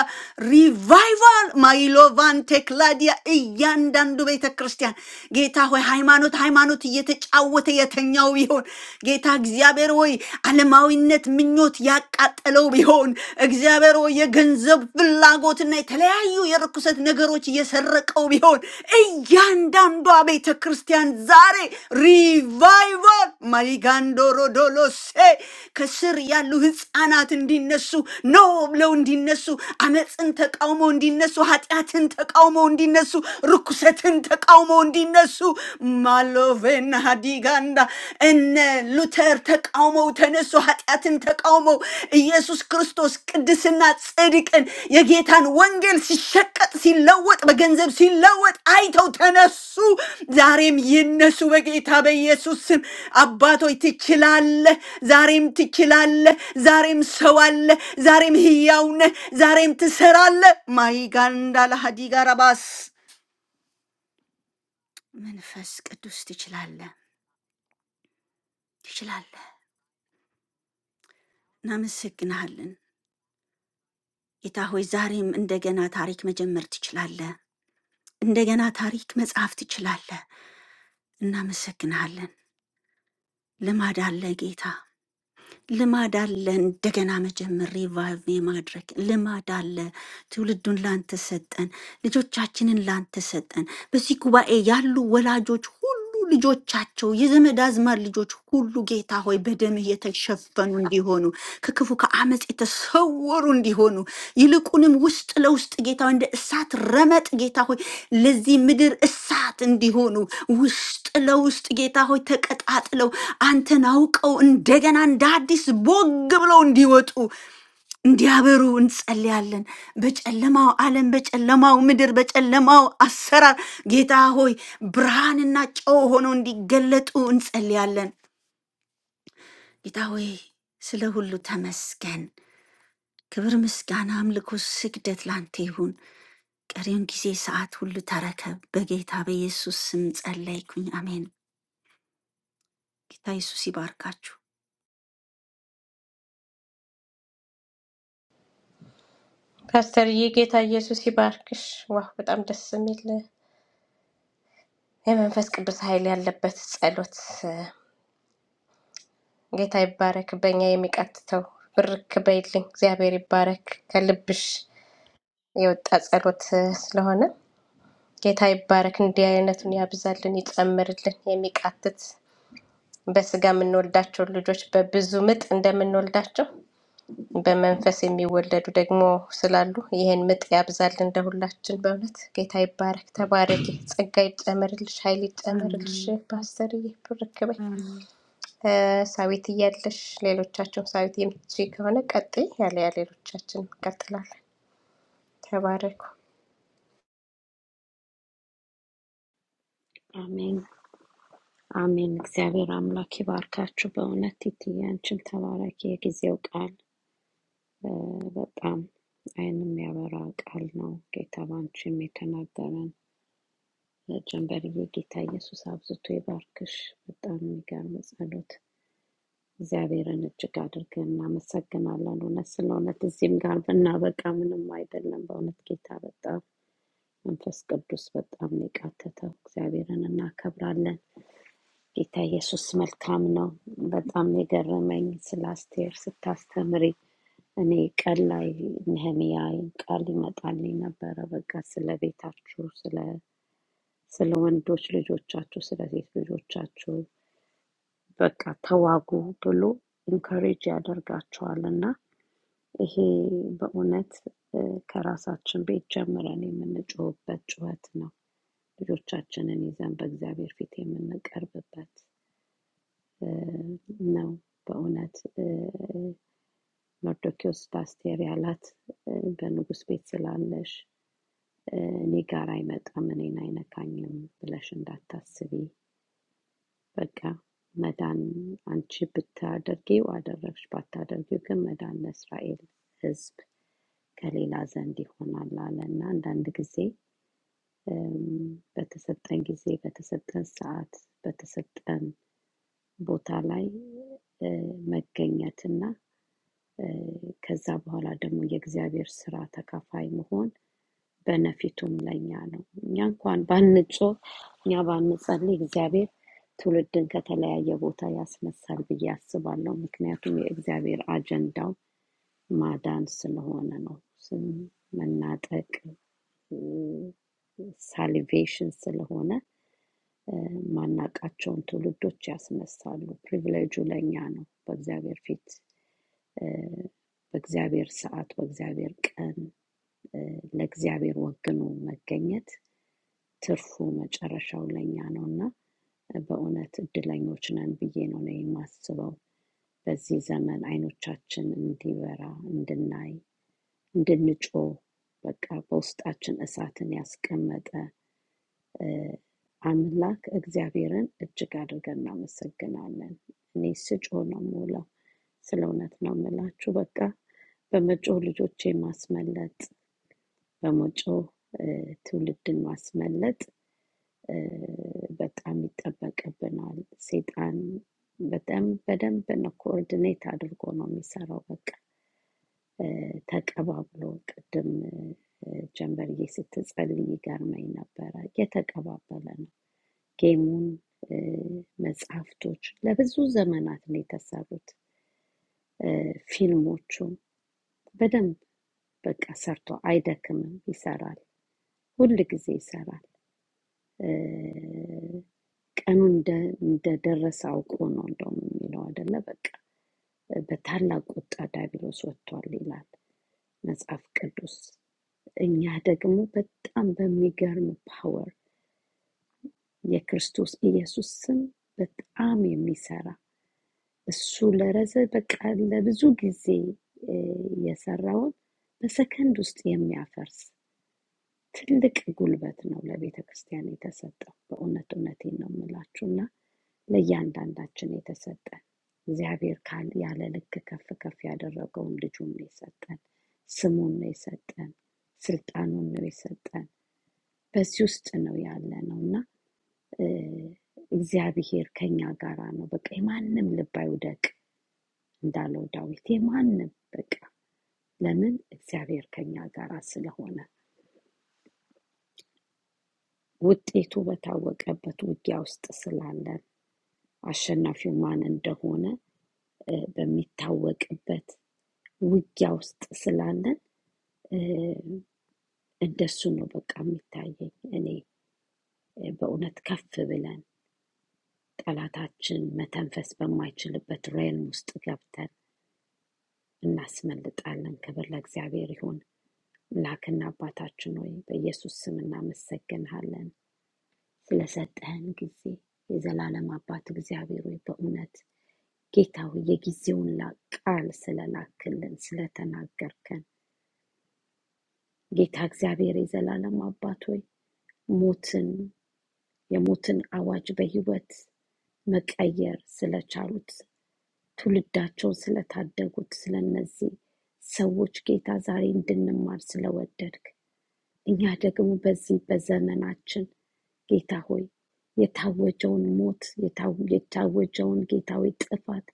S4: ሪቫይቫል ማይሎቫን ቴክላዲያ እያንዳንዱ ቤተ ክርስቲያን ጌታ ሆይ ሃይማኖት ሃይማኖት እየተጫወተ የተኛው ቢሆን ጌታ እግዚአብሔር ሆይ ዓለማዊነት ምኞት ያቃጠለው ቢሆን እግዚአብሔር ሆይ የገንዘብ ፍላጎትና የተለያዩ የርኩሰት ነገሮች እየሰረቀው ቢሆን እያንዳንዷ ቤተ ክርስቲያን ዛሬ ሪቫይቫል ማሊጋንዶሮ ዶሎሴ ከስር ያሉ ህፃናት እንዲነሱ ኖ ብለው እንዲነሱ አመፅን ተቃውሞ እንዲነሱ ኃጢአትን ተቃውሞ እንዲነሱ ርኩሰትን ተቃውሞ እንዲነሱ ማሎቬና ሀዲጋንዳ እነ ሉተር ተቃውመው ተነሱ። ኃጢአትን ተቃውመው ኢየሱስ ክርስቶስ ቅድስና ጽድቅን የጌታን ወንጌል ሲሸቀጥ ሲለወጥ በገንዘብ ሲለወጥ አይተው ተነሱ። ዛሬም ይነሱ በጌታ በኢየሱስ ስም። አባቶች ትችላለህ፣ ዛሬም ትችላለህ፣ ዛሬም ሰው አለ፣ ዛሬም ህያው ነህ፣ ዛሬም ትሰራለህ። ማይጋንዳ ለሀዲጋ ረባስ መንፈስ ቅዱስ ትችላለህ፣ ትችላለህ። እናመሰግንሃለን ጌታ ሆይ። ዛሬም እንደገና ታሪክ መጀመር ትችላለህ፣ እንደገና ታሪክ መጻፍ ትችላለህ። እናመሰግንሃለን። ልማድ አለ ጌታ፣ ልማድ አለ እንደገና መጀመር፣ ሪቫይቭ የማድረግ ልማድ አለ። ትውልዱን ላንተ ሰጠን፣ ልጆቻችንን ላንተ ሰጠን። በዚህ ጉባኤ ያሉ ወላጆች ልጆቻቸው የዘመድ አዝማድ ልጆች ሁሉ ጌታ ሆይ በደምህ የተሸፈኑ እንዲሆኑ ከክፉ ከአመፅ የተሰወሩ እንዲሆኑ ይልቁንም ውስጥ ለውስጥ ጌታ ሆይ እንደ እሳት ረመጥ ጌታ ሆይ ለዚህ ምድር እሳት እንዲሆኑ ውስጥ ለውስጥ ጌታ ሆይ ተቀጣጥለው አንተን አውቀው እንደገና እንደ አዲስ ቦግ ብለው እንዲወጡ እንዲያበሩ እንጸልያለን። በጨለማው ዓለም፣ በጨለማው ምድር፣ በጨለማው አሰራር ጌታ ሆይ ብርሃንና ጨው ሆነው እንዲገለጡ እንጸልያለን። ጌታ ሆይ ስለ ሁሉ ተመስገን። ክብር፣ ምስጋና፣ አምልኮ፣ ስግደት ላንተ ይሁን። ቀሪውን ጊዜ ሰዓት ሁሉ ተረከብ። በጌታ በኢየሱስ ስም ጸለይኩኝ። አሜን። ጌታ ኢየሱስ ይባርካችሁ።
S1: ፓስተርዬ ጌታ ኢየሱስ ይባርክሽ። ዋህ በጣም ደስ የሚል የመንፈስ ቅዱስ ኃይል ያለበት ጸሎት እ፣ ጌታ ይባረክ። በእኛ የሚቃትተው ብርክ በይልኝ እግዚአብሔር ይባረክ። ከልብሽ የወጣ ጸሎት እ፣ ስለሆነ ጌታ ይባረክ። እንዲህ አይነቱን ያብዛልን፣ ይጨምርልን። የሚቃትት በስጋ የምንወልዳቸው ልጆች በብዙ ምጥ እንደምንወልዳቸው በመንፈስ የሚወለዱ ደግሞ ስላሉ ይህን ምጥ ያብዛልን ለሁላችን። በእውነት ጌታ ይባረክ። ተባረኪ፣ ጸጋ ይጨመርልሽ፣ ኃይል ይጨመርልሽ።
S4: አሜን
S1: ፓስተርዬ ብርክ በይ። ሳዊት እያለሽ ሌሎቻቸው ሳዊት የምትችይ ከሆነ ቀጥይ፣ ያለያ ሌሎቻችን እንቀጥላለን። ተባረኩ።
S3: አሜን አሜን። እግዚአብሔር አምላክ ይባርካችሁ። በእውነት ቲትዬ አንቺም ተባረኪ። የጊዜው ቃል እ፣ በጣም ዓይን የሚያበራ ቃል ነው። ጌታ በአንቺም የተናገረን ጀንበርዬ፣ ጌታ ኢየሱስ አብዝቶ ይባርክሽ። በጣም የሚገርም ጸሎት። እግዚአብሔርን እጅግ አድርገን እናመሰግናለን። እውነት ስለ እውነት እዚህም ጋር ብናበቃ ምንም አይደለም። በእውነት ጌታ በጣም መንፈስ ቅዱስ በጣም ነው የቃተተው። እግዚአብሔርን እናከብራለን። ጌታ ኢየሱስ መልካም ነው። በጣም ነው የገረመኝ ስለ አስቴር ስታስተምሪ እኔ ቀን ላይ ነህምያ ቃል ይመጣልኝ ነበረ። በቃ ስለ ቤታችሁ፣ ስለ ስለ ወንዶች ልጆቻችሁ፣ ስለ ሴት ልጆቻችሁ በቃ ተዋጉ ብሎ ኢንከሬጅ ያደርጋቸዋል እና ይሄ በእውነት እ፣ ከራሳችን ቤት ጀምረን የምንጮህበት ጩኸት ነው። ልጆቻችንን ይዘን በእግዚአብሔር ፊት የምንቀርብበት እ፣ ነው። በእውነት እ፣ መርዶኪዎስ ለአስቴር ያላት እ፣ በንጉሥ ቤት ስላለሽ እ፣ እኔ ጋር አይመጣም፣ እኔን አይነካኝም ብለሽ እንዳታስቢ። በቃ መዳን አንቺ ብታደርጊው አደረግሽ፣ ባታደርጊው ግን መዳን ለእስራኤል ሕዝብ ከሌላ ዘንድ ይሆናል አለ እና አንዳንድ ጊዜ እም፣ በተሰጠን ጊዜ፣ በተሰጠን ሰዓት፣ በተሰጠን ቦታ ላይ እ መገኘትና እ ከዛ በኋላ ደግሞ የእግዚአብሔር ስራ ተካፋይ መሆን በነፊቱም ለእኛ ነው። እኛ እንኳን ባንጮህ፣ እኛ ባንጸልይ እግዚአብሔር ትውልድን ከተለያየ ቦታ ያስነሳል ብዬ አስባለሁ። ምክንያቱም የእግዚአብሔር አጀንዳው ማዳን ስለሆነ ነው። ስም መናጠቅ ሳሊቬሽን ስለሆነ ማናቃቸውን ትውልዶች ያስነሳሉ። ፕሪቪሌጁ ለእኛ ነው። በእግዚአብሔር ፊት እ፣ በእግዚአብሔር ሰዓት፣ በእግዚአብሔር ቀን እ፣ ለእግዚአብሔር ወግኖ መገኘት ትርፉ መጨረሻው ለእኛ ነው እና እ፣ በእውነት እድለኞች ነን ብዬ ነው እኔ የማስበው። በዚህ ዘመን አይኖቻችን እንዲበራ እንድናይ፣ እንድንጮህ በቃ በውስጣችን እሳትን ያስቀመጠ አምላክ እግዚአብሔርን እጅግ አድርገን እናመሰግናለን። እኔ ስጮህ ነው የምውለው። ስለ እውነት ነው የምላችሁ። በቃ በመጮህ ልጆቼ ማስመለጥ፣ በመጮህ እ፣ ትውልድን ማስመለጥ እ፣ በጣም ይጠበቅብናል። ሴጣን በጣም በደንብ ነው ኮኦርዲኔት አድርጎ ነው የሚሰራው። በቃ እ፣ ተቀባብሎ ቅድም እ፣ ጀንበርዬ ስትጸልይ ገርመኝ ነበረ። የተቀባበለ ጌሙን፣ እ፣ መጽሐፍቶች ለብዙ ዘመናት ነው የተሰሩት። እ፣ ፊልሞቹም በደንብ በቃ ሰርቶ አይደክምም፣ ይሰራል፣ ሁል ጊዜ ይሰራል። እ፣ ቀኑ እንደ- እንደደረሰ አውቆ ነው እንደውም የሚለው አይደለ? በቃ በታላቅ ቁጣ ዲያብሎስ ወጥቷል ይላል መጽሐፍ ቅዱስ። እኛ ደግሞ በጣም በሚገርም ፓወር የክርስቶስ ኢየሱስ ስም በጣም የሚሰራ እሱ ለረዘ በቃ ለብዙ ጊዜ እ፣ የሰራውን በሰከንድ ውስጥ የሚያፈርስ ትልቅ ጉልበት ነው ለቤተ ክርስቲያን የተሰጠው። በእውነት እውነቴን ነው የምላችሁና ለእያንዳንዳችን የተሰጠ እግዚአብሔር ካል ያለ ልክ ከፍ ከፍ ያደረገውን ልጁን ነው የሰጠን፣ ስሙን ነው የሰጠን፣ ስልጣኑን ነው የሰጠን። በዚህ ውስጥ ነው ያለ ነው እና እ፣ እግዚአብሔር ከኛ ጋራ ነው። በቃ የማንም ልብ አይውደቅ እንዳለው ዳዊት የማንም በቃ ለምን እግዚአብሔር ከኛ ጋር ስለሆነ ውጤቱ በታወቀበት ውጊያ ውስጥ ስላለን አሸናፊው ማን እንደሆነ በሚታወቅበት ውጊያ ውስጥ ስላለን እ፣ እንደሱ ነው በቃ የሚታየኝ እኔ እ፣ በእውነት ከፍ ብለን ጠላታችን መተንፈስ በማይችልበት ሬልም ውስጥ ገብተን እናስመልጣለን። ክብር ለእግዚአብሔር ይሁን። አምላክና አባታችን ሆይ በኢየሱስ ስም እናመሰግንሃለን። ስለሰጠህን ጊዜ የዘላለም አባት እግዚአብሔር ሆይ በእውነት ጌታ ሆይ የጊዜውን ላ- ቃል ስለላክልን ስለተናገርከን ጌታ እግዚአብሔር የዘላለም አባት ሆይ ሞትን የሞትን አዋጅ በህይወት መቀየር ስለቻሉት ትውልዳቸውን ስለታደጉት ስለነዚህ ሰዎች ጌታ ዛሬ እንድንማር ስለወደድክ እኛ ደግሞ በዚህ በዘመናችን ጌታ ሆይ የታወጀውን ሞት የታው- የታወጀውን ጌታዊ ጥፋት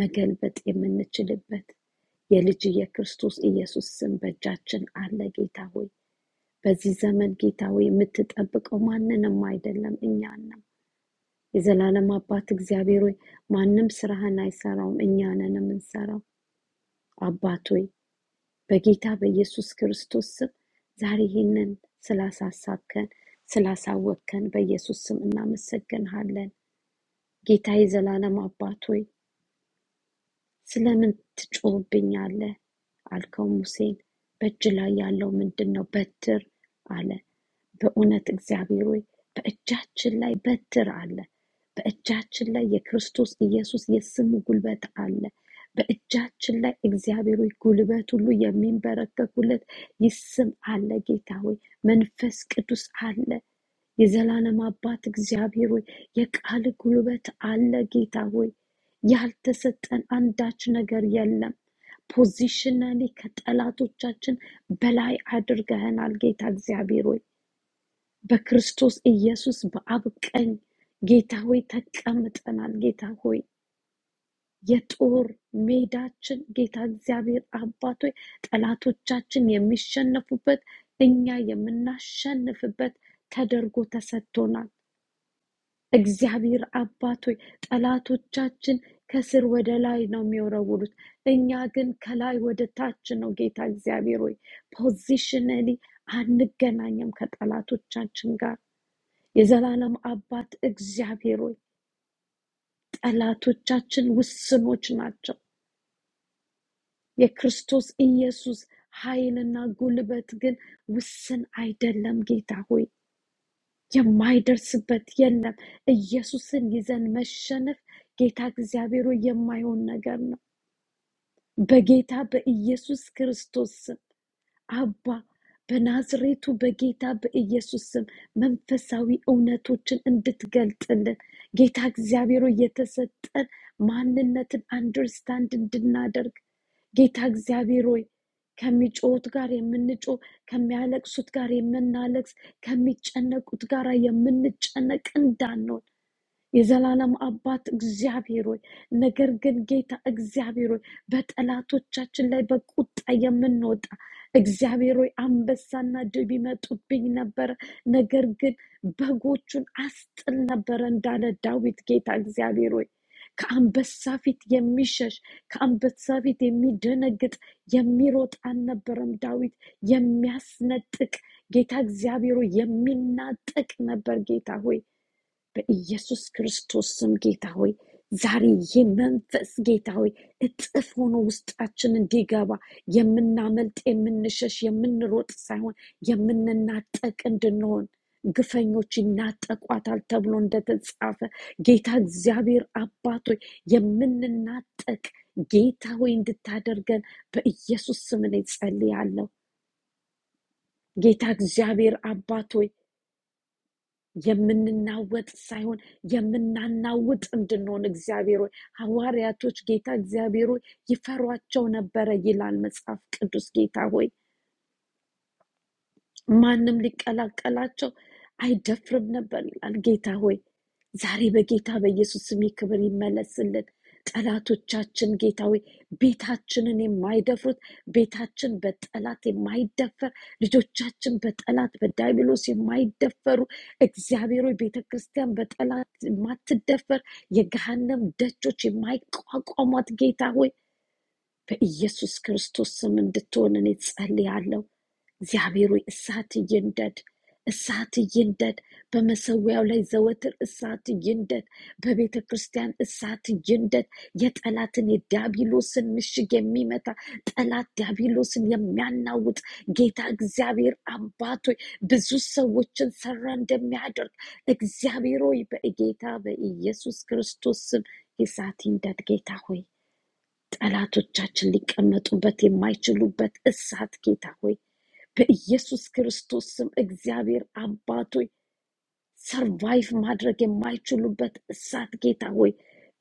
S3: መገልበጥ የምንችልበት የልጅ የክርስቶስ ኢየሱስ ስም በእጃችን አለ። ጌታ ሆይ በዚህ ዘመን ጌታ ሆይ የምትጠብቀው ማንንም አይደለም እኛን ነው። የዘላለም አባት እግዚአብሔር ሆይ ማንም ስራህን አይሰራውም፣ እኛንን የምንሰራው አባት ሆይ በጌታ በኢየሱስ ክርስቶስ ስም ዛሬ ይህንን ስላሳሳብከን ስላሳወቅከን በኢየሱስ ስም እናመሰግንሃለን። ጌታ የዘላለም አባት ሆይ ስለምን ትጮህብኛለህ አልከው ሙሴን። በእጅ ላይ ያለው ምንድን ነው? በትር አለ። በእውነት እግዚአብሔር ሆይ በእጃችን ላይ በትር አለ። በእጃችን ላይ የክርስቶስ ኢየሱስ የስሙ ጉልበት አለ። በእጃችን ላይ እግዚአብሔር ሆይ ጉልበት ሁሉ የሚንበረከኩለት ይህ ስም አለ። ጌታ ሆይ መንፈስ ቅዱስ አለ። የዘላለም አባት እግዚአብሔር ሆይ የቃል ጉልበት አለ። ጌታ ሆይ ያልተሰጠን አንዳች ነገር የለም። ፖዚሽናሊ ከጠላቶቻችን በላይ አድርገህናል ጌታ እግዚአብሔር ሆይ በክርስቶስ ኢየሱስ በአብ ቀኝ ጌታ ሆይ ተቀምጠናል። ጌታ ሆይ የጦር ሜዳችን ጌታ እግዚአብሔር አባት ሆይ ጠላቶቻችን የሚሸነፉበት እኛ የምናሸንፍበት ተደርጎ ተሰጥቶናል። እግዚአብሔር አባት ሆይ ጠላቶቻችን ከስር ወደ ላይ ነው የሚወረውሩት፣ እኛ ግን ከላይ ወደ ታች ነው። ጌታ እግዚአብሔር ሆይ ፖዚሽነሊ አንገናኘም ከጠላቶቻችን ጋር የዘላለም አባት እግዚአብሔር ሆይ ጠላቶቻችን ውስኖች ናቸው። የክርስቶስ ኢየሱስ ኃይልና ጉልበት ግን ውስን አይደለም። ጌታ ሆይ የማይደርስበት የለም። ኢየሱስን ይዘን መሸነፍ ጌታ እግዚአብሔር ሆይ የማይሆን ነገር ነው። በጌታ በኢየሱስ ክርስቶስ ስም አባ በናዝሬቱ በጌታ በኢየሱስ ስም መንፈሳዊ እውነቶችን እንድትገልጥልን ጌታ እግዚአብሔር ሆይ የተሰጠን ማንነትን አንደርስታንድ እንድናደርግ ጌታ እግዚአብሔር ሆይ ከሚጮሁት ጋር የምንጮህ ከሚያለቅሱት ጋር የምናለቅስ ከሚጨነቁት ጋር የምንጨነቅ እንዳንሆን የዘላለም አባት እግዚአብሔር ሆይ፣ ነገር ግን ጌታ እግዚአብሔር ሆይ በጠላቶቻችን ላይ በቁጣ የምንወጣ እግዚአብሔር ሆይ አንበሳና ድብ ይመጡብኝ ነበረ፣ ነገር ግን በጎቹን አስጥል ነበረ እንዳለ ዳዊት ጌታ እግዚአብሔር ሆይ ከአንበሳ ፊት የሚሸሽ ከአንበሳ ፊት የሚደነግጥ የሚሮጥ አልነበረም። ዳዊት የሚያስነጥቅ ጌታ እግዚአብሔር ሆይ የሚናጠቅ ነበር ጌታ ሆይ በኢየሱስ ክርስቶስ ስም ጌታ ሆይ ዛሬ የመንፈስ ጌታ ሆይ እጥፍ ሆኖ ውስጣችን እንዲገባ የምናመልጥ የምንሸሽ የምንሮጥ ሳይሆን የምንናጠቅ እንድንሆን ግፈኞች ይናጠቋታል ተብሎ እንደተጻፈ ጌታ እግዚአብሔር አባቶች የምንናጠቅ ጌታ ሆይ እንድታደርገን በኢየሱስ ስም እኔ ጸልያለሁ። ጌታ እግዚአብሔር አባቶይ የምንናወጥ ሳይሆን የምናናውጥ እንድንሆን እግዚአብሔር ሆይ ሐዋርያቶች ጌታ እግዚአብሔር ሆይ ይፈሯቸው ነበረ ይላል መጽሐፍ ቅዱስ። ጌታ ሆይ ማንም ሊቀላቀላቸው አይደፍርም ነበር ይላል። ጌታ ሆይ ዛሬ በጌታ በኢየሱስ ስም ይህ ክብር ይመለስልን። ጠላቶቻችን ጌታ ሆይ ቤታችንን የማይደፍሩት ቤታችን በጠላት የማይደፈር ልጆቻችን በጠላት በዳይብሎስ የማይደፈሩ እግዚአብሔር ሆይ ቤተ ክርስቲያን በጠላት የማትደፈር የገሃነም ደጆች የማይቋቋሟት ጌታ ሆይ በኢየሱስ ክርስቶስ ስም እንድትሆን እኔ ጸልያለሁ። እግዚአብሔር ሆይ እሳት ይንደድ፣ እሳት ይንደድ። በመሰዊያው ላይ ዘወትር እሳት ይንደድ። በቤተ ክርስቲያን እሳት ይንደድ። የጠላትን የዲያብሎስን ምሽግ የሚመታ ጠላት ዲያብሎስን የሚያናውጥ ጌታ እግዚአብሔር አባት ሆይ ብዙ ሰዎችን ሰራ እንደሚያደርግ እግዚአብሔር ሆይ በጌታ በኢየሱስ ክርስቶስ ስም እሳት ይንደድ ጌታ ሆይ ጠላቶቻችን ሊቀመጡበት የማይችሉበት እሳት ጌታ ሆይ በኢየሱስ ክርስቶስ ስም እግዚአብሔር አባት ሆይ ሰርቫይቭ ማድረግ የማይችሉበት እሳት ጌታ ሆይ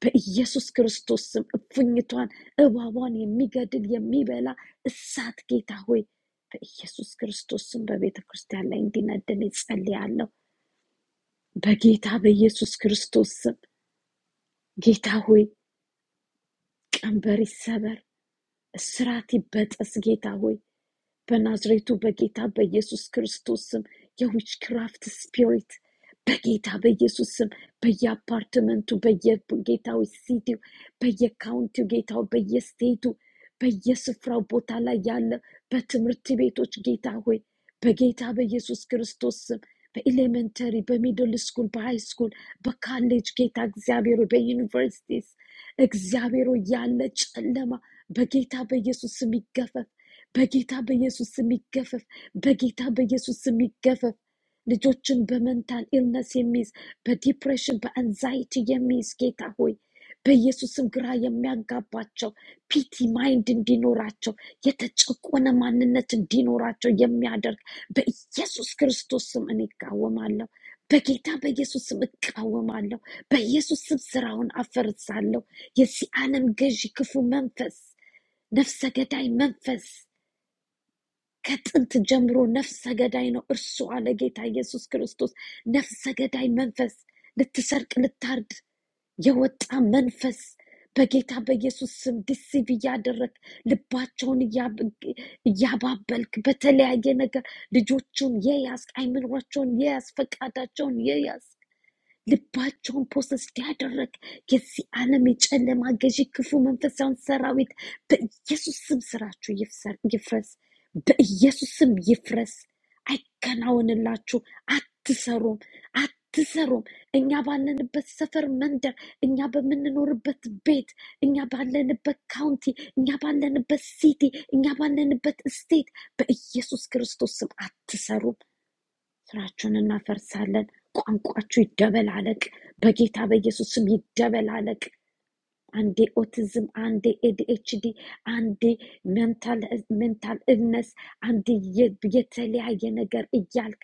S3: በኢየሱስ ክርስቶስ ስም እፉኝቷን እባቧን የሚገድል የሚበላ እሳት ጌታ ሆይ በኢየሱስ ክርስቶስ ስም በቤተ ክርስቲያን ላይ እንዲነድን ይጸልያለሁ። በጌታ በኢየሱስ ክርስቶስ ስም ጌታ ሆይ ቀንበር ይሰበር፣ እስራት ይበጠስ ጌታ ሆይ በናዝሬቱ በጌታ በኢየሱስ ክርስቶስ ስም የዊችክራፍት ስፒሪት በጌታ በኢየሱስ ስም በየአፓርትመንቱ በየጌታው ሲቲው በየካውንቲው ጌታው በየስቴቱ በየስፍራው ቦታ ላይ ያለ በትምህርት ቤቶች ጌታ ሆይ በጌታ በኢየሱስ ክርስቶስ ስም በኤሌመንተሪ በሚድል ስኩል በሃይ ስኩል በካሌጅ ጌታ እግዚአብሔር ሆይ፣ በዩኒቨርሲቲስ እግዚአብሔር ሆይ፣ ያለ ጨለማ በጌታ በኢየሱስ ስም ይገፈፍ። በጌታ በኢየሱስ ስም ይገፈፍ። በጌታ በኢየሱስ ስም ይገፈፍ። ልጆችን በመንታል ኢልነስ የሚይዝ በዲፕሬሽን በአንዛይቲ የሚይዝ ጌታ ሆይ በኢየሱስም ግራ የሚያጋባቸው ፒቲ ማይንድ እንዲኖራቸው የተጨቆነ ማንነት እንዲኖራቸው የሚያደርግ በኢየሱስ ክርስቶስ ስም እኔ እቃወማለሁ። በጌታ በኢየሱስ ስም እቃወማለሁ። በኢየሱስ ስም ስራውን አፈርሳለሁ። የዚህ ዓለም ገዢ ክፉ መንፈስ፣ ነፍሰ ገዳይ መንፈስ ከጥንት ጀምሮ ነፍሰ ገዳይ ነው። እርሷ ለጌታ ኢየሱስ ክርስቶስ ነፍሰ ገዳይ መንፈስ፣ ልትሰርቅ ልታርድ የወጣ መንፈስ በጌታ በኢየሱስ ስም ዲሲቭ እያደረግ ልባቸውን እያብ- እያባበልክ በተለያየ ነገር ልጆቹን የያዝ አይምሯቸውን የያዝ ፈቃዳቸውን የያዝ ልባቸውን ፕሮሰስ ያደረግ የዚህ ዓለም የጨለማ ገዢ ክፉ መንፈሳውን ሰራዊት በኢየሱስ ስም ስራችሁ ይፍሰር- ይፍረስ። በኢየሱስ ስም ይፍረስ። አይከናወንላችሁ። አትሰሩም፣ አትሰሩም። እኛ ባለንበት ሰፈር፣ መንደር፣ እኛ በምንኖርበት ቤት፣ እኛ ባለንበት ካውንቲ፣ እኛ ባለንበት ሲቲ፣ እኛ ባለንበት ስቴት በኢየሱስ ክርስቶስ ስም አትሰሩም። ስራችሁን እናፈርሳለን። ቋንቋችሁ ይደበላለቅ በጌታ በኢየሱስ ስም ይደበላለቅ። አንዴ ኦቲዝም፣ አንዴ ኤዲኤችዲ፣ አንዴ ሜንታል ሜንታል ኢልነስ፣ አንዴ የ- የተለያየ ነገር እያልክ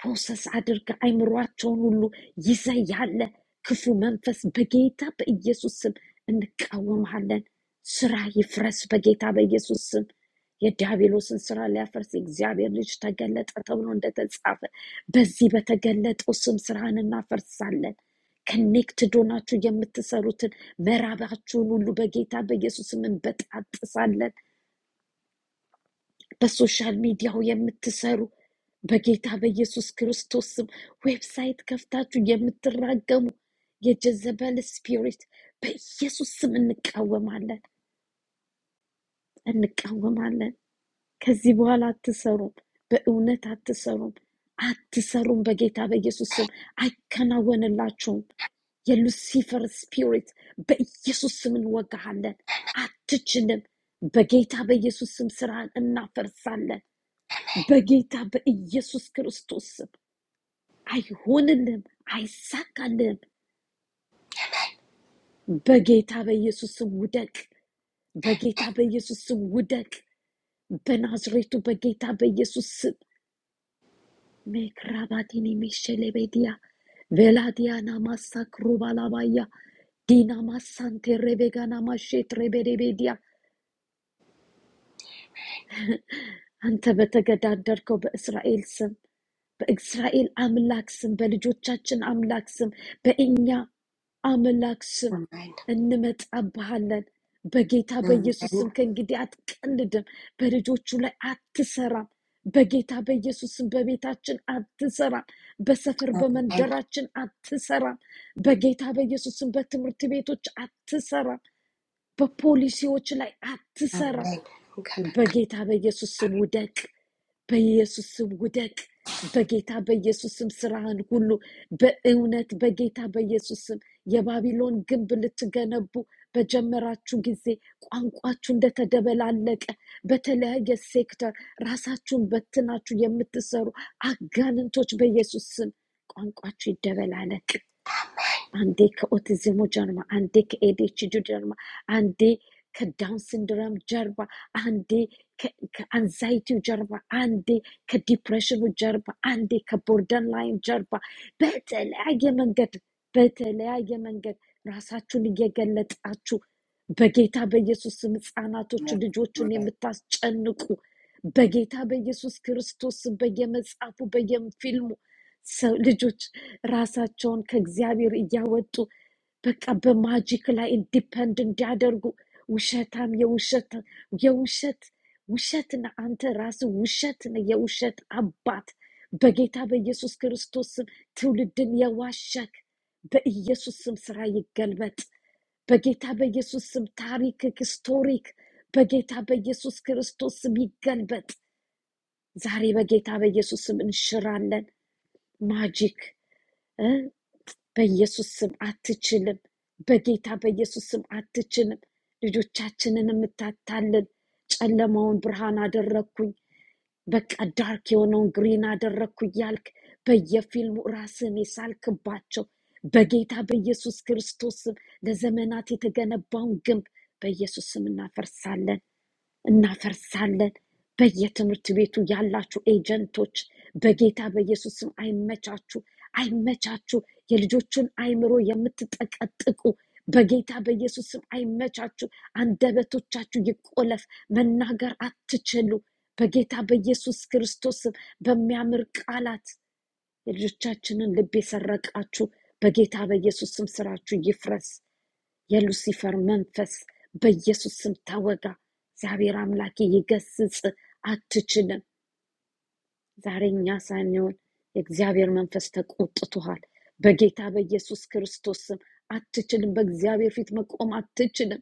S3: ፕሮሰስ አድርገ አይምሯቸውን ሁሉ ይዘ ያለ ክፉ መንፈስ በጌታ በኢየሱስ ስም እንቃወምሃለን። ስራ ይፍረስ በጌታ በኢየሱስ ስም። የዲያብሎስን ስራ ሊያፈርስ የእግዚአብሔር ልጅ ተገለጠ ተብሎ እንደተጻፈ በዚህ በተገለጠው ስም ስራን እናፈርሳለን። ከኔክትድ ሆናችሁ የምትሰሩትን ምዕራባችሁን ሁሉ በጌታ በኢየሱስ ስም እንበጣጥሳለን። በሶሻል ሚዲያው የምትሰሩ በጌታ በኢየሱስ ክርስቶስ ስም ዌብሳይት ከፍታችሁ የምትራገሙ የጀዘበል ስፒሪት በኢየሱስ ስም እንቃወማለን፣ እንቃወማለን። ከዚህ በኋላ አትሰሩም፣ በእውነት አትሰሩም፣ አትሰሩም። በጌታ በኢየሱስ ስም አይከናወንላችሁም። የሉሲፈር ስፒሪት በኢየሱስ ስም እንወጋሃለን። አትችልም። በጌታ በኢየሱስ ስም ስራን እናፈርሳለን። በጌታ በኢየሱስ ክርስቶስ ስም አይሆንልም፣ አይሳካልም። በጌታ በኢየሱስ ስም ውደቅ። በጌታ በኢየሱስ ስም ውደቅ። በናዝሬቱ በጌታ በኢየሱስ ስም ሜክራባቲን ሜሸሌቤዲያ ቬላዲያና ማሳ ክሩባላባያ ዲና ማሳንቴ ሬቤጋና ማሼት ሬቤዴቤዲያ አንተ በተገዳደርከው በእስራኤል ስም በእስራኤል አምላክ ስም፣ በልጆቻችን አምላክ ስም፣ በእኛ አምላክ ስም
S1: አሜን
S3: እንመጣብሃለን። በጌታ በኢየሱስ
S1: አሜን
S3: ስም ከእንግዲህ አትቀልድም። በልጆቹ ላይ አትሰራም። በጌታ በኢየሱስ ስም በቤታችን አትሰራም። በሰፈር
S1: አሜን
S3: በመንደራችን አትሰራም። በጌታ በኢየሱስ ስም በትምህርት ቤቶች አትሰራም። በፖሊሲዎች ላይ አትሰራም።
S1: አሜን እንከለክል
S3: በጌታ በኢየሱስ ስም ውደቅ። በኢየሱስ ስም ውደቅ። በጌታ በኢየሱስ ስም ስራህን ሁሉ በእውነት በጌታ በኢየሱስ ስም የባቢሎን ግንብ ልትገነቡ በጀመራችሁ ጊዜ ቋንቋችሁ እንደተደበላለቀ በተለያየ ሴክተር ራሳችሁን በትናችሁ የምትሰሩ አጋንንቶች በኢየሱስ ስም ቋንቋችሁ ይደበላለቅ። عندك اوتيزم جرمى عندك اي دي اتش دي جرمى عندي كداون سندروم جربة عندي كانزايتي جربة عندي كديبرشن جربة عندي كبوردن ላይን ጀርባ በተለያየ መንገድ በተለያየ መንገድ ራሳችሁን እየገለጣችሁ በጌታ በኢየሱስ ስም ህፃናቶቹ ልጆቹን የምታስጨንቁ በጌታ በኢየሱስ ክርስቶስ ስም በየመጽሐፉ በየፊልሙ ሰው- ልጆች ራሳቸውን ከእግዚአብሔር እያወጡ በቃ በማጂክ ላይ ኢንዲፐንድ እንዲያደርጉ ውሸታም የውሸት የውሸት ውሸት ነህ አንተ ራስህ ውሸት ነህ የውሸት አባት በጌታ በኢየሱስ ክርስቶስ ስም ትውልድን የዋሸክ በኢየሱስ ስም ስራ ይገልበጥ በጌታ በኢየሱስ ስም ታሪክ ሂስቶሪክ በጌታ በኢየሱስ ክርስቶስ ስም ይገልበጥ ዛሬ በጌታ በኢየሱስ ስም እንሽራለን ማጂክ በኢየሱስ ስም አትችልም። በጌታ በኢየሱስ ስም አትችልም። ልጆቻችንን የምታታልል ጨለማውን ብርሃን አደረግኩኝ፣ በቃ ዳርክ የሆነውን ግሪን አደረግኩ እያልክ በየፊልሙ ራስን የሳልክባቸው በጌታ በኢየሱስ ክርስቶስ ስም ለዘመናት የተገነባውን ግንብ በኢየሱስ ስም እናፈርሳለን። እናፈርሳለን። በየትምህርት ቤቱ ያላችሁ ኤጀንቶች በጌታ በኢየሱስ ስም አይመቻችሁ፣ አይመቻችሁ። የልጆቹን አይምሮ የምትጠቀጥቁ በጌታ በኢየሱስ ስም አይመቻችሁ። አንደበቶቻችሁ ይቆለፍ፣ መናገር አትችሉ። በጌታ በኢየሱስ ክርስቶስ ስም በሚያምር ቃላት የልጆቻችንን ልብ የሰረቃችሁ በጌታ በኢየሱስ ስም ስራችሁ ይፍረስ። የሉሲፈር መንፈስ በኢየሱስ ስም ተወጋ። እግዚአብሔር አምላኬ ይገስጽ፣ አትችልም። ዛሬ እኛ ሳንሆን የእግዚአብሔር መንፈስ ተቆጥቶሃል። በጌታ በኢየሱስ ክርስቶስ ስም አትችልም። በእግዚአብሔር ፊት መቆም አትችልም።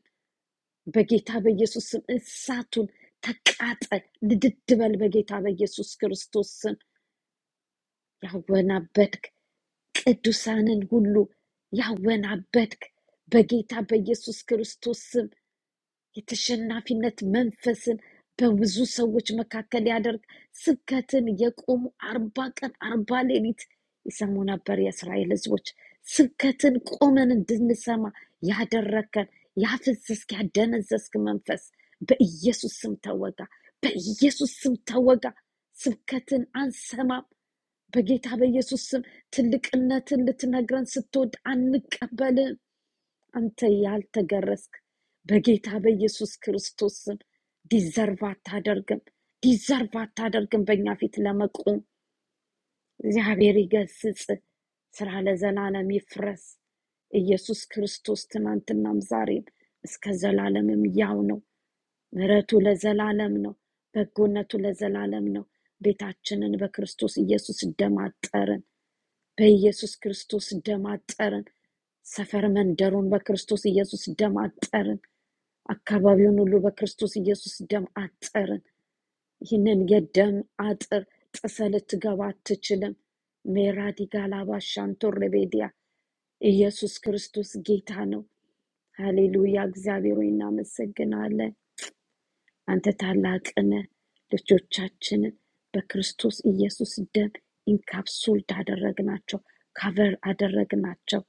S3: በጌታ በኢየሱስ ስም እሳቱን ተቃጠል፣ ንድድ በል። በጌታ በኢየሱስ ክርስቶስ ስም ያወናበድክ ቅዱሳንን ሁሉ ያወናበድክ በጌታ በኢየሱስ ክርስቶስ ስም የተሸናፊነት መንፈስን በብዙ ሰዎች መካከል ያደርግ። ስብከትን የቆሙ አርባ ቀን አርባ ሌሊት ይሰሙ ነበር የእስራኤል ህዝቦች። ስብከትን ቆመን እንድንሰማ ያደረግከን ያፈዘዝክ ያደነዘዝክ መንፈስ በኢየሱስ ስም ተወጋ፣ በኢየሱስ ስም ተወጋ። ስብከትን አንሰማም። በጌታ በኢየሱስ ስም ትልቅነትን ልትነግረን ስትወድ አንቀበልም። አንተ ያልተገረዝክ በጌታ በኢየሱስ ክርስቶስ ስም ዲዘርቭ አታደርግም፣ ዲዘርቭ አታደርግም። በእኛ ፊት ለመቆም እግዚአብሔር ይገስጽ። ስራ ለዘላለም ይፍረስ። ኢየሱስ ክርስቶስ ትናንትናም ዛሬም እስከ ዘላለምም ያው ነው። ምሕረቱ ለዘላለም ነው። በጎነቱ ለዘላለም ነው። ቤታችንን በክርስቶስ ኢየሱስ ደማጠርን። በኢየሱስ ክርስቶስ ደም አጠርን። ሰፈር መንደሩን በክርስቶስ ኢየሱስ ደም አጠርን። አካባቢውን ሁሉ በክርስቶስ ኢየሱስ ደም አጠርን። ይህንን የደም አጥር ጥሰ ልትገባ አትችልም። ሜራዲ ጋላባ ሻንቶር ሬቤዲያ ኢየሱስ ክርስቶስ ጌታ ነው። ሃሌሉያ! እግዚአብሔር ሆይ እናመሰግናለን። አንተ ታላቅ ነህ። ልጆቻችንን በክርስቶስ ኢየሱስ ደም ኢንካፕሱልድ አደረግናቸው፣ ካቨር አደረግናቸው።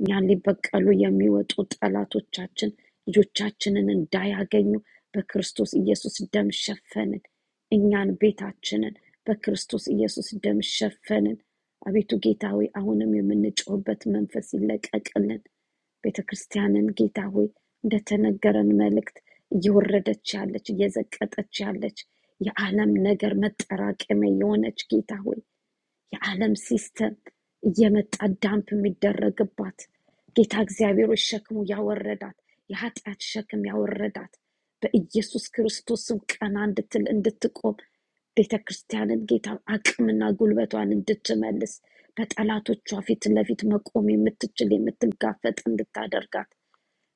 S3: እኛን ሊበቀሉ የሚወጡ ጠላቶቻችን ልጆቻችንን እንዳያገኙ በክርስቶስ ኢየሱስ ደም ሸፈንን። እኛን ቤታችንን በክርስቶስ ኢየሱስ ደም ሸፈንን። አቤቱ ጌታ ሆይ አሁንም የምንጮህበት መንፈስ ይለቀቅልን። ቤተ ክርስቲያንን ጌታ ሆይ እንደተነገረን መልእክት እየወረደች ያለች እየዘቀጠች ያለች የዓለም ነገር መጠራቀሚያ የሆነች ጌታ ሆይ የዓለም ሲስተም እየመጣ ዳምፕ የሚደረግባት ጌታ እግዚአብሔር ሆይ ሸክሙ ያወረዳት የኃጢአት ሸክም ያወረዳት በኢየሱስ ክርስቶስም ቀና እንድትል እንድትቆም ቤተ ክርስቲያንን ጌታ አቅምና ጉልበቷን እንድትመልስ በጠላቶቿ ፊት ለፊት መቆም የምትችል የምትጋፈጥ እንድታደርጋት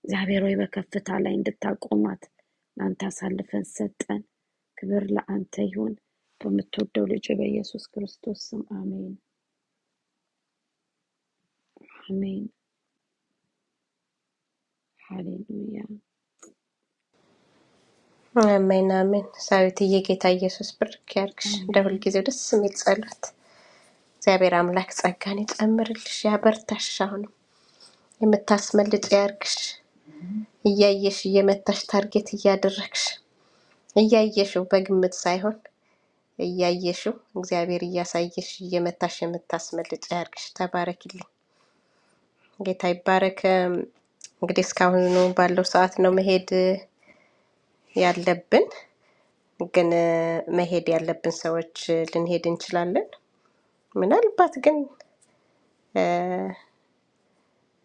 S3: እግዚአብሔር ሆይ በከፍታ ላይ እንድታቆማት ለአንተ አሳልፈን ሰጠን። ክብር ለአንተ ይሁን። በምትወደው ልጅ በኢየሱስ ክርስቶስ ስም አሜን። Amen. Hallelujah.
S1: አሜን አሜን። ሳዊትዬ ጌታ ኢየሱስ ብርክ ያርግሽ። እንደ
S3: Amen.
S1: ሁልጊዜው ደስ የሚል ጸሎት እግዚአብሔር አምላክ ጸጋን ይጨምርልሽ፣ ያበርታሽ፣ አሁንም የምታስመልጭ ያርግሽ። እያየሽ እየመታሽ ታርጌት እያደረግሽ እያየሽው በግምት ሳይሆን እያየሽው እግዚአብሔር እያሳየሽ እየመታሽ የምታስመልጭ ያርግሽ። ተባረክልኝ፣ ጌታ ይባረክ። እንግዲህ እስካሁኑ ባለው ሰዓት ነው መሄድ ያለብን፣ ግን መሄድ ያለብን ሰዎች ልንሄድ እንችላለን። ምናልባት ግን እ፣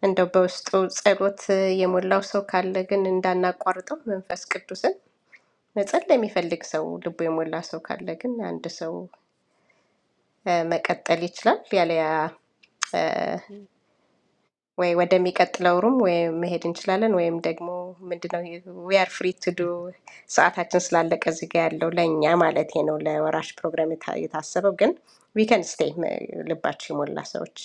S1: እንደው በውስጡ ጸሎት የሞላው ሰው ካለ ግን እንዳናቋርጠው መንፈስ ቅዱስን መጸለይ የሚፈልግ ሰው ልቡ የሞላ ሰው ካለ ግን አንድ ሰው እ፣ መቀጠል ይችላል ያለያ ወይ ወደሚቀጥለው ሩም ወይ መሄድ እንችላለን ወይም ደግሞ ምንድነው ዊአር ፍሪ ቱዱ ሰዓታችን ስላለቀ እዚህ ጋ ያለው ለእኛ ማለት ነው ለወራሽ ፕሮግራም የታ- የታሰበው ግን ዊከን ስቴይ ልባቸው የሞላ ሰዎች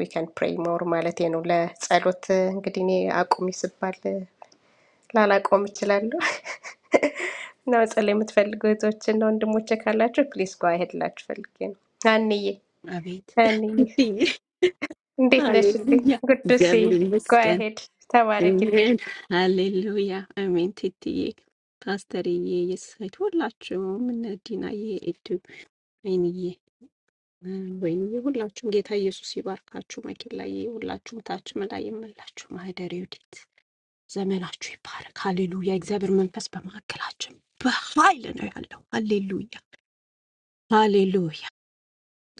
S1: ዊከን ፕሬይ ሞር ማለት ነው። ለጸሎት እ፣ እንግዲህ እኔ አቁሚ ስባል እ፣ ላላቆም እችላለሁ እና መጸለይ የምትፈልጉ እህቶችና ወንድሞቼ ካላችሁ ፕሊስ ጓ ሄድላችሁ ፈልጌ ነው። አንዬ
S5: አቤት
S1: አንዬ
S5: እትዬ
S1: Definitely.
S5: ሃሌሉያ፣
S1: Good to see
S5: እግዚአብሔር
S1: Go
S5: ይመስገን።
S1: ahead. Tawarakili.
S5: አሜን፣ ሃሌሉያ፣ አሜን። ትትዬ ፓስተርዬ፣ የሳይት ሁላችሁም እነ ዲናዬ፣ እድብ፣ አይንዬ፣ ወይንዬ ሁላችሁም ጌታ ኢየሱስ ይባርካችሁ። መኪላዬ፣ ሁላችሁም ታች ላይ የምላችሁ ማህደር ዩዲት ዘመናችሁ ይባረክ። ሃሌሉያ፣ እግዚአብሔር መንፈስ በመካከላችን በኃይል ነው ያለው። ሃሌሉያ፣ ሃሌሉያ።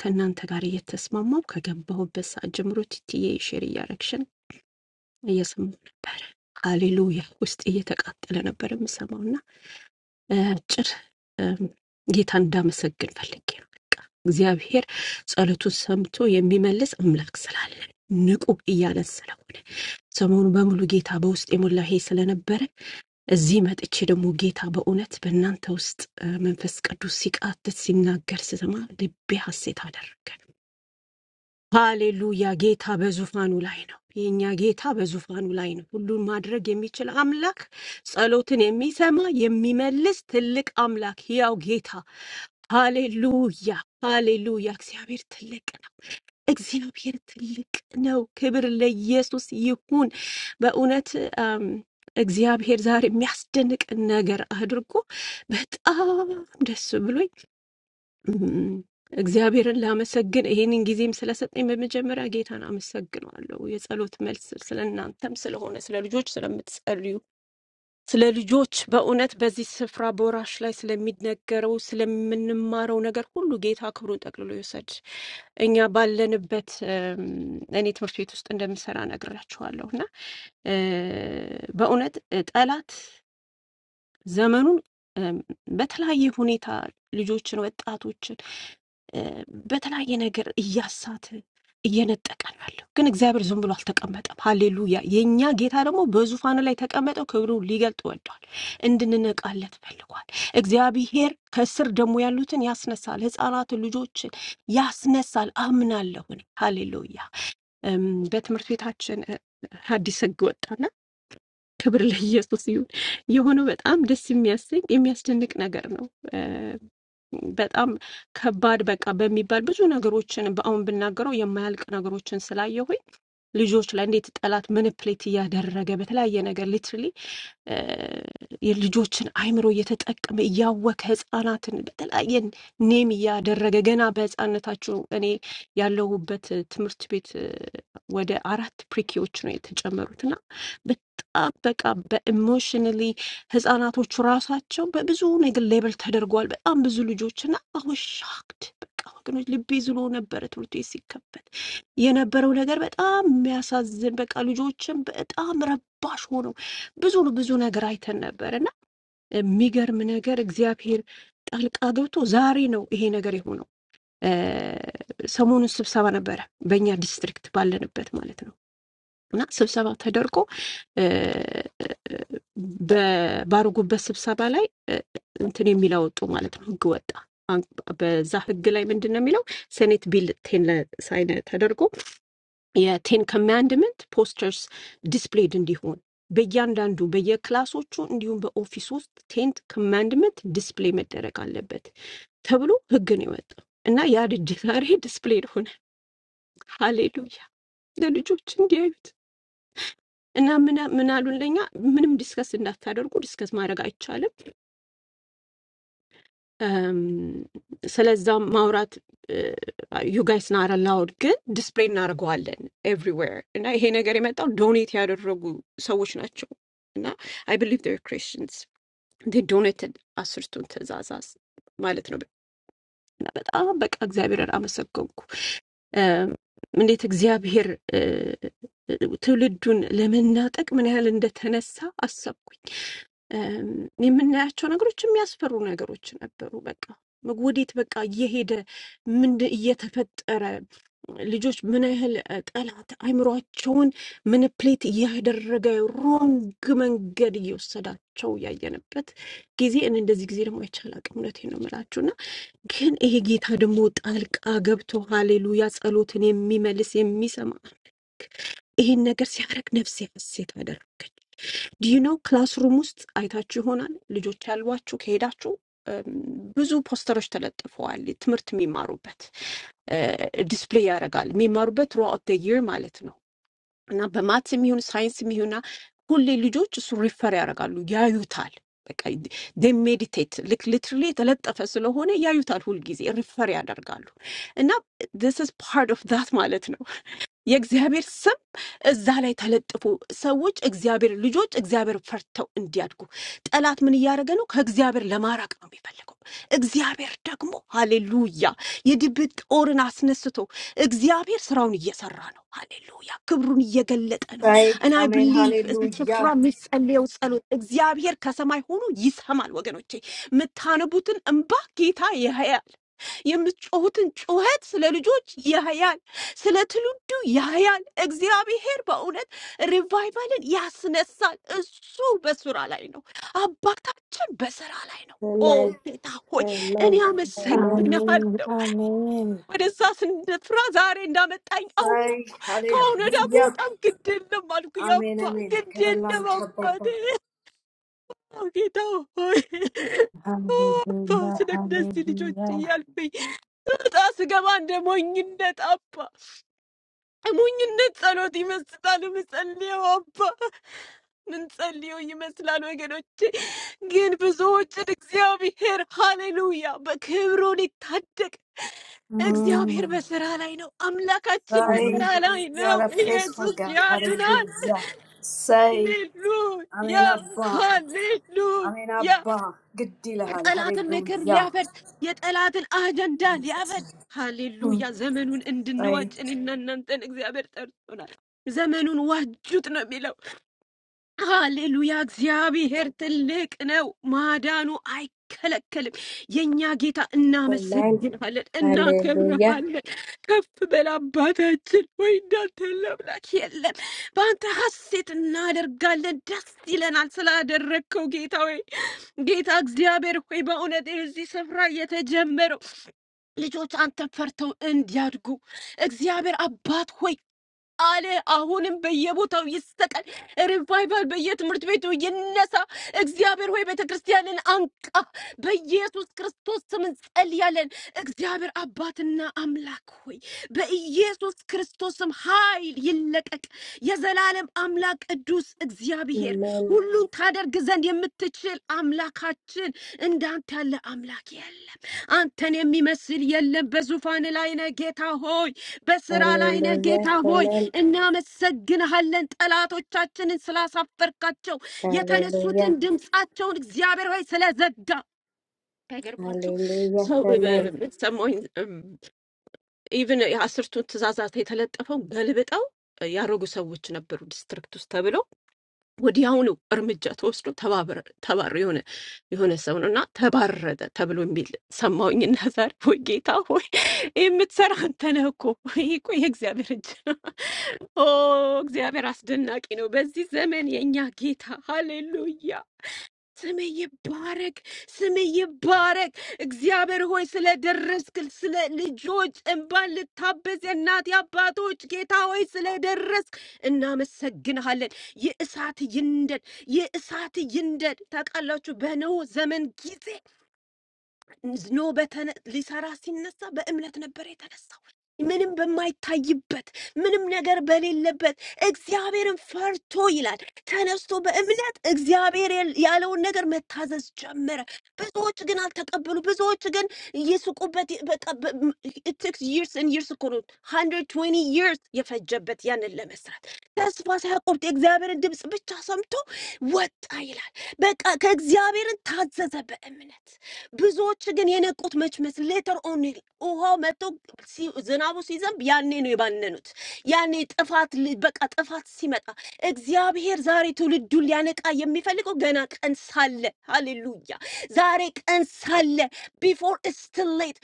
S5: ከእናንተ ጋር እየተስማማው ከገባሁበት ሰዓት ጀምሮ ትትዬ ሼር እያረግሽን እየሰማሁ ነበረ። ሃሌሉያ! ውስጤ እየተቃጠለ ነበር የምሰማው እና እ፣ አጭር እ፣ ጌታ እንዳመሰግን ፈልጌ ነው። በቃ እግዚአብሔር ጸሎቱን ሰምቶ የሚመልስ አምላክ ስላለን ንቁ እያለን ስለሆነ ሰሞኑ በሙሉ ጌታ በውስጥ የሞላ ይሄ ስለነበረ እዚህ መጥቼ ደግሞ ጌታ በእውነት በእናንተ ውስጥ እ፣ መንፈስ ቅዱስ ሲቃትት ሲናገር ስሰማ ልቤ ሐሴት አደረገ። ሃሌሉያ! ጌታ በዙፋኑ ላይ ነው። የእኛ ጌታ በዙፋኑ ላይ ነው። ሁሉን ማድረግ የሚችል አምላክ፣ ጸሎትን የሚሰማ የሚመልስ ትልቅ አምላክ፣ ሕያው ጌታ። ሃሌሉያ! ሃሌሉያ! እግዚአብሔር ትልቅ ነው። እግዚአብሔር ትልቅ ነው። ክብር ለኢየሱስ ይሁን። በእውነት እም፣ እግዚአብሔር ዛሬ የሚያስደንቅ ነገር አድርጎ በጣም ደስ ብሎኝ እም፣ እግዚአብሔርን ላመሰግን ይህንን ጊዜም ስለሰጠኝ በመጀመሪያ ጌታን አመሰግነዋለሁ። የጸሎት መልስ ስለ እናንተም ስለሆነ ስለ ልጆች ስለምትጸልዩ ስለ ልጆች በእውነት በዚህ ስፍራ በወራሽ ላይ ስለሚነገረው ስለምንማረው ነገር ሁሉ ጌታ ክብሩን ጠቅልሎ ይውሰድ። እኛ ባለንበት እም፣ እኔ ትምህርት ቤት ውስጥ እንደምሰራ ነግራችኋለሁ እና እ፣ በእውነት ጠላት ዘመኑን በተለያየ ሁኔታ ልጆችን፣ ወጣቶችን እ፣ በተለያየ ነገር እያሳተ እየነጠቀ ነው ያለው። ግን እግዚአብሔር ዝም ብሎ አልተቀመጠም። ሀሌሉያ! የእኛ ጌታ ደግሞ በዙፋኑ ላይ ተቀመጠው ክብሩ ሊገልጥ ወዷል። እንድንነቃለት ፈልጓል። እግዚአብሔር ከስር ደግሞ ያሉትን ያስነሳል። ህፃናትን፣ ልጆችን ያስነሳል። አምናለሁ እኔ። ሀሌሉያ! እም፣ በትምህርት ቤታችን እ፣ አዲስ ህግ ወጣና ክብር ለኢየሱስ ይሁን። የሆነው በጣም ደስ የሚያሰኝ የሚያስደንቅ ነገር ነው። እ በጣም ከባድ በቃ በሚባል ብዙ ነገሮችን በአሁን ብናገረው የማያልቅ ነገሮችን ስላየሁኝ ልጆች ላይ እንዴት ጠላት ምንፕሌት እያደረገ በተለያየ ነገር ሊትራሊ የልጆችን አይምሮ እየተጠቀመ እያወከ ህፃናትን በተለያየ ኔም እያደረገ ገና በህፃንነታችሁ እኔ ያለሁበት ትምህርት ቤት እ፣ ወደ አራት ፕሪኪዎች ነው የተጨመሩት እና በጣም በቃ በኢሞሽንሊ ህፃናቶቹ ራሳቸው በብዙ ነገር ሌብል ተደርገዋል። በጣም ብዙ ልጆች እና አወሻክድ በቃ ወገኖች ልቤ ዝሎ ነበረ ትምህርት ቤት ሲከፈት የነበረው ነገር በጣም የሚያሳዝን በቃ ልጆችም በጣም ረባሽ ሆነው ብዙ ብዙ ነገር አይተን ነበር እና የሚገርም ነገር እግዚአብሔር ጣልቃ ገብቶ ዛሬ ነው ይሄ ነገር የሆነው። እ፣ ሰሞኑን ስብሰባ ነበረ በእኛ ዲስትሪክት ባለንበት ማለት ነው እና ስብሰባ ተደርጎ እ፣ በ- ባረጉበት ስብሰባ ላይ እ፣ እንትን የሚል አወጡ ማለት ነው ህግ ወጣ። አን- በዛ ህግ ላይ ምንድን ነው የሚለው ሴኔት ቢል ቴን ሳይን ተደርጎ የቴን ኮማንድመንት ፖስተርስ ዲስፕሌይድ እንዲሆን በእያንዳንዱ በየክላሶቹ እንዲሁም በኦፊስ ውስጥ ቴን ኮማንድመንት ዲስፕሌይ መደረግ አለበት ተብሎ ህግ ነው የወጣው እና ያ ልጅ ዛሬ ዲስፕሌይድ ሆነ። ሃሌሉያ ለልጆች እንዲያዩት እና ምን ምን አሉን ለኛ ምንም ዲስከስ እንዳታደርጉ ዲስከስ ማድረግ አይቻልም ስለዛ ማውራት ዩጋይስ ናር አላውድ ግን ዲስፕሌይ እናደርገዋለን ኤቭሪዌር እና ይሄ ነገር የመጣው ዶኔት ያደረጉ ሰዎች ናቸው እና አይ ብሊቭ ር ክሪስቲንስ ዶኔትድ አስርቱን ትእዛዛዝ ማለት ነው። በጣም በቃ እግዚአብሔርን አመሰገንኩ። እንዴት እግዚአብሔር እ፣ ትውልዱን ለመናጠቅ ምን ያህል እንደተነሳ አሰብኩኝ። እም፣ የምናያቸው ነገሮች የሚያስፈሩ ነገሮች ነበሩ። በቃ ወዴት በቃ እየሄደ ምን እየተፈጠረ ልጆች ምን ያህል እ፣ ጠላት አይምሯቸውን ምንፕሌት እያደረገ ሮንግ መንገድ እየወሰዳቸው ያየንበት ጊዜ እኔ እንደዚህ ጊዜ ደግሞ አይቻል አቅም እውነቴን ነው የምላችሁ ግን ይሄ ጌታ ደግሞ ጣልቃ ገብቶ ሃሌሉያ ጸሎትን የሚመልስ የሚሰማ ይሄን ነገር ሲያደርግ ነፍሴ ሐሴት አደረገች። ዲዩኖ ክላስሩም ውስጥ አይታችሁ ይሆናል። ልጆች ያሏችሁ ከሄዳችሁ እም፣ ብዙ ፖስተሮች ተለጥፈዋል። ትምህርት የሚማሩበት ዲስፕሌይ ያደርጋል። የሚማሩበት ትሮአውት ደ ይር ማለት ነው። እና በማትስ የሚሆን ሳይንስ የሚሆና ሁሌ ልጆች እሱ ሪፈር ያደርጋሉ፣ ያዩታል። በቃ ዴይ ሜዲቴት ልክ ሊትራሊ የተለጠፈ ስለሆነ ያዩታል፣ ሁልጊዜ ሪፈር ያደርጋሉ። እና ዚስ ኢዝ ፓርት ኦፍ ዛት ማለት ነው። የእግዚአብሔር እዛ ላይ ተለጥፎ ሰዎች እግዚአብሔር ልጆች እግዚአብሔር ፈርተው እንዲያድጉ ጠላት ምን እያደረገ ነው? ከእግዚአብሔር ለማራቅ ነው የሚፈልገው። እግዚአብሔር ደግሞ ሃሌሉያ የድብቅ ጦርን አስነስቶ እግዚአብሔር ስራውን እየሰራ ነው። ሃሌሉያ ክብሩን እየገለጠ ነው።
S6: Say
S5: እና አይ
S6: Amen,
S5: ብሊቭ እዚህ ስፍራ
S6: Hallelujah.
S5: የሚጸለየው ጸሎት እግዚአብሔር ከሰማይ ሆኖ ይሰማል። ወገኖቼ የምታነቡትን እንባ ጌታ ያያል። የምትጮሁትን ጩኸት ስለ ልጆች ያያል፣ ስለ ትውልዱ ያያል። እግዚአብሔር በእውነት ሪቫይቫልን ያስነሳል። እሱ በስራ ላይ ነው። አባታችን በስራ ላይ ነው። ኦ
S1: Amen.
S5: ጌታ ሆይ እኔ
S1: Amen. Amen.
S4: አሜን
S5: አመሰግንሃለሁ።
S4: አሜን
S5: ወደዛ ስፍራ ዛሬ እንዳመጣኝ
S6: Say
S5: አወኩ። ከአሁን ወዲያ
S6: Hallelujah.
S5: በጣም ግድ የለም አልኩ።
S6: Amen,
S5: ያባ
S6: Amen.
S5: ግድ የለም
S6: Kevalam
S5: አባቴ።
S6: Tabapa.
S5: ኦ ጌታ ሆይ ኦ አባ ስለ እነዚህ ልጆች እያልኩ እጣ ስገባ እንደ ሞኝነት አባ ሞኝነት ጸሎት ይመስላል ምጸልየው አባ ምን ጸልየው ይመስላል ወገኖቼ። ግን ብዙዎችን እግዚአብሔር ሃሌሉያ በክብሩ ሊታደግ እግዚአብሔር
S6: Mm.
S5: በስራ ላይ ነው። አምላካችን በስራ
S6: Say
S4: አሜን።
S5: ላይ
S6: you
S5: ነው።
S6: are a faithful
S5: ኢየሱስ
S6: God.
S5: ያድናል።
S6: Hallelujah. Say
S5: ሃሌሉያ
S6: Amen, Abba. Amen,
S5: ሃሌሉያ
S6: Abba. Good deal, Hall-
S5: የጠላትን ምክር
S6: Hallelujah.
S5: ሊያፈርስ የጠላትን አጀንዳ ሊያፈርስ
S6: Jesus. name.
S5: ሃሌሉያ።
S6: Mm.
S5: ዘመኑን
S6: Say
S5: እንድንዋጅ እኔና እናንተን እግዚአብሔር ጠርቶናል። ዘመኑን ዋጁት ነው የሚለው። ሃሌሉያ። እግዚአብሔር ትልቅ ነው፣ ማዳኑ አይከለከልም። የእኛ ጌታ
S1: Amen.
S5: እናመሰግናለን፣
S1: Hallelujah.
S5: እናከብረሃለን። ከፍ በል አባታችን ወይ እንዳንተ ያለ አምላክ የለም። በአንተ ሐሴት እናደርጋለን፣ ደስ ይለናል ስላደረግከው ጌታ ጌታ እግዚአብሔር ሆይ በእውነት እዚህ ስፍራ የተጀመረው ልጆች አንተን ፈርተው እንዲያድጉ እግዚአብሔር አባት ሆይ አለ። አሁንም በየቦታው ይሰቀል፣ ሪቫይቫል በየትምህርት ቤቱ ይነሳ። እግዚአብሔር ሆይ ቤተ ክርስቲያንን አንቃ። በኢየሱስ ክርስቶስ ስም እንጸልያለን። እግዚአብሔር አባትና አምላክ ሆይ በኢየሱስ ክርስቶስ ስም ኃይል ይለቀቅ። የዘላለም አምላክ ቅዱስ እግዚአብሔር
S1: Amen.
S5: ሁሉን ታደርግ ዘንድ የምትችል አምላካችን እንዳንተ ያለ አምላክ የለም። አንተን የሚመስል የለም። በዙፋን ላይ ነህ ጌታ ሆይ፣ በስራ ላይ ነህ
S1: Hallelujah.
S5: ጌታ ሆይ
S1: Amen.
S5: እናመሰግንሃለን ጠላቶቻችንን ስላሳፈርካቸው
S1: Hallelujah.
S5: የተነሱትን ድምፃቸውን እግዚአብሔር ሆይ ስለዘጋ አይገርማችሁ
S1: Hallelujah.
S5: ሰው
S1: Amen.
S5: ሰማኝ ኢቭን የአስርቱን ትእዛዛት የተለጠፈው ገልብጠው ያደረጉ ሰዎች ነበሩ ዲስትሪክት ውስጥ ተብሎ ወዲያውኑ እርምጃ ተወስዶ ተባር የሆነ የሆነ ሰው ነው እና ተባረረ ተብሎ የሚል ሰማሁኝ እና ዛሬ ወይ ጌታ ሆይ ይህ የምትሰራ አንተ ነህ እኮ ይህ እኮ የእግዚአብሔር እጅ ነው ኦ! እግዚአብሔር አስደናቂ ነው። በዚህ ዘመን የእኛ ጌታ ሃሌሉያ! ስምህ ይባረክ፣ ስምህ ይባረክ። እግዚአብሔር ሆይ ስለደረስክ ስለ ልጆች እንባን ልታበዝ የእናት አባቶች ጌታ ሆይ ስለደረስክ እናመሰግንሃለን። ይህ እሳት ይንደድ፣ ይህ እሳት ይንደድ። ታውቃላችሁ በኖህ ዘመን ጊዜ ኖህ በተነ ሊሰራ ሲነሳ በእምነት ነበር የተነሳው። ምንም በማይታይበት ምንም ነገር በሌለበት እግዚአብሔርን ፈርቶ ይላል ተነስቶ በእምነት እግዚአብሔር ያል- ያለውን ነገር መታዘዝ ጀመረ። ብዙዎች ግን አልተቀበሉ። ብዙዎች ግን እየስቁበት በቃ ይርስ ይርስ እኮ ነው 120 ይርስ የፈጀበት ያንን ለመስራት ተስፋ ሳያቆርጥ የእግዚአብሔርን ድምፅ ብቻ ሰምቶ ወጣ ይላል። በቃ ከእግዚአብሔርን ታዘዘ በእምነት ብዙዎች ግን የነቁት መችመስ ሌተር ኦን ውሃው መጥቶ ሲ- ዝናቡ ሲዘንብ ያኔ ነው የባነኑት። ያኔ ጥፋት ል- በቃ ጥፋት ሲመጣ እግዚአብሔር ዛሬ ትውልዱን ሊያነቃ የሚፈልገው ገና ቀን ሳለ፣ ሃሌሉያ ዛሬ ቀን ሳለ ቢፎር ስትሌት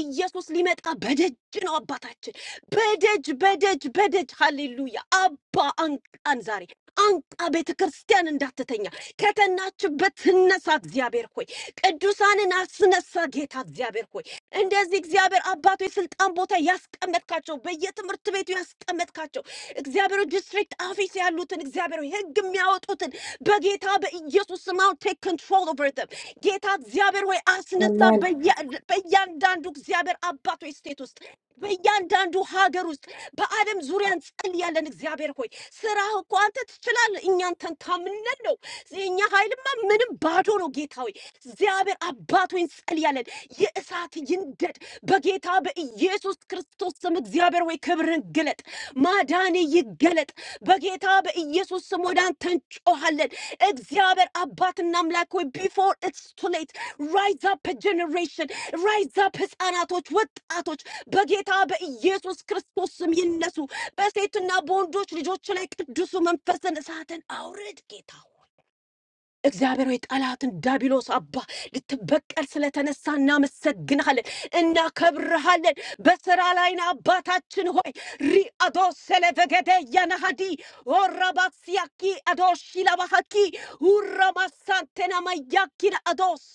S5: ኢየሱስ ሊመጣ በደጅ ነው አባታችን፣ በደጅ በደጅ በደጅ ሃሌሉያ። አባ አንቃን ዛሬ አንቃ ቤተ ክርስቲያን እንዳትተኛ ከተናችበት ትነሳ እግዚአብሔር ሆይ ቅዱሳንን አስነሳ ጌታ እግዚአብሔር ሆይ እንደዚህ እግዚአብሔር አባቶ የስልጣን ቦታ ያስቀመጥካቸው በየትምህርት ቤቱ ያስቀመጥካቸው እግዚአብሔር ሆይ ዲስትሪክት ኦፊስ ያሉትን እግዚአብሔር ሆይ ህግ የሚያወጡትን በጌታ በኢየሱስ ስም አሁን ቴክ ኮንትሮል ኦቨር ዘም ጌታ እግዚአብሔር ሆይ አስነሳ
S1: Amen.
S5: በያ- በእያንዳንዱ እግዚአብሔር አባቶ ስቴት ውስጥ በእያንዳንዱ ሀገር ውስጥ በዓለም ዙሪያ እንጸልያለን። እግዚአብሔር ሆይ ስራህ እኮ አንተ ትችላለህ። እኛን ተንታምነን ነው የእኛ ኃይልማ ምንም ባዶ ነው። ጌታ ሆይ እግዚአብሔር አባት ሆይ እንጸልያለን። የእሳት ይንደድ በጌታ በኢየሱስ ክርስቶስ ስም እግዚአብሔር እግዚአብሔር ወይ ክብርን ግለጥ፣ ማዳን ይገለጥ። በጌታ በኢየሱስ ስም ወደ አንተ እንጮሃለን። እግዚአብሔር አባትና አምላክ ወይ ቢፎር ኢትስ ቱ ሌት ራይዝ አፕ ጀኔሬሽን ራይዝ አፕ ህፃናቶች፣ ወጣቶች በጌታ በኢየሱስ ክርስቶስ ስም ይነሱ። በሴትና በወንዶች ልጆች ላይ ቅዱሱ መንፈስን እሳትን አውርድ ጌታ እግዚአብሔር ሆይ ጠላትን ዳቢሎስ አባ ልትበቀል ስለተነሳ እናመሰግንሃለን፣ እናከብርሃለን። በስራ ላይ ነህ አባታችን ሆይ ሪአዶ ሰለበገደ ያናሃዲ ኦራባክሲያኪ አዶሽ ላባሃኪ ሁራማሳንቴና ማያኪን አዶስ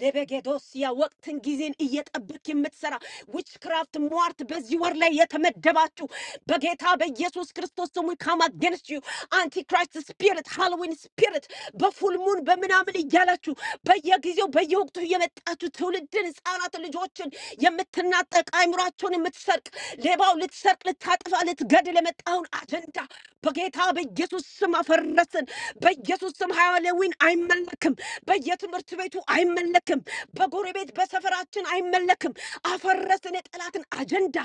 S5: ለበጌዶስ ያ ወቅትን ጊዜን እየጠበቅ የምትሰራ ዊችክራፍት ሟርት በዚህ ወር ላይ የተመደባችሁ በጌታ በኢየሱስ ክርስቶስ ስሙ ካም አጌንስት ዩ አንቲክራይስት ስፒሪት ሃሎዊን ስፒሪት በፉልሙን በምናምን እያላችሁ በየጊዜው በየወቅቱ እየመጣችሁ ትውልድን ህፃናት ልጆችን የምትናጠቅ አይምሯቸውን የምትሰርቅ ሌባው ልትሰርቅ ልታጠፋ ላጠፋ ልትገድል የመጣውን አጀንዳ በጌታ በኢየሱስ ስም አፈረስን። በኢየሱስ ስም ሃያሌዊን አይመለክም። በየትምህርት ቤቱ አይመለክም። በጎረቤት በሰፈራችን አይመለክም። አፈረስን፣ የጠላትን አጀንዳ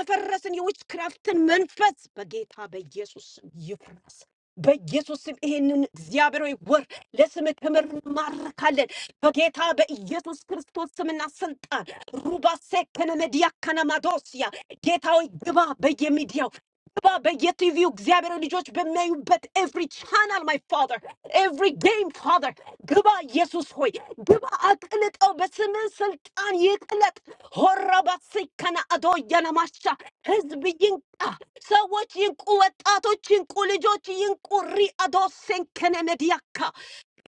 S5: አፈረስን፣ የዊችክራፍትን መንፈስ በጌታ በኢየሱስ ስም ይፍረስ። በኢየሱስ ስም ይሄንን እግዚአብሔር ሆይ ወር ለስም ክብር እንማርካለን። በጌታ በኢየሱስ ክርስቶስ ስምና ስልጣን ሩባ ሴከነ መዲያ ከነማዶስያ ጌታ ሆይ ግባ በየሚዲያው ግባ በየቲቪው እግዚአብሔር ሆይ ልጆች በሚያዩበት ኤቭሪ ቻናል ማይ ፋዘር ኤቭሪ ጌም ፋዘር ግባ ኢየሱስ ሆይ ግባ አቅልጠው በስምህ ስልጣን ይቅለጥ ሆረባ ሴከነ አዶ ያነማሻ ህዝብ ይንቃ ሰዎች ይንቁ፣ ወጣቶች ይንቁ፣ ልጆች ይንቁ። ሪአዶ ሴንከነ መዲያካ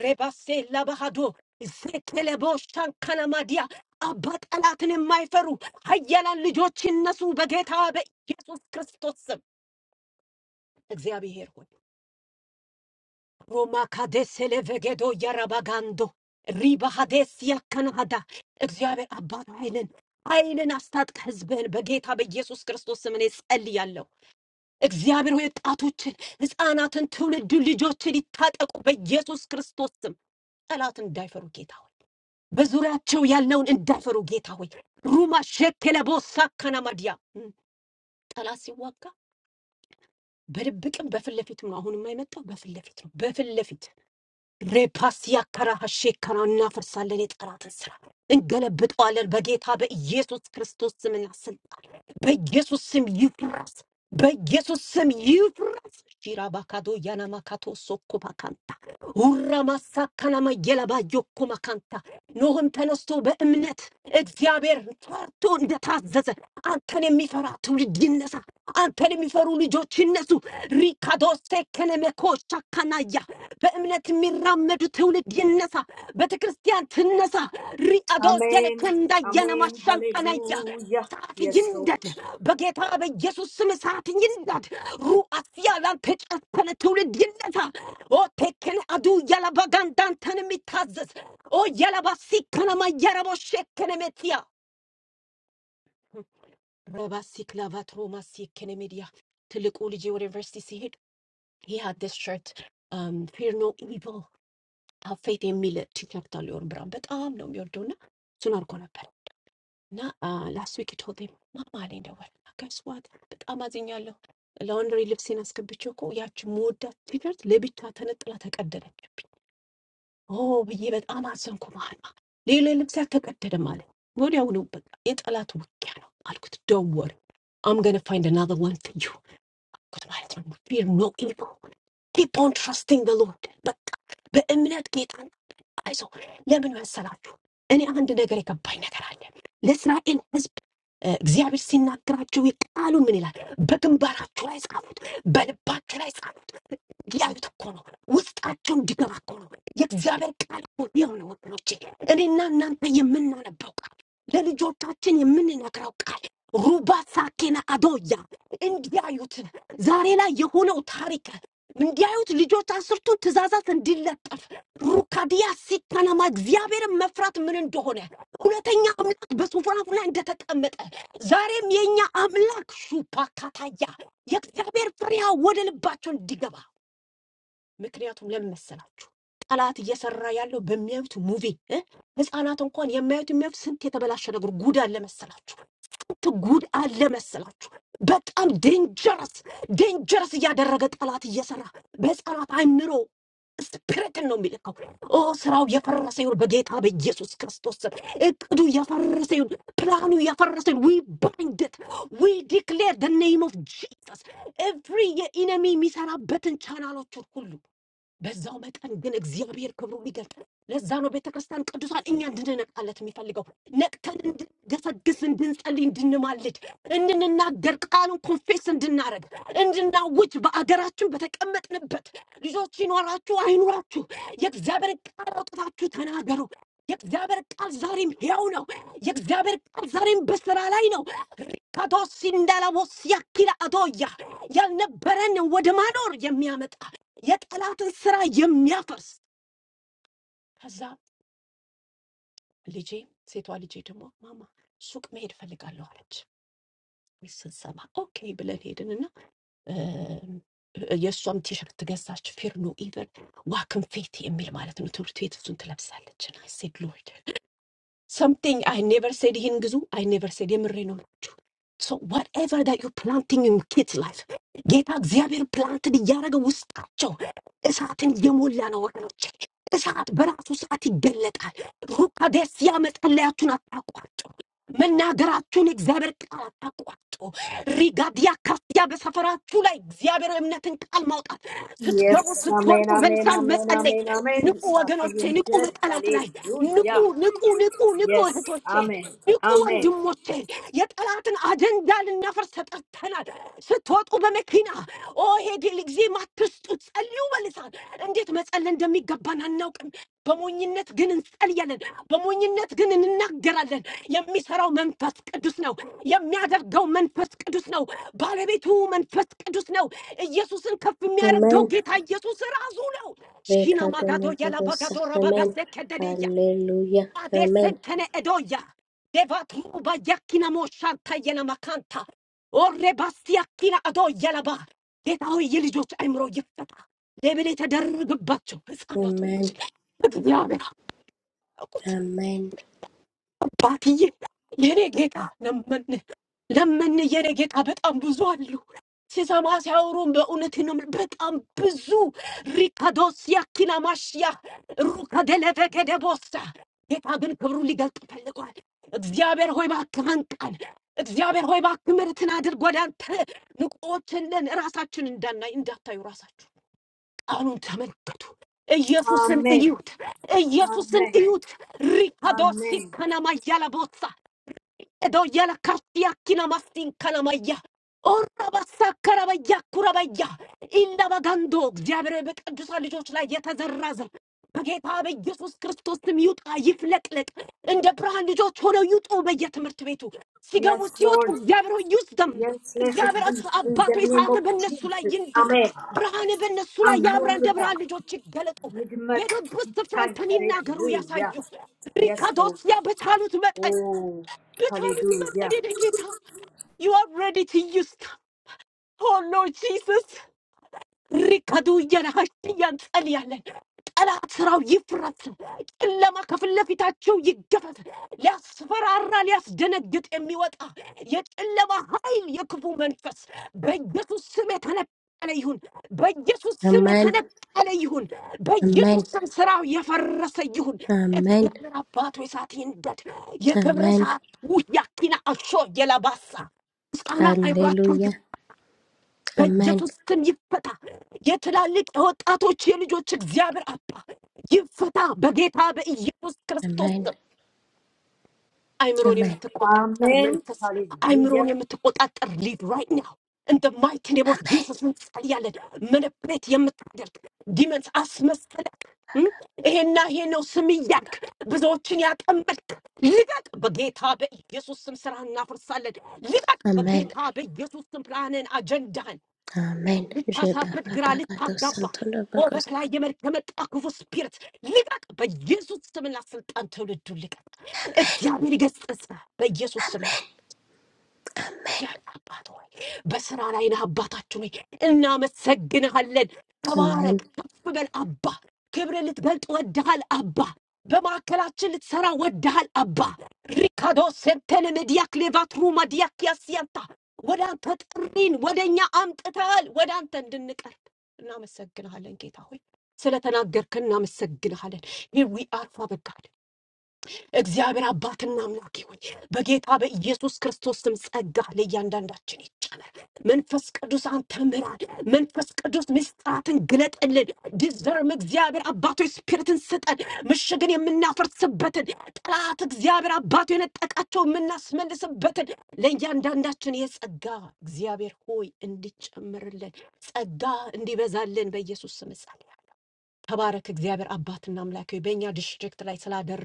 S5: ሬባሴላ ባህዶ ዘኬለቦ ሻንካናማዲያ አባ ጠላትን የማይፈሩ ኃያላን ልጆች ይነሱ በጌታ በኢየሱስ ክርስቶስ ስም። እግዚአብሔር ሆይ ሮማ ካዴስ ሌቬጌዶ ያራባጋንዶ ሪባሃዴስ ያከናሃዳ እግዚአብሔር አባት ኃይልን ኃይልን አስታጥቀ ህዝብህን በጌታ በኢየሱስ ክርስቶስ ስም እኔ ጸልያለሁ። እግዚአብሔር ሆይ ወጣቶችን፣ ህፃናትን፣ ትውልዱን፣ ልጆችን ይታጠቁ በኢየሱስ ክርስቶስ ስም። ጠላት እንዳይፈሩ ጌታ ሆይ በዙሪያቸው ያለውን እንዳይፈሩ ጌታ ሆይ ሩማ ሸከለ ቦሳ ከናማዲያ ጠላት ሲዋጋ በድብቅም በፊት ለፊትም ነው። አሁንም አይመጣው በፊት ለፊት ነው። በፊት ለፊት ሬፓሲያ ከራሃሼ ከራ እናፈርሳለን። የጠላትን ስራ እንገለብጠዋለን። በጌታ በኢየሱስ ክርስቶስ ስምና ስልጣን በኢየሱስ ስም ይፍረስ፣ በኢየሱስ ስም ይፍረስ። ሺራ ባካዶ ያናማካቶ ሶኮ ባካንታ ሁራ ማሳካናማ የለባዮኮ ማካንታ ኖህም ተነስቶ በእምነት እግዚአብሔር ፈርቶ እንደታዘዘ አንተን የሚፈራ ትውልድ ይነሳ፣ አንተን የሚፈሩ ልጆች ይነሱ። ሪካዶ ሴከነመኮ ሻካናያ በእምነት የሚራመዱ ትውልድ ይነሳ፣ ቤተ ክርስቲያን ትነሳ። ሪአዶ
S6: Amen,
S5: ዘለከንዳ
S6: Amen,
S5: የነማሻንቀነያ
S6: Hallelujah.
S5: እሳት
S6: Yes, Lord.
S5: ይንደድ በጌታ በኢየሱስ ስም እሳት ይንደድ። ሩአስያ ላንተ የጨፈነ ትውልድ ይነሳ። ኦ ቴክን አዱ የለበጋን ዳንተን የሚታዘዝ ኦ የለባሲ ከነማ የረቦ ሸክን ሜትያ ረባሲ ክላቫት ሮማሲ ከነ ሜዲያ ትልቁ ልጄ ወደ ዩኒቨርሲቲ ሲሄድ he had this shirt um, fear no evil ሀፌት የሚል ቲክቶክ አለ የወር ብራን በጣም ነው የሚወደው እና እሱን አድርጎ ነበር እና ላስት ዊክ ቶቴ ማማ ላይ ደወለ እና ገስዋት በጣም አዝኛለሁ። ላውንድሪ ልብሴን አስገብቼው እኮ ያቺ መወዳት ቲሸርት ለብቻ ተነጥላ ተቀደደችብኝ። ኦ ብዬ በጣም አዘንኩ። ማማ ሌላ ልብሴ አልተቀደደም አለ። ወዲያውኑ በቃ የጠላት ውጊያ ነው አልኩት። ደወር አምገነ ፋይንድ አናዘር ዋን ፎር ዩ አልኩት ማለት ነው ፊር ኖ ኢቪል ኪፕ ኦን ትራስቲንግ ዘ ሎርድ በቃ በእምነት አይዞ ለምን መሰላችሁ? እኔ አንድ ነገር የገባኝ ነገር አለ። ለእስራኤል ሕዝብ እ፣ እግዚአብሔር ሲናገራቸው የቃሉ ምን ይላል? በግንባራችሁ ላይ ጻፉት፣ በልባችሁ ላይ ጻፉት፣ ዳዊት እኮ ነው ውስጣቸው እንዲገባ እኮ ነው የእግዚአብሔር ቃል እኮ የሆነ ወገኖቼ፣ እኔና እናንተ የምናነበው ቃል ለልጆቻችን የምንነግረው ቃል ሩባ ሳኬና አዶያ እንዲያዩት ዛሬ ላይ የሆነው ታሪክ እንዲያዩት ልጆች አስርቱ ትእዛዛት እንዲለጠፍ ሩካዲያ ሲካናማ እግዚአብሔርን መፍራት ምን እንደሆነ ሁለተኛ አምላክ በሱፍራፍ ላይ እንደተቀመጠ ዛሬም የእኛ አምላክ ሹፓካታያ የእግዚአብሔር ፍሬያ ወደ ልባቸው እንዲገባ ምክንያቱም ለምን መሰላችሁ? ጠላት እየሰራ ያለው በሚያዩት ሙቪ እ? ህፃናት እንኳን የሚያዩት የሚያዩት ስንት የተበላሸ ነገር ጉድ አለ መሰላችሁ? ስንት ጉድ አለ መሰላችሁ? በጣም ዴንጀረስ ዴንጀረስ እያደረገ ጠላት እየሰራ በህፃናት አይምሮ ስፒሪትን ነው የሚልከው። ኦ ስራው የፈረሰ ይሁን በጌታ በኢየሱስ ክርስቶስ ስም። እቅዱ የፈረሰ ይሁን፣ ፕላኑ የፈረሰ ይሁን። ዊ ባይንድት ዊ ዲክሌር ደ ኔም ኦፍ ጂሰስ ኤቭሪ የኢነሚ የሚሰራበትን ቻናሎቹን ሁሉ በዛው መጠን ግን እግዚአብሔር ክብሩን ይገልጣል። ለዛ ነው ቤተ ክርስቲያን ቅዱሳን እኛ እንድንነቃለት የሚፈልገው ነቅተን እንድንገሰግስ፣ እንድንጸልይ፣ እንድንማልድ፣ እንድንናገር፣ ቃሉን ኮንፌስ እንድናረግ፣ እንድናውጅ በአገራችን በተቀመጥንበት ልጆች ይኖራችሁ አይኑራችሁ የእግዚአብሔር ቃል አውጥታችሁ ተናገሩ። የእግዚአብሔር ቃል ዛሬም ሕያው ነው። የእግዚአብሔር ቃል ዛሬም በስራ ላይ ነው። ሪካቶ ሲንዳላቦ ሲያኪላ አቶያ ያልነበረን ወደ ማኖር የሚያመጣ የጠላትን ስራ የሚያፈርስ ከዛ ልጄ ሴቷ ልጄ ደግሞ ማማ ሱቅ መሄድ ፈልጋለሁ አለች። ይህ ስንሰማ ኦኬ ብለን ሄድንና እ፣ የእሷም ቲሸርት ገዛች። ፌርኖ ኢቨን ዋ ክንፌት የሚል ማለት ነው ትምህርት ቤት እሱን ትለብሳለች። ና ሴድ ሎርድ something I never said ይህን ግዙ I never said የምሬ ነው ናችሁ so whatever that you planting in kids life ጌታ እግዚአብሔር ፕላንትን እያደረገ ውስጣቸው እሳትን እየሞላ ነው ወገኖች እሳት በራሱ ሰዓት ይገለጣል ሩካዴስያ መጸለያችሁን አታቋርጡ መናገራችሁን እግዚአብሔር ቃል አታቋርጡ ሪጋዲያ ካስያ በሰፈራችሁ ላይ እግዚአብሔር እምነትን ቃል ማውጣት ስትገቡ
S6: Yes,
S5: ስትወጡ
S6: amen, amen,
S5: በልሳን
S6: amen,
S5: መጸለይ
S6: amen, amen.
S5: ንቁ
S6: He's happy
S5: ወገኖቼ፣
S6: and
S5: ንቁ
S6: good.
S5: በጠላት ላይ ንቁ፣
S6: Hallelujah.
S5: ንቁ፣ ንቁ፣ ንቁ
S6: Yes.
S5: እህቶቼ፣
S6: Amen.
S5: ንቁ
S6: Amen.
S5: ወንድሞቼ። የጠላትን አጀንዳ ልናፈርስ ተጠርተናል። ስትወጡ በመኪና ኦ ይሄ ድል ጊዜ ማትስጡ፣ ጸልዩ በልሳን። እንዴት መጸለይ እንደሚገባን አናውቅም። በሞኝነት ግን እንጸልያለን፣ በሞኝነት ግን እንናገራለን። የሚሰራው መንፈስ ቅዱስ ነው። የሚያደርገው መንፈስ ቅዱስ ነው። ባለቤቱ መንፈስ ቅዱስ ነው። ኢየሱስን ከፍ የሚያደርገው
S1: Amen.
S5: ጌታ ኢየሱስ ራሱ ነው። Shinamagato
S1: Rekatonugosa.
S5: Yalabagato
S1: Amen.
S5: Rabagase Kedeya.
S1: Hallelujah. Amen.
S5: Adesentene Edoya. Devatruba Yakina Moshanta Yenamakanta. Or Rebastiakina Ado Yalaba. ጌታዊ የልጆች አእምሮ ይፈታ። ሌብል የተደረገባቸው ህፃናቶች
S1: Amen.
S5: እግዚአብሔር አቁት
S1: Amen.
S5: አባትዬ የኔ ጌታ ለመን ለመን የኔ ጌታ በጣም ብዙ አሉ። ሲሰማ ሲያወሩም በእውነት ነው። የምል- በጣም ብዙ ሪካዶስ ያኪና ማሽያ ሩከ ደለበ ከደቦሳ ጌታ ግን ክብሩ ሊገልጥ ፈልጓል። እግዚአብሔር ሆይ እባክህ አንቃን። እግዚአብሔር ሆይ እባክህ ምሕረትን አድርግ። ወደ አንተ ንቁዎች ነን፣ ራሳችን እንዳናይ እንዳታዩ ራሳችሁ አሁን ተመልከቱ። ኢየሱስን
S6: Amen.
S5: እዩት! ኢየሱስን
S6: Amen.
S5: እዩት! ሪካዶ
S6: Amen.
S5: ሲከናማ ያለቦሳ Edo yala kashia kina mastin kalamaya. Orabasa karabaya kurabaya. ኢንዳባጋንዶ እግዚአብሔር በቅዱሳን ልጆች ላይ የተዘራዘ በጌታ በኢየሱስ ክርስቶስ ስም ይውጣ፣ ይፍለቅለቅ። እንደ ብርሃን ልጆች ሆነው ይውጡ። በየትምህርት ቤቱ ሲገቡ
S6: Yes,
S5: ሲወጡ
S6: Lord.
S5: እግዚአብሔር ሆይ ይውስደም።
S6: Yes, let it
S5: እግዚአብሔር
S6: be
S5: እስ-
S6: in
S5: አባቶ
S6: the name
S5: ሰዓት
S6: of
S5: በእነሱ ላይ
S6: Jesus.
S5: ይንደድ፣
S6: Amen.
S5: ብርሃን በእነሱ ላይ
S6: Amen.
S5: ያብራ። እንደ
S6: Lord.
S5: ብርሃን ልጆች ይገለጡ።
S6: Yigmat
S5: በሄዱበት ስፍራ
S6: yitai.
S5: አንተን ይናገሩ፣ ያሳዩ።
S6: Hallelujah. Yes,
S5: ሪካዶስ
S6: Lord.
S5: ያ በቻሉት መጠን
S6: Oh,
S5: The time is not
S6: hallelujah.
S5: ended, Gita. You are ready to use. t- Oh Lord Jesus. ሪከዱ እየናሃሽ እያንጸልያለን ጠላት ስራው ይፍረስ፣ ጨለማ ከፊት ለፊታቸው ይገፈት። ሊያስፈራራ ሊያስደነግጥ የሚወጣ የጨለማ ኃይል፣ የክፉ መንፈስ በኢየሱስ ስም የተነቀለ ይሁን። በኢየሱስ ስም
S1: Amen.
S5: የተነቀለ ይሁን። በኢየሱስ
S1: Amen.
S5: ስም ስራው የፈረሰ ይሁን።
S1: Amen.
S5: እግዚአብሔር አባቶ እሳት ይንደድ። የክብር
S1: Amen.
S5: እሳት ውያኪና አሾ የለባሳ ህፃናት አይምሯቸው
S1: Hallelujah. Amen.
S5: በኢየሱስ ስም ይፈታ። የትላልቅ የወጣቶች የልጆች እግዚአብሔር አባ ይፈታ በጌታ በኢየሱስ ክርስቶስ
S1: Amen.
S5: ስም። አይምሮን
S1: Amen.
S5: የምትቆጣጠር
S6: Amen.
S5: መንፈስ፣ አይምሮን
S6: Hallelujah.
S5: የምትቆጣጠር ሊድ ራይት ናው እንደ ማይቲ ኔም ኦፍ
S1: Amen.
S5: ጂሰስ እንጸልያለን። መነፕሬት የምታደርግ ዲመንስ አስመሰለክ እም? ይሄና ይሄ ነው ስም እያልክ ብዙዎችን ያጠመድክ ልቀቅ በጌታ በኢየሱስ ስም ስራ እናፈርሳለን። ልቀቅ
S1: Amen.
S5: በጌታ በኢየሱስ ስም ፕላንን አጀንዳህን
S1: አሜን።
S5: ልታሳብድ ግራ
S1: ዤባባባጋዶስ
S5: ልታጋባ
S1: ሰንቶሎ
S5: ኦ
S1: በጎስ
S5: በተለያየ መልክ የመጣ ክፉ ስፒሪት ልቀቅ፣ በኢየሱስ ስምና ስልጣን ትውልዱ ልቀቅ። እግዚአብሔር ይገስጽ በኢየሱስ ስም።
S1: አሜን አሜን።
S5: ጌታ አባት ሆይ በስራ ላይ ነህ። አባታችን ሆይ እናመሰግንሃለን። ተባረክ፣ ከፍ በል አባ። ክብር ልትገልጥ ወድሃል አባ። በማዕከላችን ልትሰራ ወድሃል አባ። ሪካዶ ሴንተን መዲያክ ሌቫትሩ ማዲያክ ያስያታ ወደ አንተ ጥሪን ወደ እኛ አምጥተሃል፣ ወደ አንተ እንድንቀርብ እናመሰግንሃለን ጌታ ሆይ ስለተናገርክን እናመሰግንሃለን። ሂር ዊ አር ፋዘር እግዚአብሔር አባትና አምላክ ይሁን። በጌታ በኢየሱስ ክርስቶስ ስም ጸጋ ለእያንዳንዳችን ይጨመር። መንፈስ ቅዱስ አንተ ምራን። መንፈስ ቅዱስ ምስጢራትን ግለጥልን። ዲዘርም እግዚአብሔር አባቶ ስፒሪትን ስጠን። ምሽግን የምናፈርስበትን ጠላት እግዚአብሔር አባቶ የነጠቃቸው የምናስመልስበትን ለእያንዳንዳችን የጸጋ እግዚአብሔር ሆይ እንዲጨምርልን ጸጋ እንዲበዛልን በኢየሱስ ስም ጸልያለሁ። ተባረክ እግዚአብሔር አባትና አምላክ ሆይ በእኛ ዲስትሪክት ላይ ስላደረግ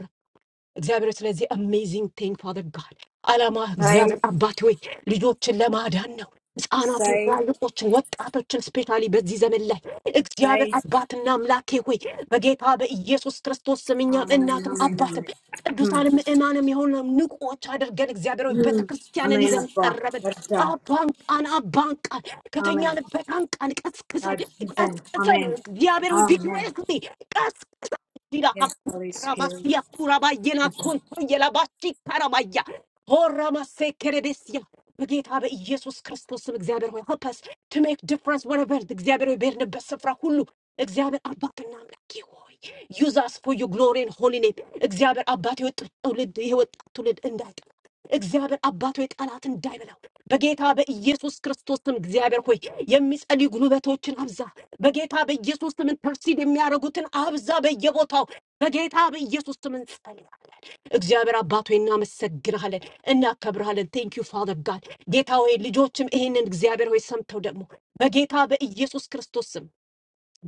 S5: እግዚአብሔር ሆይ፣ ስለዚህ አሜዚንግ ቲንግ ፋዘር ጋድ አላማ
S6: Say,
S5: እግዚአብሔር አባት ሆይ ልጆችን ለማዳን ነው። ህፃናትን፣
S6: say,
S5: ትላልቆችን፣ ወጣቶችን ስፔሻሊ በዚህ ዘመን ላይ እግዚአብሔር
S6: say.
S5: አባትና አምላኬ ሆይ በጌታ በኢየሱስ ክርስቶስ ስም እኛም
S6: Amen.
S5: እናትም
S6: Amen. Amen.
S5: አባትም
S6: Hmm.
S5: ቅዱሳን ምእማንም የሆነ ንቁዎች አድርገን እግዚአብሔር ሆይ
S6: Hmm.
S5: ቤተክርስቲያንን
S6: Amen.
S5: ይዘን
S6: Abba.
S5: ቀረብን።
S6: Well done.
S5: አባንቃን አባንቃን
S6: Amen.
S5: ከተኛንበት አንቃን ቀስቅሰን
S6: God present,
S5: ቀስቅሰን
S6: Amen,
S5: እግዚአብሔር ሆይ
S6: Amen.
S5: ቪግሬስሊ ቀስቅሰን
S6: Yes, Holy Spirit,
S5: Ramasia kurabayena konto የላባቺ ካራባያ ሆራማሴ ከረደስያ በጌታ በኢየሱስ ክርስቶስም እግዚአብሔር ሆይ help us to make difference wherever the እግዚአብሔር ሆይ በሄድንበት ስፍራ ሁሉ እግዚአብሔር አባትና አምላኬ ሆይ use us for your glory and holy name እግዚአብሔር አባት የወጣት ትውልድ የወጣት ትውልድ እንዳይጠፋ እግዚአብሔር አባቶ ጠላት እንዳይበላው በጌታ በኢየሱስ ክርስቶስም እግዚአብሔር ሆይ የሚጸልዩ ጉልበቶችን አብዛ በጌታ በኢየሱስ ስም ኢንተርሲድ የሚያደርጉትን አብዛ በየቦታው በጌታ በኢየሱስ ስም እንጸልያለን። እግዚአብሔር አባቶ እናመሰግንሃለን፣ እናከብርሃለን። ቴንክ ዩ ፋዘር ጋድ ጌታ ሆይ ልጆችም ይህንን እግዚአብሔር ሆይ ሰምተው ደግሞ በጌታ በኢየሱስ ክርስቶስ ስም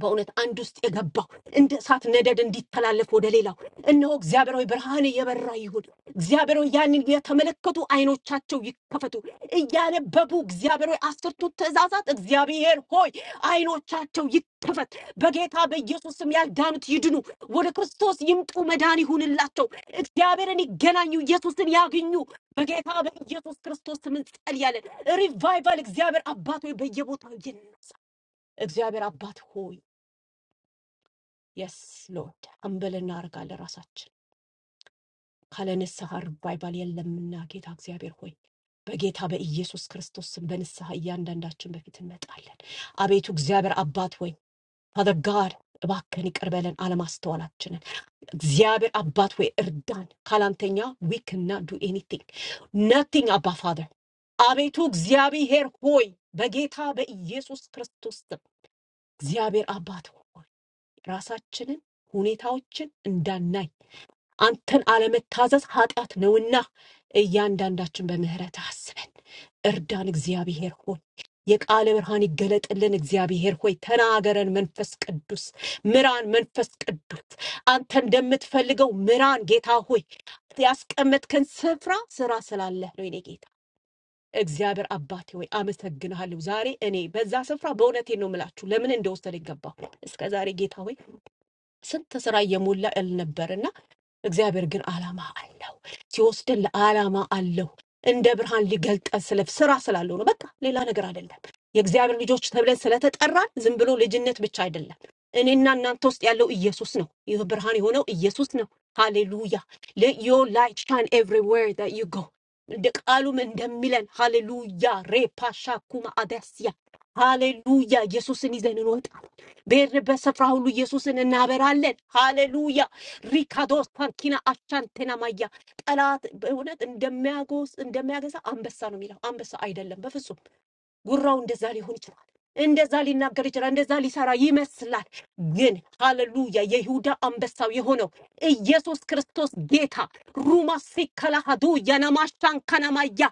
S5: በእውነት አንድ ውስጥ የገባው እንደ እሳት ነደድ እንዲተላለፍ ወደ ሌላው እነሆ እግዚአብሔራዊ ብርሃን እየበራ ይሁን። እግዚአብሔራዊ ያንን የተመለከቱ አይኖቻቸው ይከፈቱ። እያነበቡ እግዚአብሔራዊ አስርቱ ትእዛዛት እግዚአብሔር ሆይ አይኖቻቸው ይከፈት። በጌታ በኢየሱስ ስም ያልዳኑት ይድኑ፣ ወደ ክርስቶስ ይምጡ፣ መዳን ይሁንላቸው። እግዚአብሔርን ይገናኙ፣ ኢየሱስን ያግኙ። በጌታ በኢየሱስ ክርስቶስ ስም እንጸልያለን። ሪቫይቫል እግዚአብሔር አባት ሆይ በየቦታው ይነሳ። እግዚአብሔር አባት ሆይ የስ ሎርድ አምብል እናደርጋለን ራሳችን ካለ ንስሐ ሪቫይቫል የለምና ጌታ እግዚአብሔር ሆይ በጌታ በኢየሱስ ክርስቶስ ስም በንስሐ እያንዳንዳችን በፊት እንመጣለን። አቤቱ እግዚአብሔር አባት ሆይ ፋዘር ጋድ እባክህን ይቅር በለን አለማስተዋላችንን። እግዚአብሔር አባት ሆይ እርዳን። ካላንተኛ ዊ ክና ዱ ኤኒቲንግ ነቲንግ አባ ፋዘር አቤቱ እግዚአብሔር ሆይ በጌታ በኢየሱስ ክርስቶስ ስም እግዚአብሔር አባት ሆይ ራሳችንን ሁኔታዎችን እንዳናይ አንተን አለመታዘዝ ኃጢአት ነውና እያንዳንዳችን በምህረት አስበን እርዳን። እግዚአብሔር ሆይ የቃለ ብርሃን ይገለጥልን። እግዚአብሔር ሆይ ተናገረን። መንፈስ ቅዱስ ምራን። መንፈስ ቅዱስ አንተ እንደምትፈልገው ምራን። ጌታ ሆይ ያስቀመጥከን ስፍራ ስራ ስላለ ነው። የኔ ጌታ እግዚአብሔር አባቴ ሆይ አመሰግንሃለሁ። ዛሬ እኔ በዛ ስፍራ በእውነቴ ነው የምላችሁ ለምን እንደወሰደ ይገባሁ እስከ ዛሬ ጌታ ሆይ ስንት ስራ እየሞላ እል ነበር እግዚአብሔር ግን ዓላማ አለው። ሲወስደን ለዓላማ አለው። እንደ ብርሃን ሊገልጠን ስለ ስራ ስላለው ነው። በቃ ሌላ ነገር አይደለም። የእግዚአብሔር ልጆች ተብለን ስለተጠራን ዝም ብሎ ልጅነት ብቻ አይደለም። እኔና እናንተ ውስጥ ያለው ኢየሱስ ነው። ይህ ብርሃን የሆነው ኢየሱስ ነው። ሃሌሉያ። Let your light shine everywhere that you go. እንደ ቃሉም እንደሚለን ሃሌሉያ ሬፓሻ ኩማ አዳስያ ሃሌሉያ ኢየሱስን ይዘን እንወጣለን። በሄድንበት ስፍራ ሁሉ ኢየሱስን እናበራለን። ሃሌሉያ ሪካዶስ ፓርኪና አቻንቴና ማያ ጠላት በእውነት እንደሚያጎስ እንደሚያገሳ አንበሳ ነው የሚለው አንበሳ አይደለም በፍጹም ጉራው እንደዛ ሊሆን ይችላል። እንደዛ ሊናገር ይችላል። እንደዛ ሊሰራ ይመስላል። ግን ሃሌሉያ የይሁዳ አንበሳው የሆነው ኢየሱስ ክርስቶስ ጌታ ሩማ ሲከላሃዱ ያናማሻን ከናማያ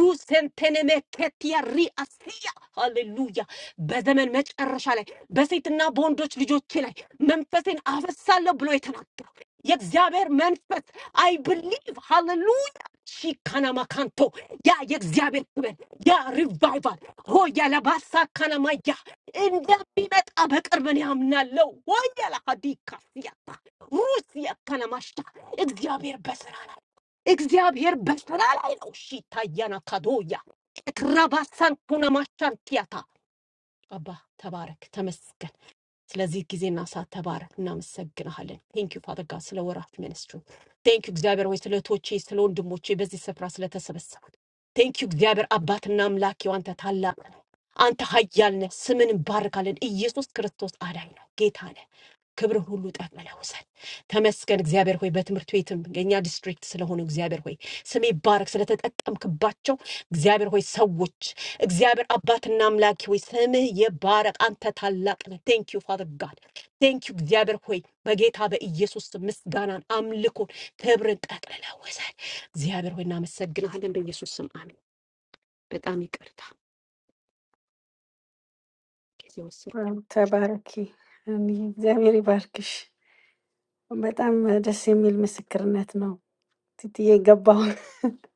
S5: ሩሴንቴኔሜ ኬትያ ሪአስያ ሃሌሉያ በዘመን መጨረሻ ላይ በሴትና በወንዶች ልጆቼ ላይ መንፈሴን አፈሳለሁ ብሎ የተናገረው የእግዚአብሔር መንፈስ አይ ብሊቭ ሃሌሉያ ሺካናማካንቶ ያ የእግዚአብሔር ክብር ያ ሪቫይቫል ሆያ ለባሳ ካናማያ እንደሚመጣ በቅርብ እኔ አምናለሁ። ሆያ ለሀዲካ ሲያታ ሩሲያ ካናማሽታ እግዚአብሔር በስራ ላይ እግዚአብሔር በስራ ላይ ነው። ሺታ ያና ካዶያ ቅራባሳን ኩናማሻን ቲያታ አባ ተባረክ ተመስገን። ስለዚህ ጊዜና ሰዓት ተባረክ፣ እናመሰግንሃለን። ቴንክ ዩ ፋደር ጋድ ስለ ወራት ሚኒስትሩ ቴንክ ዩ እግዚአብሔር ሆይ ስለ እህቶቼ፣ ስለ ወንድሞቼ በዚህ ስፍራ ስለተሰበሰቡን ቴንክ ዩ እግዚአብሔር አባትና አምላክ ይሁን። አንተ ታላቅ ነህ፣ አንተ ኃያል ነህ። ስምን እንባርካለን። ኢየሱስ ክርስቶስ አዳኝ ነው፣ ጌታ ነህ። ክብርን ሁሉ ጠቅልለህ ውሰድ። ተመስገን እግዚአብሔር ሆይ በትምህርት ቤትም የእኛ ዲስትሪክት ስለሆኑ እግዚአብሔር ሆይ ስም ይባረክ። ስለተጠቀምክባቸው እግዚአብሔር ሆይ ሰዎች እግዚአብሔር አባትና አምላክ ሆይ ስምህ ይባረክ። አንተ ታላቅ ነህ። ቴንክ ዩ ፋዘር ጋድ ቴንክ ዩ እግዚአብሔር ሆይ በጌታ በኢየሱስ ስም ምስጋናን፣ አምልኮን፣ ክብርን ጠቅልለ ወሰድ እግዚአብሔር ሆይ እናመሰግናለን። በኢየሱስ ስም አሜን። በጣም ይቅርታ ጊዜ ወሰድኩ።
S4: አዎ፣ ተባረኪ። አሜን። እግዚአብሔር ይባርክሽ። በጣም ደስ የሚል ምስክርነት ነው ትትዬ የገባውን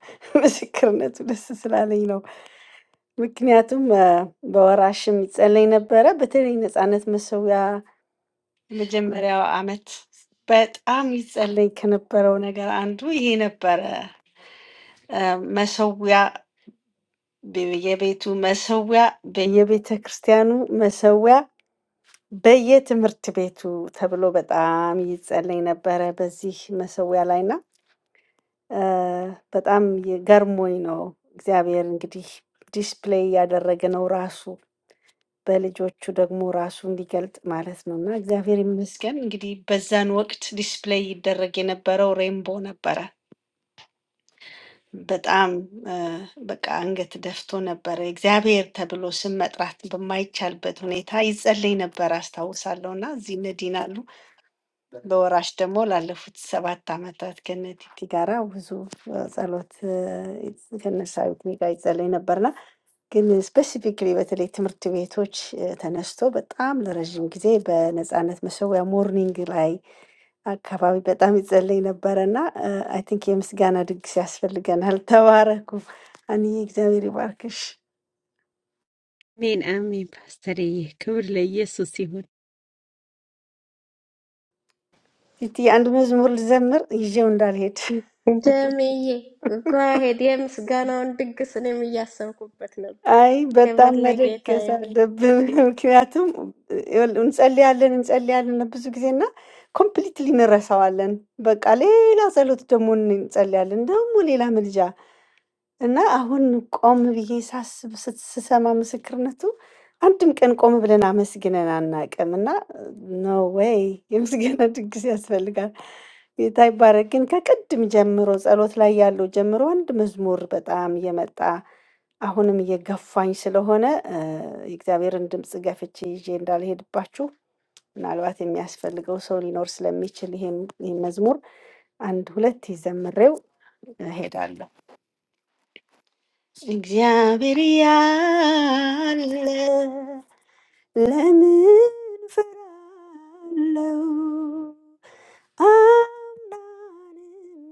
S4: ምስክርነቱ ደስ ስላለኝ ነው። ምክንያቱም አ፣ በወራሽም ይጸለይ ነበረ። በተለይ ነፃነት መሰዊያ የመጀመሪያው አመት በጣም ይጸለይ ከነበረው ነገር አንዱ ይሄ ነበረ። አ፣ መሰዊያ በየቤቱ መሰዊያ፣ በየቤተ ክርስቲያኑ መሰዊያ በየትምህርት ቤቱ ተብሎ በጣም ይጸለይ ነበረ በዚህ መሰዊያ ላይና እ በጣም የ- ገርሞኝ ነው። እግዚአብሔር እንግዲህ ዲስፕሌይ እያደረገ ነው ራሱ በልጆቹ ደግሞ ራሱ እንዲገልጥ ማለት ነው። እና እግዚአብሔር ይመስገን እንግዲህ በዛን ወቅት ዲስፕሌይ ይደረግ የነበረው ሬንቦ ነበረ። በጣም እ በቃ አንገት ደፍቶ ነበረ። እግዚአብሔር ተብሎ ስም መጥራት በማይቻልበት ሁኔታ ይጸለይ ነበር አስታውሳለሁ። እና እዚህ እነ ዲና አሉ በወራሽ ደግሞ ላለፉት ሰባት ዓመታት ከነ ቲቲ ጋራ ብዙ ጸሎት ከነሳዊት ጋር ይጸለይ ነበርና ግን ስፔሲፊክሊ በተለይ ትምህርት ቤቶች እ፣ ተነስቶ በጣም ለረዥም ጊዜ በነፃነት መሰዊያ ሞርኒንግ ላይ አካባቢ በጣም ይጸለይ ነበረና አይ ቲንክ የምስጋና ድግስ ያስፈልገናል። ተባረኩ አንዬ፣ እግዚአብሔር ይባርክሽ።
S5: አሜን አሜን። ፓስተርዬ ክብር ለኢየሱስ ይሁን።
S4: ቲቲ አንድ መዝሙር ልዘምር ይዤው እንዳልሄድ
S1: ደምዬ ጓሄድ የምስጋናውን ድግስ እኔም እያሰብኩበት ነበር።
S4: አይ በጣም
S1: ክብር ለጌታ
S4: መደገስ
S1: ይሁን።
S4: አለብህ። ምክንያቱም ይኸውልህ እንጸልያለን እንጸልያለን ብዙ ጊዜና ኮምፕሊትሊ እንረሳዋለን። በቃ ሌላ ጸሎት ደግሞ እንጸልያለን፣ ደግሞ ሌላ ምልጃ እና አሁን ቆም ብዬ ሳስብ ስት- ስሰማ ምስክርነቱ አንድም ቀን ቆም ብለን አመስግነን አናውቅም። እና ኖ ዌይ የምስጋና ድግስ ያስፈልጋል። ጌታ ይባረክ። ግን ከቅድም ጀምሮ ጸሎት ላይ ያለው ጀምሮ አንድ መዝሙር በጣም እየመጣ አሁንም እየገፋኝ ስለሆነ እ፣ የእግዚአብሔርን ድምፅ ገፍቼ ይዤ እንዳልሄድባችሁ ምናልባት የሚያስፈልገው ሰው ሊኖር ስለሚችል ይሄን ይሄን መዝሙር አንድ ሁለት ይዘምሬው እሄዳለሁ። እግዚአብሔር ያለ ለምን ፈራለው? አምናንም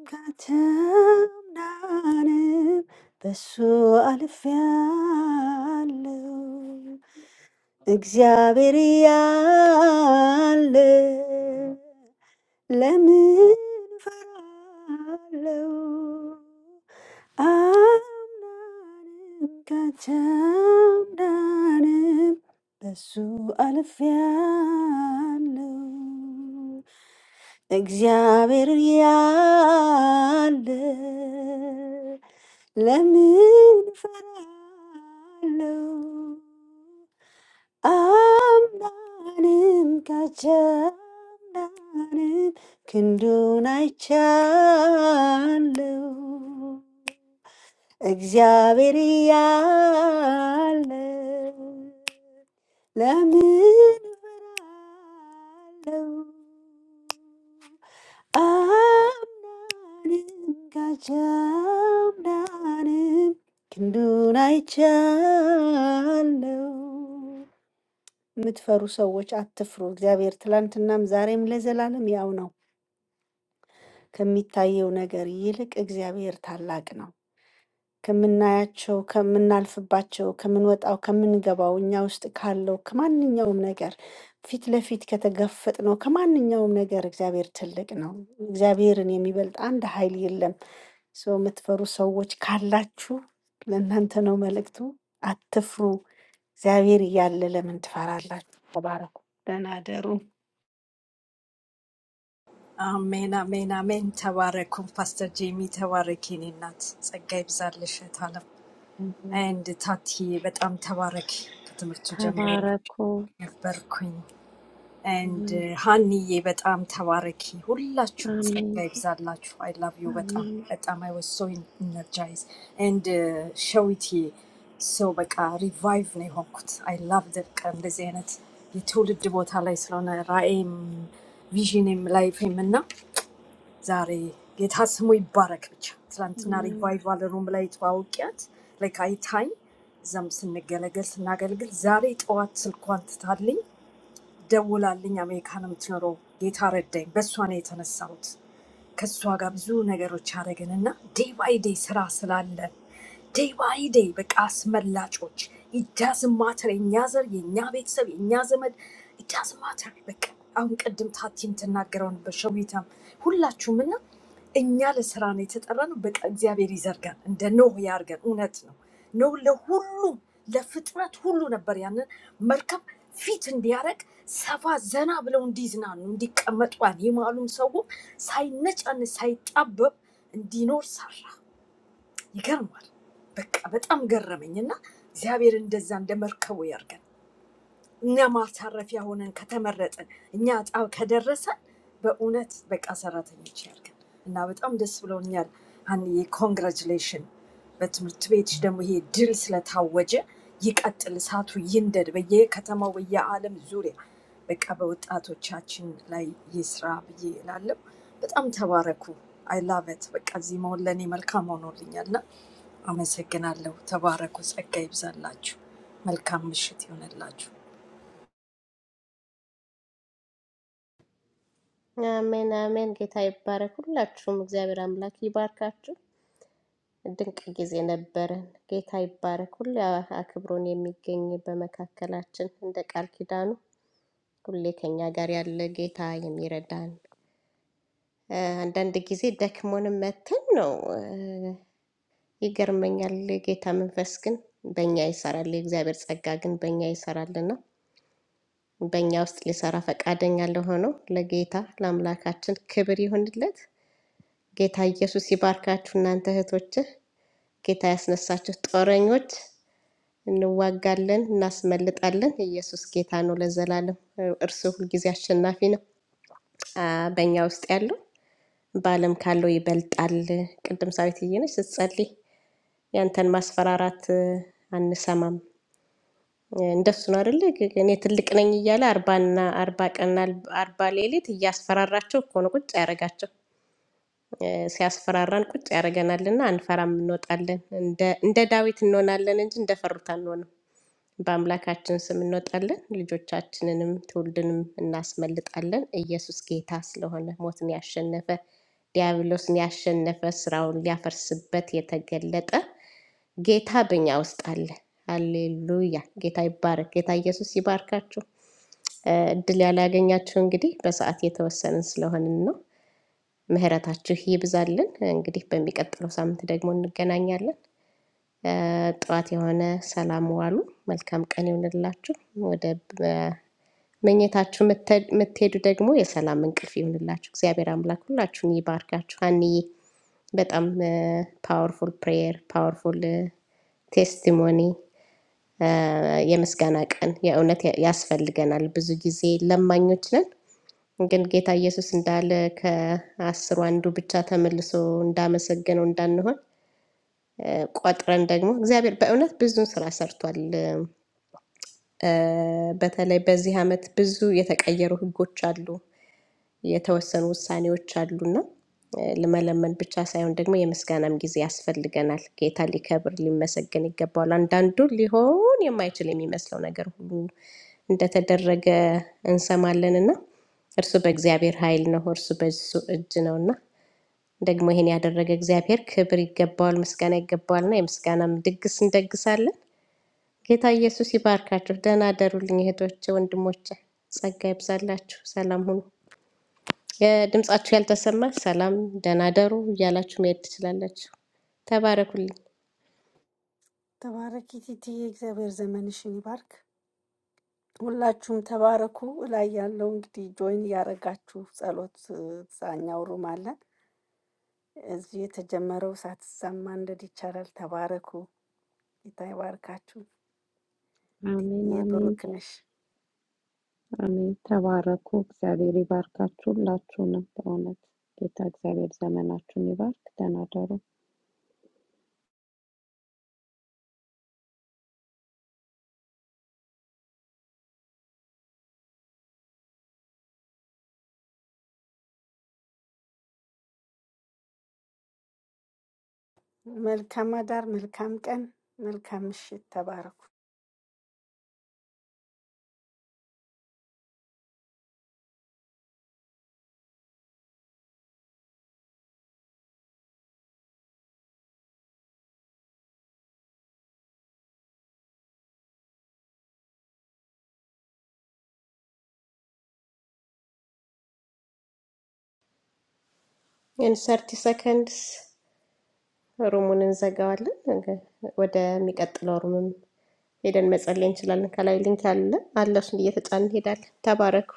S4: ካታምናንም በሱ አልፌያለው። እግዚአብሔር ያለ ለምን ፈራለው? Am ná nim kachá ná nim dasu alfiano exá veriale le min fallo. Am ná nim kachá ná nim kendo nai chaló. እግዚአብሔር ያለ ለምን እፈራለሁ? አምናንም ካቻምናንም ክንዱን አይቻለው። የምትፈሩ ሰዎች አትፍሩ። እግዚአብሔር ትላንትናም ዛሬም ለዘላለም ያው ነው። ከሚታየው ነገር ይልቅ እግዚአብሔር ታላቅ ነው። ከምናያቸው፣ ከምናልፍባቸው፣ ከምንወጣው፣ ከምንገባው፣ እኛ ውስጥ ካለው ከማንኛውም ነገር ፊት ለፊት ከተጋፈጥነው ከማንኛውም ነገር እግዚአብሔር ትልቅ ነው። እግዚአብሔርን የሚበልጥ አንድ ኃይል የለም። ሰው የምትፈሩ ሰዎች ካላችሁ ለእናንተ ነው መልእክቱ። አትፍሩ። እግዚአብሔር እያለ ለምን ትፈራላችሁ? ተባረኩ። ደህና እደሩ።
S6: Amen, Amen, Amen. Tawarikum, Pastor Jimmy. Tawarikini nats. It's a gay bizarre. Listen, I'm. I end the tati, but I'm tawarik. It's a matter of jamro.
S3: Tabarako.
S6: The Berquin. And
S3: Amen.
S6: honey, but I'm Tawareki. Hulachu,
S3: Amen.
S6: Zadlachu. I love you, but um,
S3: Amen.
S6: but um, I was so energized. And show it here. so like a revive me. honkut. I love the kind of zenet. You told the devotee Allah is lona raim, visionim life him na. Zari, get has muy barak bicha. Tlantina
S3: Amen.
S6: revive while the room light waukiat. Like I time. እዛም ስንገለገል ስናገልግል ዛሬ ጠዋት ስልኳን ትታልኝ ደውላልኝ አሜሪካን የምትኖረው ጌታ ረዳኝ። በእሷ ነው የተነሳሁት። because we are not going to be able to do that. It doesn't matter. የኛ ዘር የኛ ቤተሰብ የኛ ዘመድ It doesn't matter. We are going to be able to do that. Say not only say about dinner, sir. You can't work. But I'm not going to do that. Never forget how many times I've taught you. Be honest, be accurate. You share. Now, with all the school year, I'm here. Congratulations! But my tweet them with a dress like a judge. He's a little sad who yonder. But he's a man with the world's eyes. But about that, watching like Israel, he's a little. But I'm happy. I love it. But as if all animals come on the night. I'm saying hello. Happy. I'm going to be blessed. My life is going to be blessed.
S1: አሜን አሜን። ጌታ ይባረክ። ሁላችሁም እግዚአብሔር አምላክ ይባርካችሁ። ድንቅ ጊዜ ነበረን። ጌታ ይባረክ። ሁሌ አክብሮን የሚገኝ በመካከላችን እንደ ቃል ኪዳኑ ሁሌ ከኛ ጋር ያለ ጌታ የሚረዳን፣ እ አንዳንድ ጊዜ ደክሞንም መተን ነው ይገርመኛል። የጌታ መንፈስ ግን በእኛ ይሰራል። የእግዚአብሔር ጸጋ ግን በእኛ ይሰራልና በእኛ ውስጥ ሊሰራ ፈቃደኛ ለሆነው ለጌታ ለአምላካችን ክብር ይሁንለት። ጌታ ኢየሱስ ይባርካችሁ። እናንተ እህቶች ጌታ ያስነሳችሁ ጦረኞች፣ እንዋጋለን፣ እናስመልጣለን። ኢየሱስ ጌታ ነው ለዘላለም። እርሱ ሁልጊዜ አሸናፊ ነው። አ፣ በእኛ ውስጥ ያለው በዓለም ካለው ይበልጣል። ቅድም ሳዊት እየነች ስትጸልይ ያንተን ማስፈራራት አንሰማም እንደሱ ነው አይደለ? ግ- እኔ ትልቅ ነኝ እያለ አርባና አርባ ቀንና አርባ ሌሊት እያስፈራራቸው እኮ ነው ቁጭ ያደረጋቸው። እ፣ ሲያስፈራራን ቁጭ ያደረገናልና አንፈራም፣ እንወጣለን። እንደ እንደ ዳዊት እንሆናለን እንጂ እንደፈሩት አንሆንም። በአምላካችን ስም እንወጣለን፣ ልጆቻችንንም ትውልድንም እናስመልጣለን። ኢየሱስ ጌታ ስለሆነ ሞትን ያሸነፈ ዲያብሎስን ያሸነፈ ስራውን ሊያፈርስበት የተገለጠ ጌታ በእኛ ውስጥ አለ። ሃሌሉያ! ጌታ ይባረክ። ጌታ ኢየሱስ ይባርካችሁ። እ፣ እድል ያላገኛችሁ እንግዲህ በሰዓት የተወሰንን ስለሆንን ነው። ምህረታችሁ ይብዛልን። እንግዲህ በሚቀጥለው ሳምንት ደግሞ እንገናኛለን። እ፣ ጥዋት የሆነ ሰላም ዋሉ። መልካም ቀን ይሆንላችሁ። ወደ እ፣ መኝታችሁ ምተ- ምትሄዱ ደግሞ የሰላም እንቅልፍ ይሆንላችሁ። እግዚአብሔር አምላክ ሁላችሁን ይባርካችሁ። አንዬ በጣም ፓወርፉል ፕሬየር ፓወርፉል ቴስቲሞኒ የምስጋና ቀን የእውነት ያስፈልገናል። ብዙ ጊዜ ለማኞች ነን፣ ግን ጌታ ኢየሱስ እንዳለ ከአስሩ አንዱ ብቻ ተመልሶ እንዳመሰገነው እንዳንሆን እ፣ ቆጥረን ደግሞ እግዚአብሔር በእውነት ብዙ ስራ ሰርቷል። እ፣ በተለይ በዚህ ዓመት ብዙ የተቀየሩ ህጎች አሉ። የተወሰኑ ውሳኔዎች አሉና ለመለመን ብቻ ሳይሆን ደግሞ የምስጋናም ጊዜ ያስፈልገናል። ጌታ ሊከብር ሊመሰገን ይገባዋል። አንዳንዱ ሊሆን የማይችል የሚመስለው ነገር ሁሉ እንደተደረገ እንሰማለንና እርሱ በእግዚአብሔር ኃይል ነው፣ እርሱ በሱ እጅ ነውና ደግሞ ይሄን ያደረገ እግዚአብሔር ክብር ይገባዋል፣ ምስጋና ይገባዋልና የምስጋናም ድግስ እንደግሳለን። ጌታ ኢየሱስ ይባርካችሁ። ደህና አደሩልኝ እህቶቼ፣ ወንድሞቼ። ጸጋ ይብዛላችሁ። ሰላም ሁኑ። የድምጻችሁ ያልተሰማ ሰላም ደህና ደሩ እያላችሁ መሄድ ትችላላችሁ። ተባረኩልኝ።
S4: ተባረኪ ቲቲ። የእግዚአብሔር ዘመንሽን ይባርክ። ሁላችሁም ተባረኩ። እላይ ያለው እንግዲህ ጆይን እያደረጋችሁ ጸሎት እዛኛው ሩም አለ። እዚህ የተጀመረው ሳትዛም ማንደድ ይቻላል። ተባረኩ። ጌታ ይባርካችሁ።
S3: አሜን አሜን
S4: የብሩክ ነሽ።
S3: አሜን። ተባረኩ። እግዚአብሔር ይባርካችሁ ሁላችሁንም። በእውነት ጌታ እግዚአብሔር ዘመናችሁን ይባርክ። ተናደሩ
S4: መልካም አዳር፣ መልካም ቀን፣ መልካም ምሽት። ተባረኩ።
S1: ኢን ሰርቲ ሰከንድስ ሩሙን እንዘጋዋለን። ነገ- ወደሚቀጥለው ሩምም ሄደን መጸለይ እንችላለን። ከላይ ሊንክ አለ አለ፣ እሱን እየተጫን እንሄዳለን። ተባረኩ።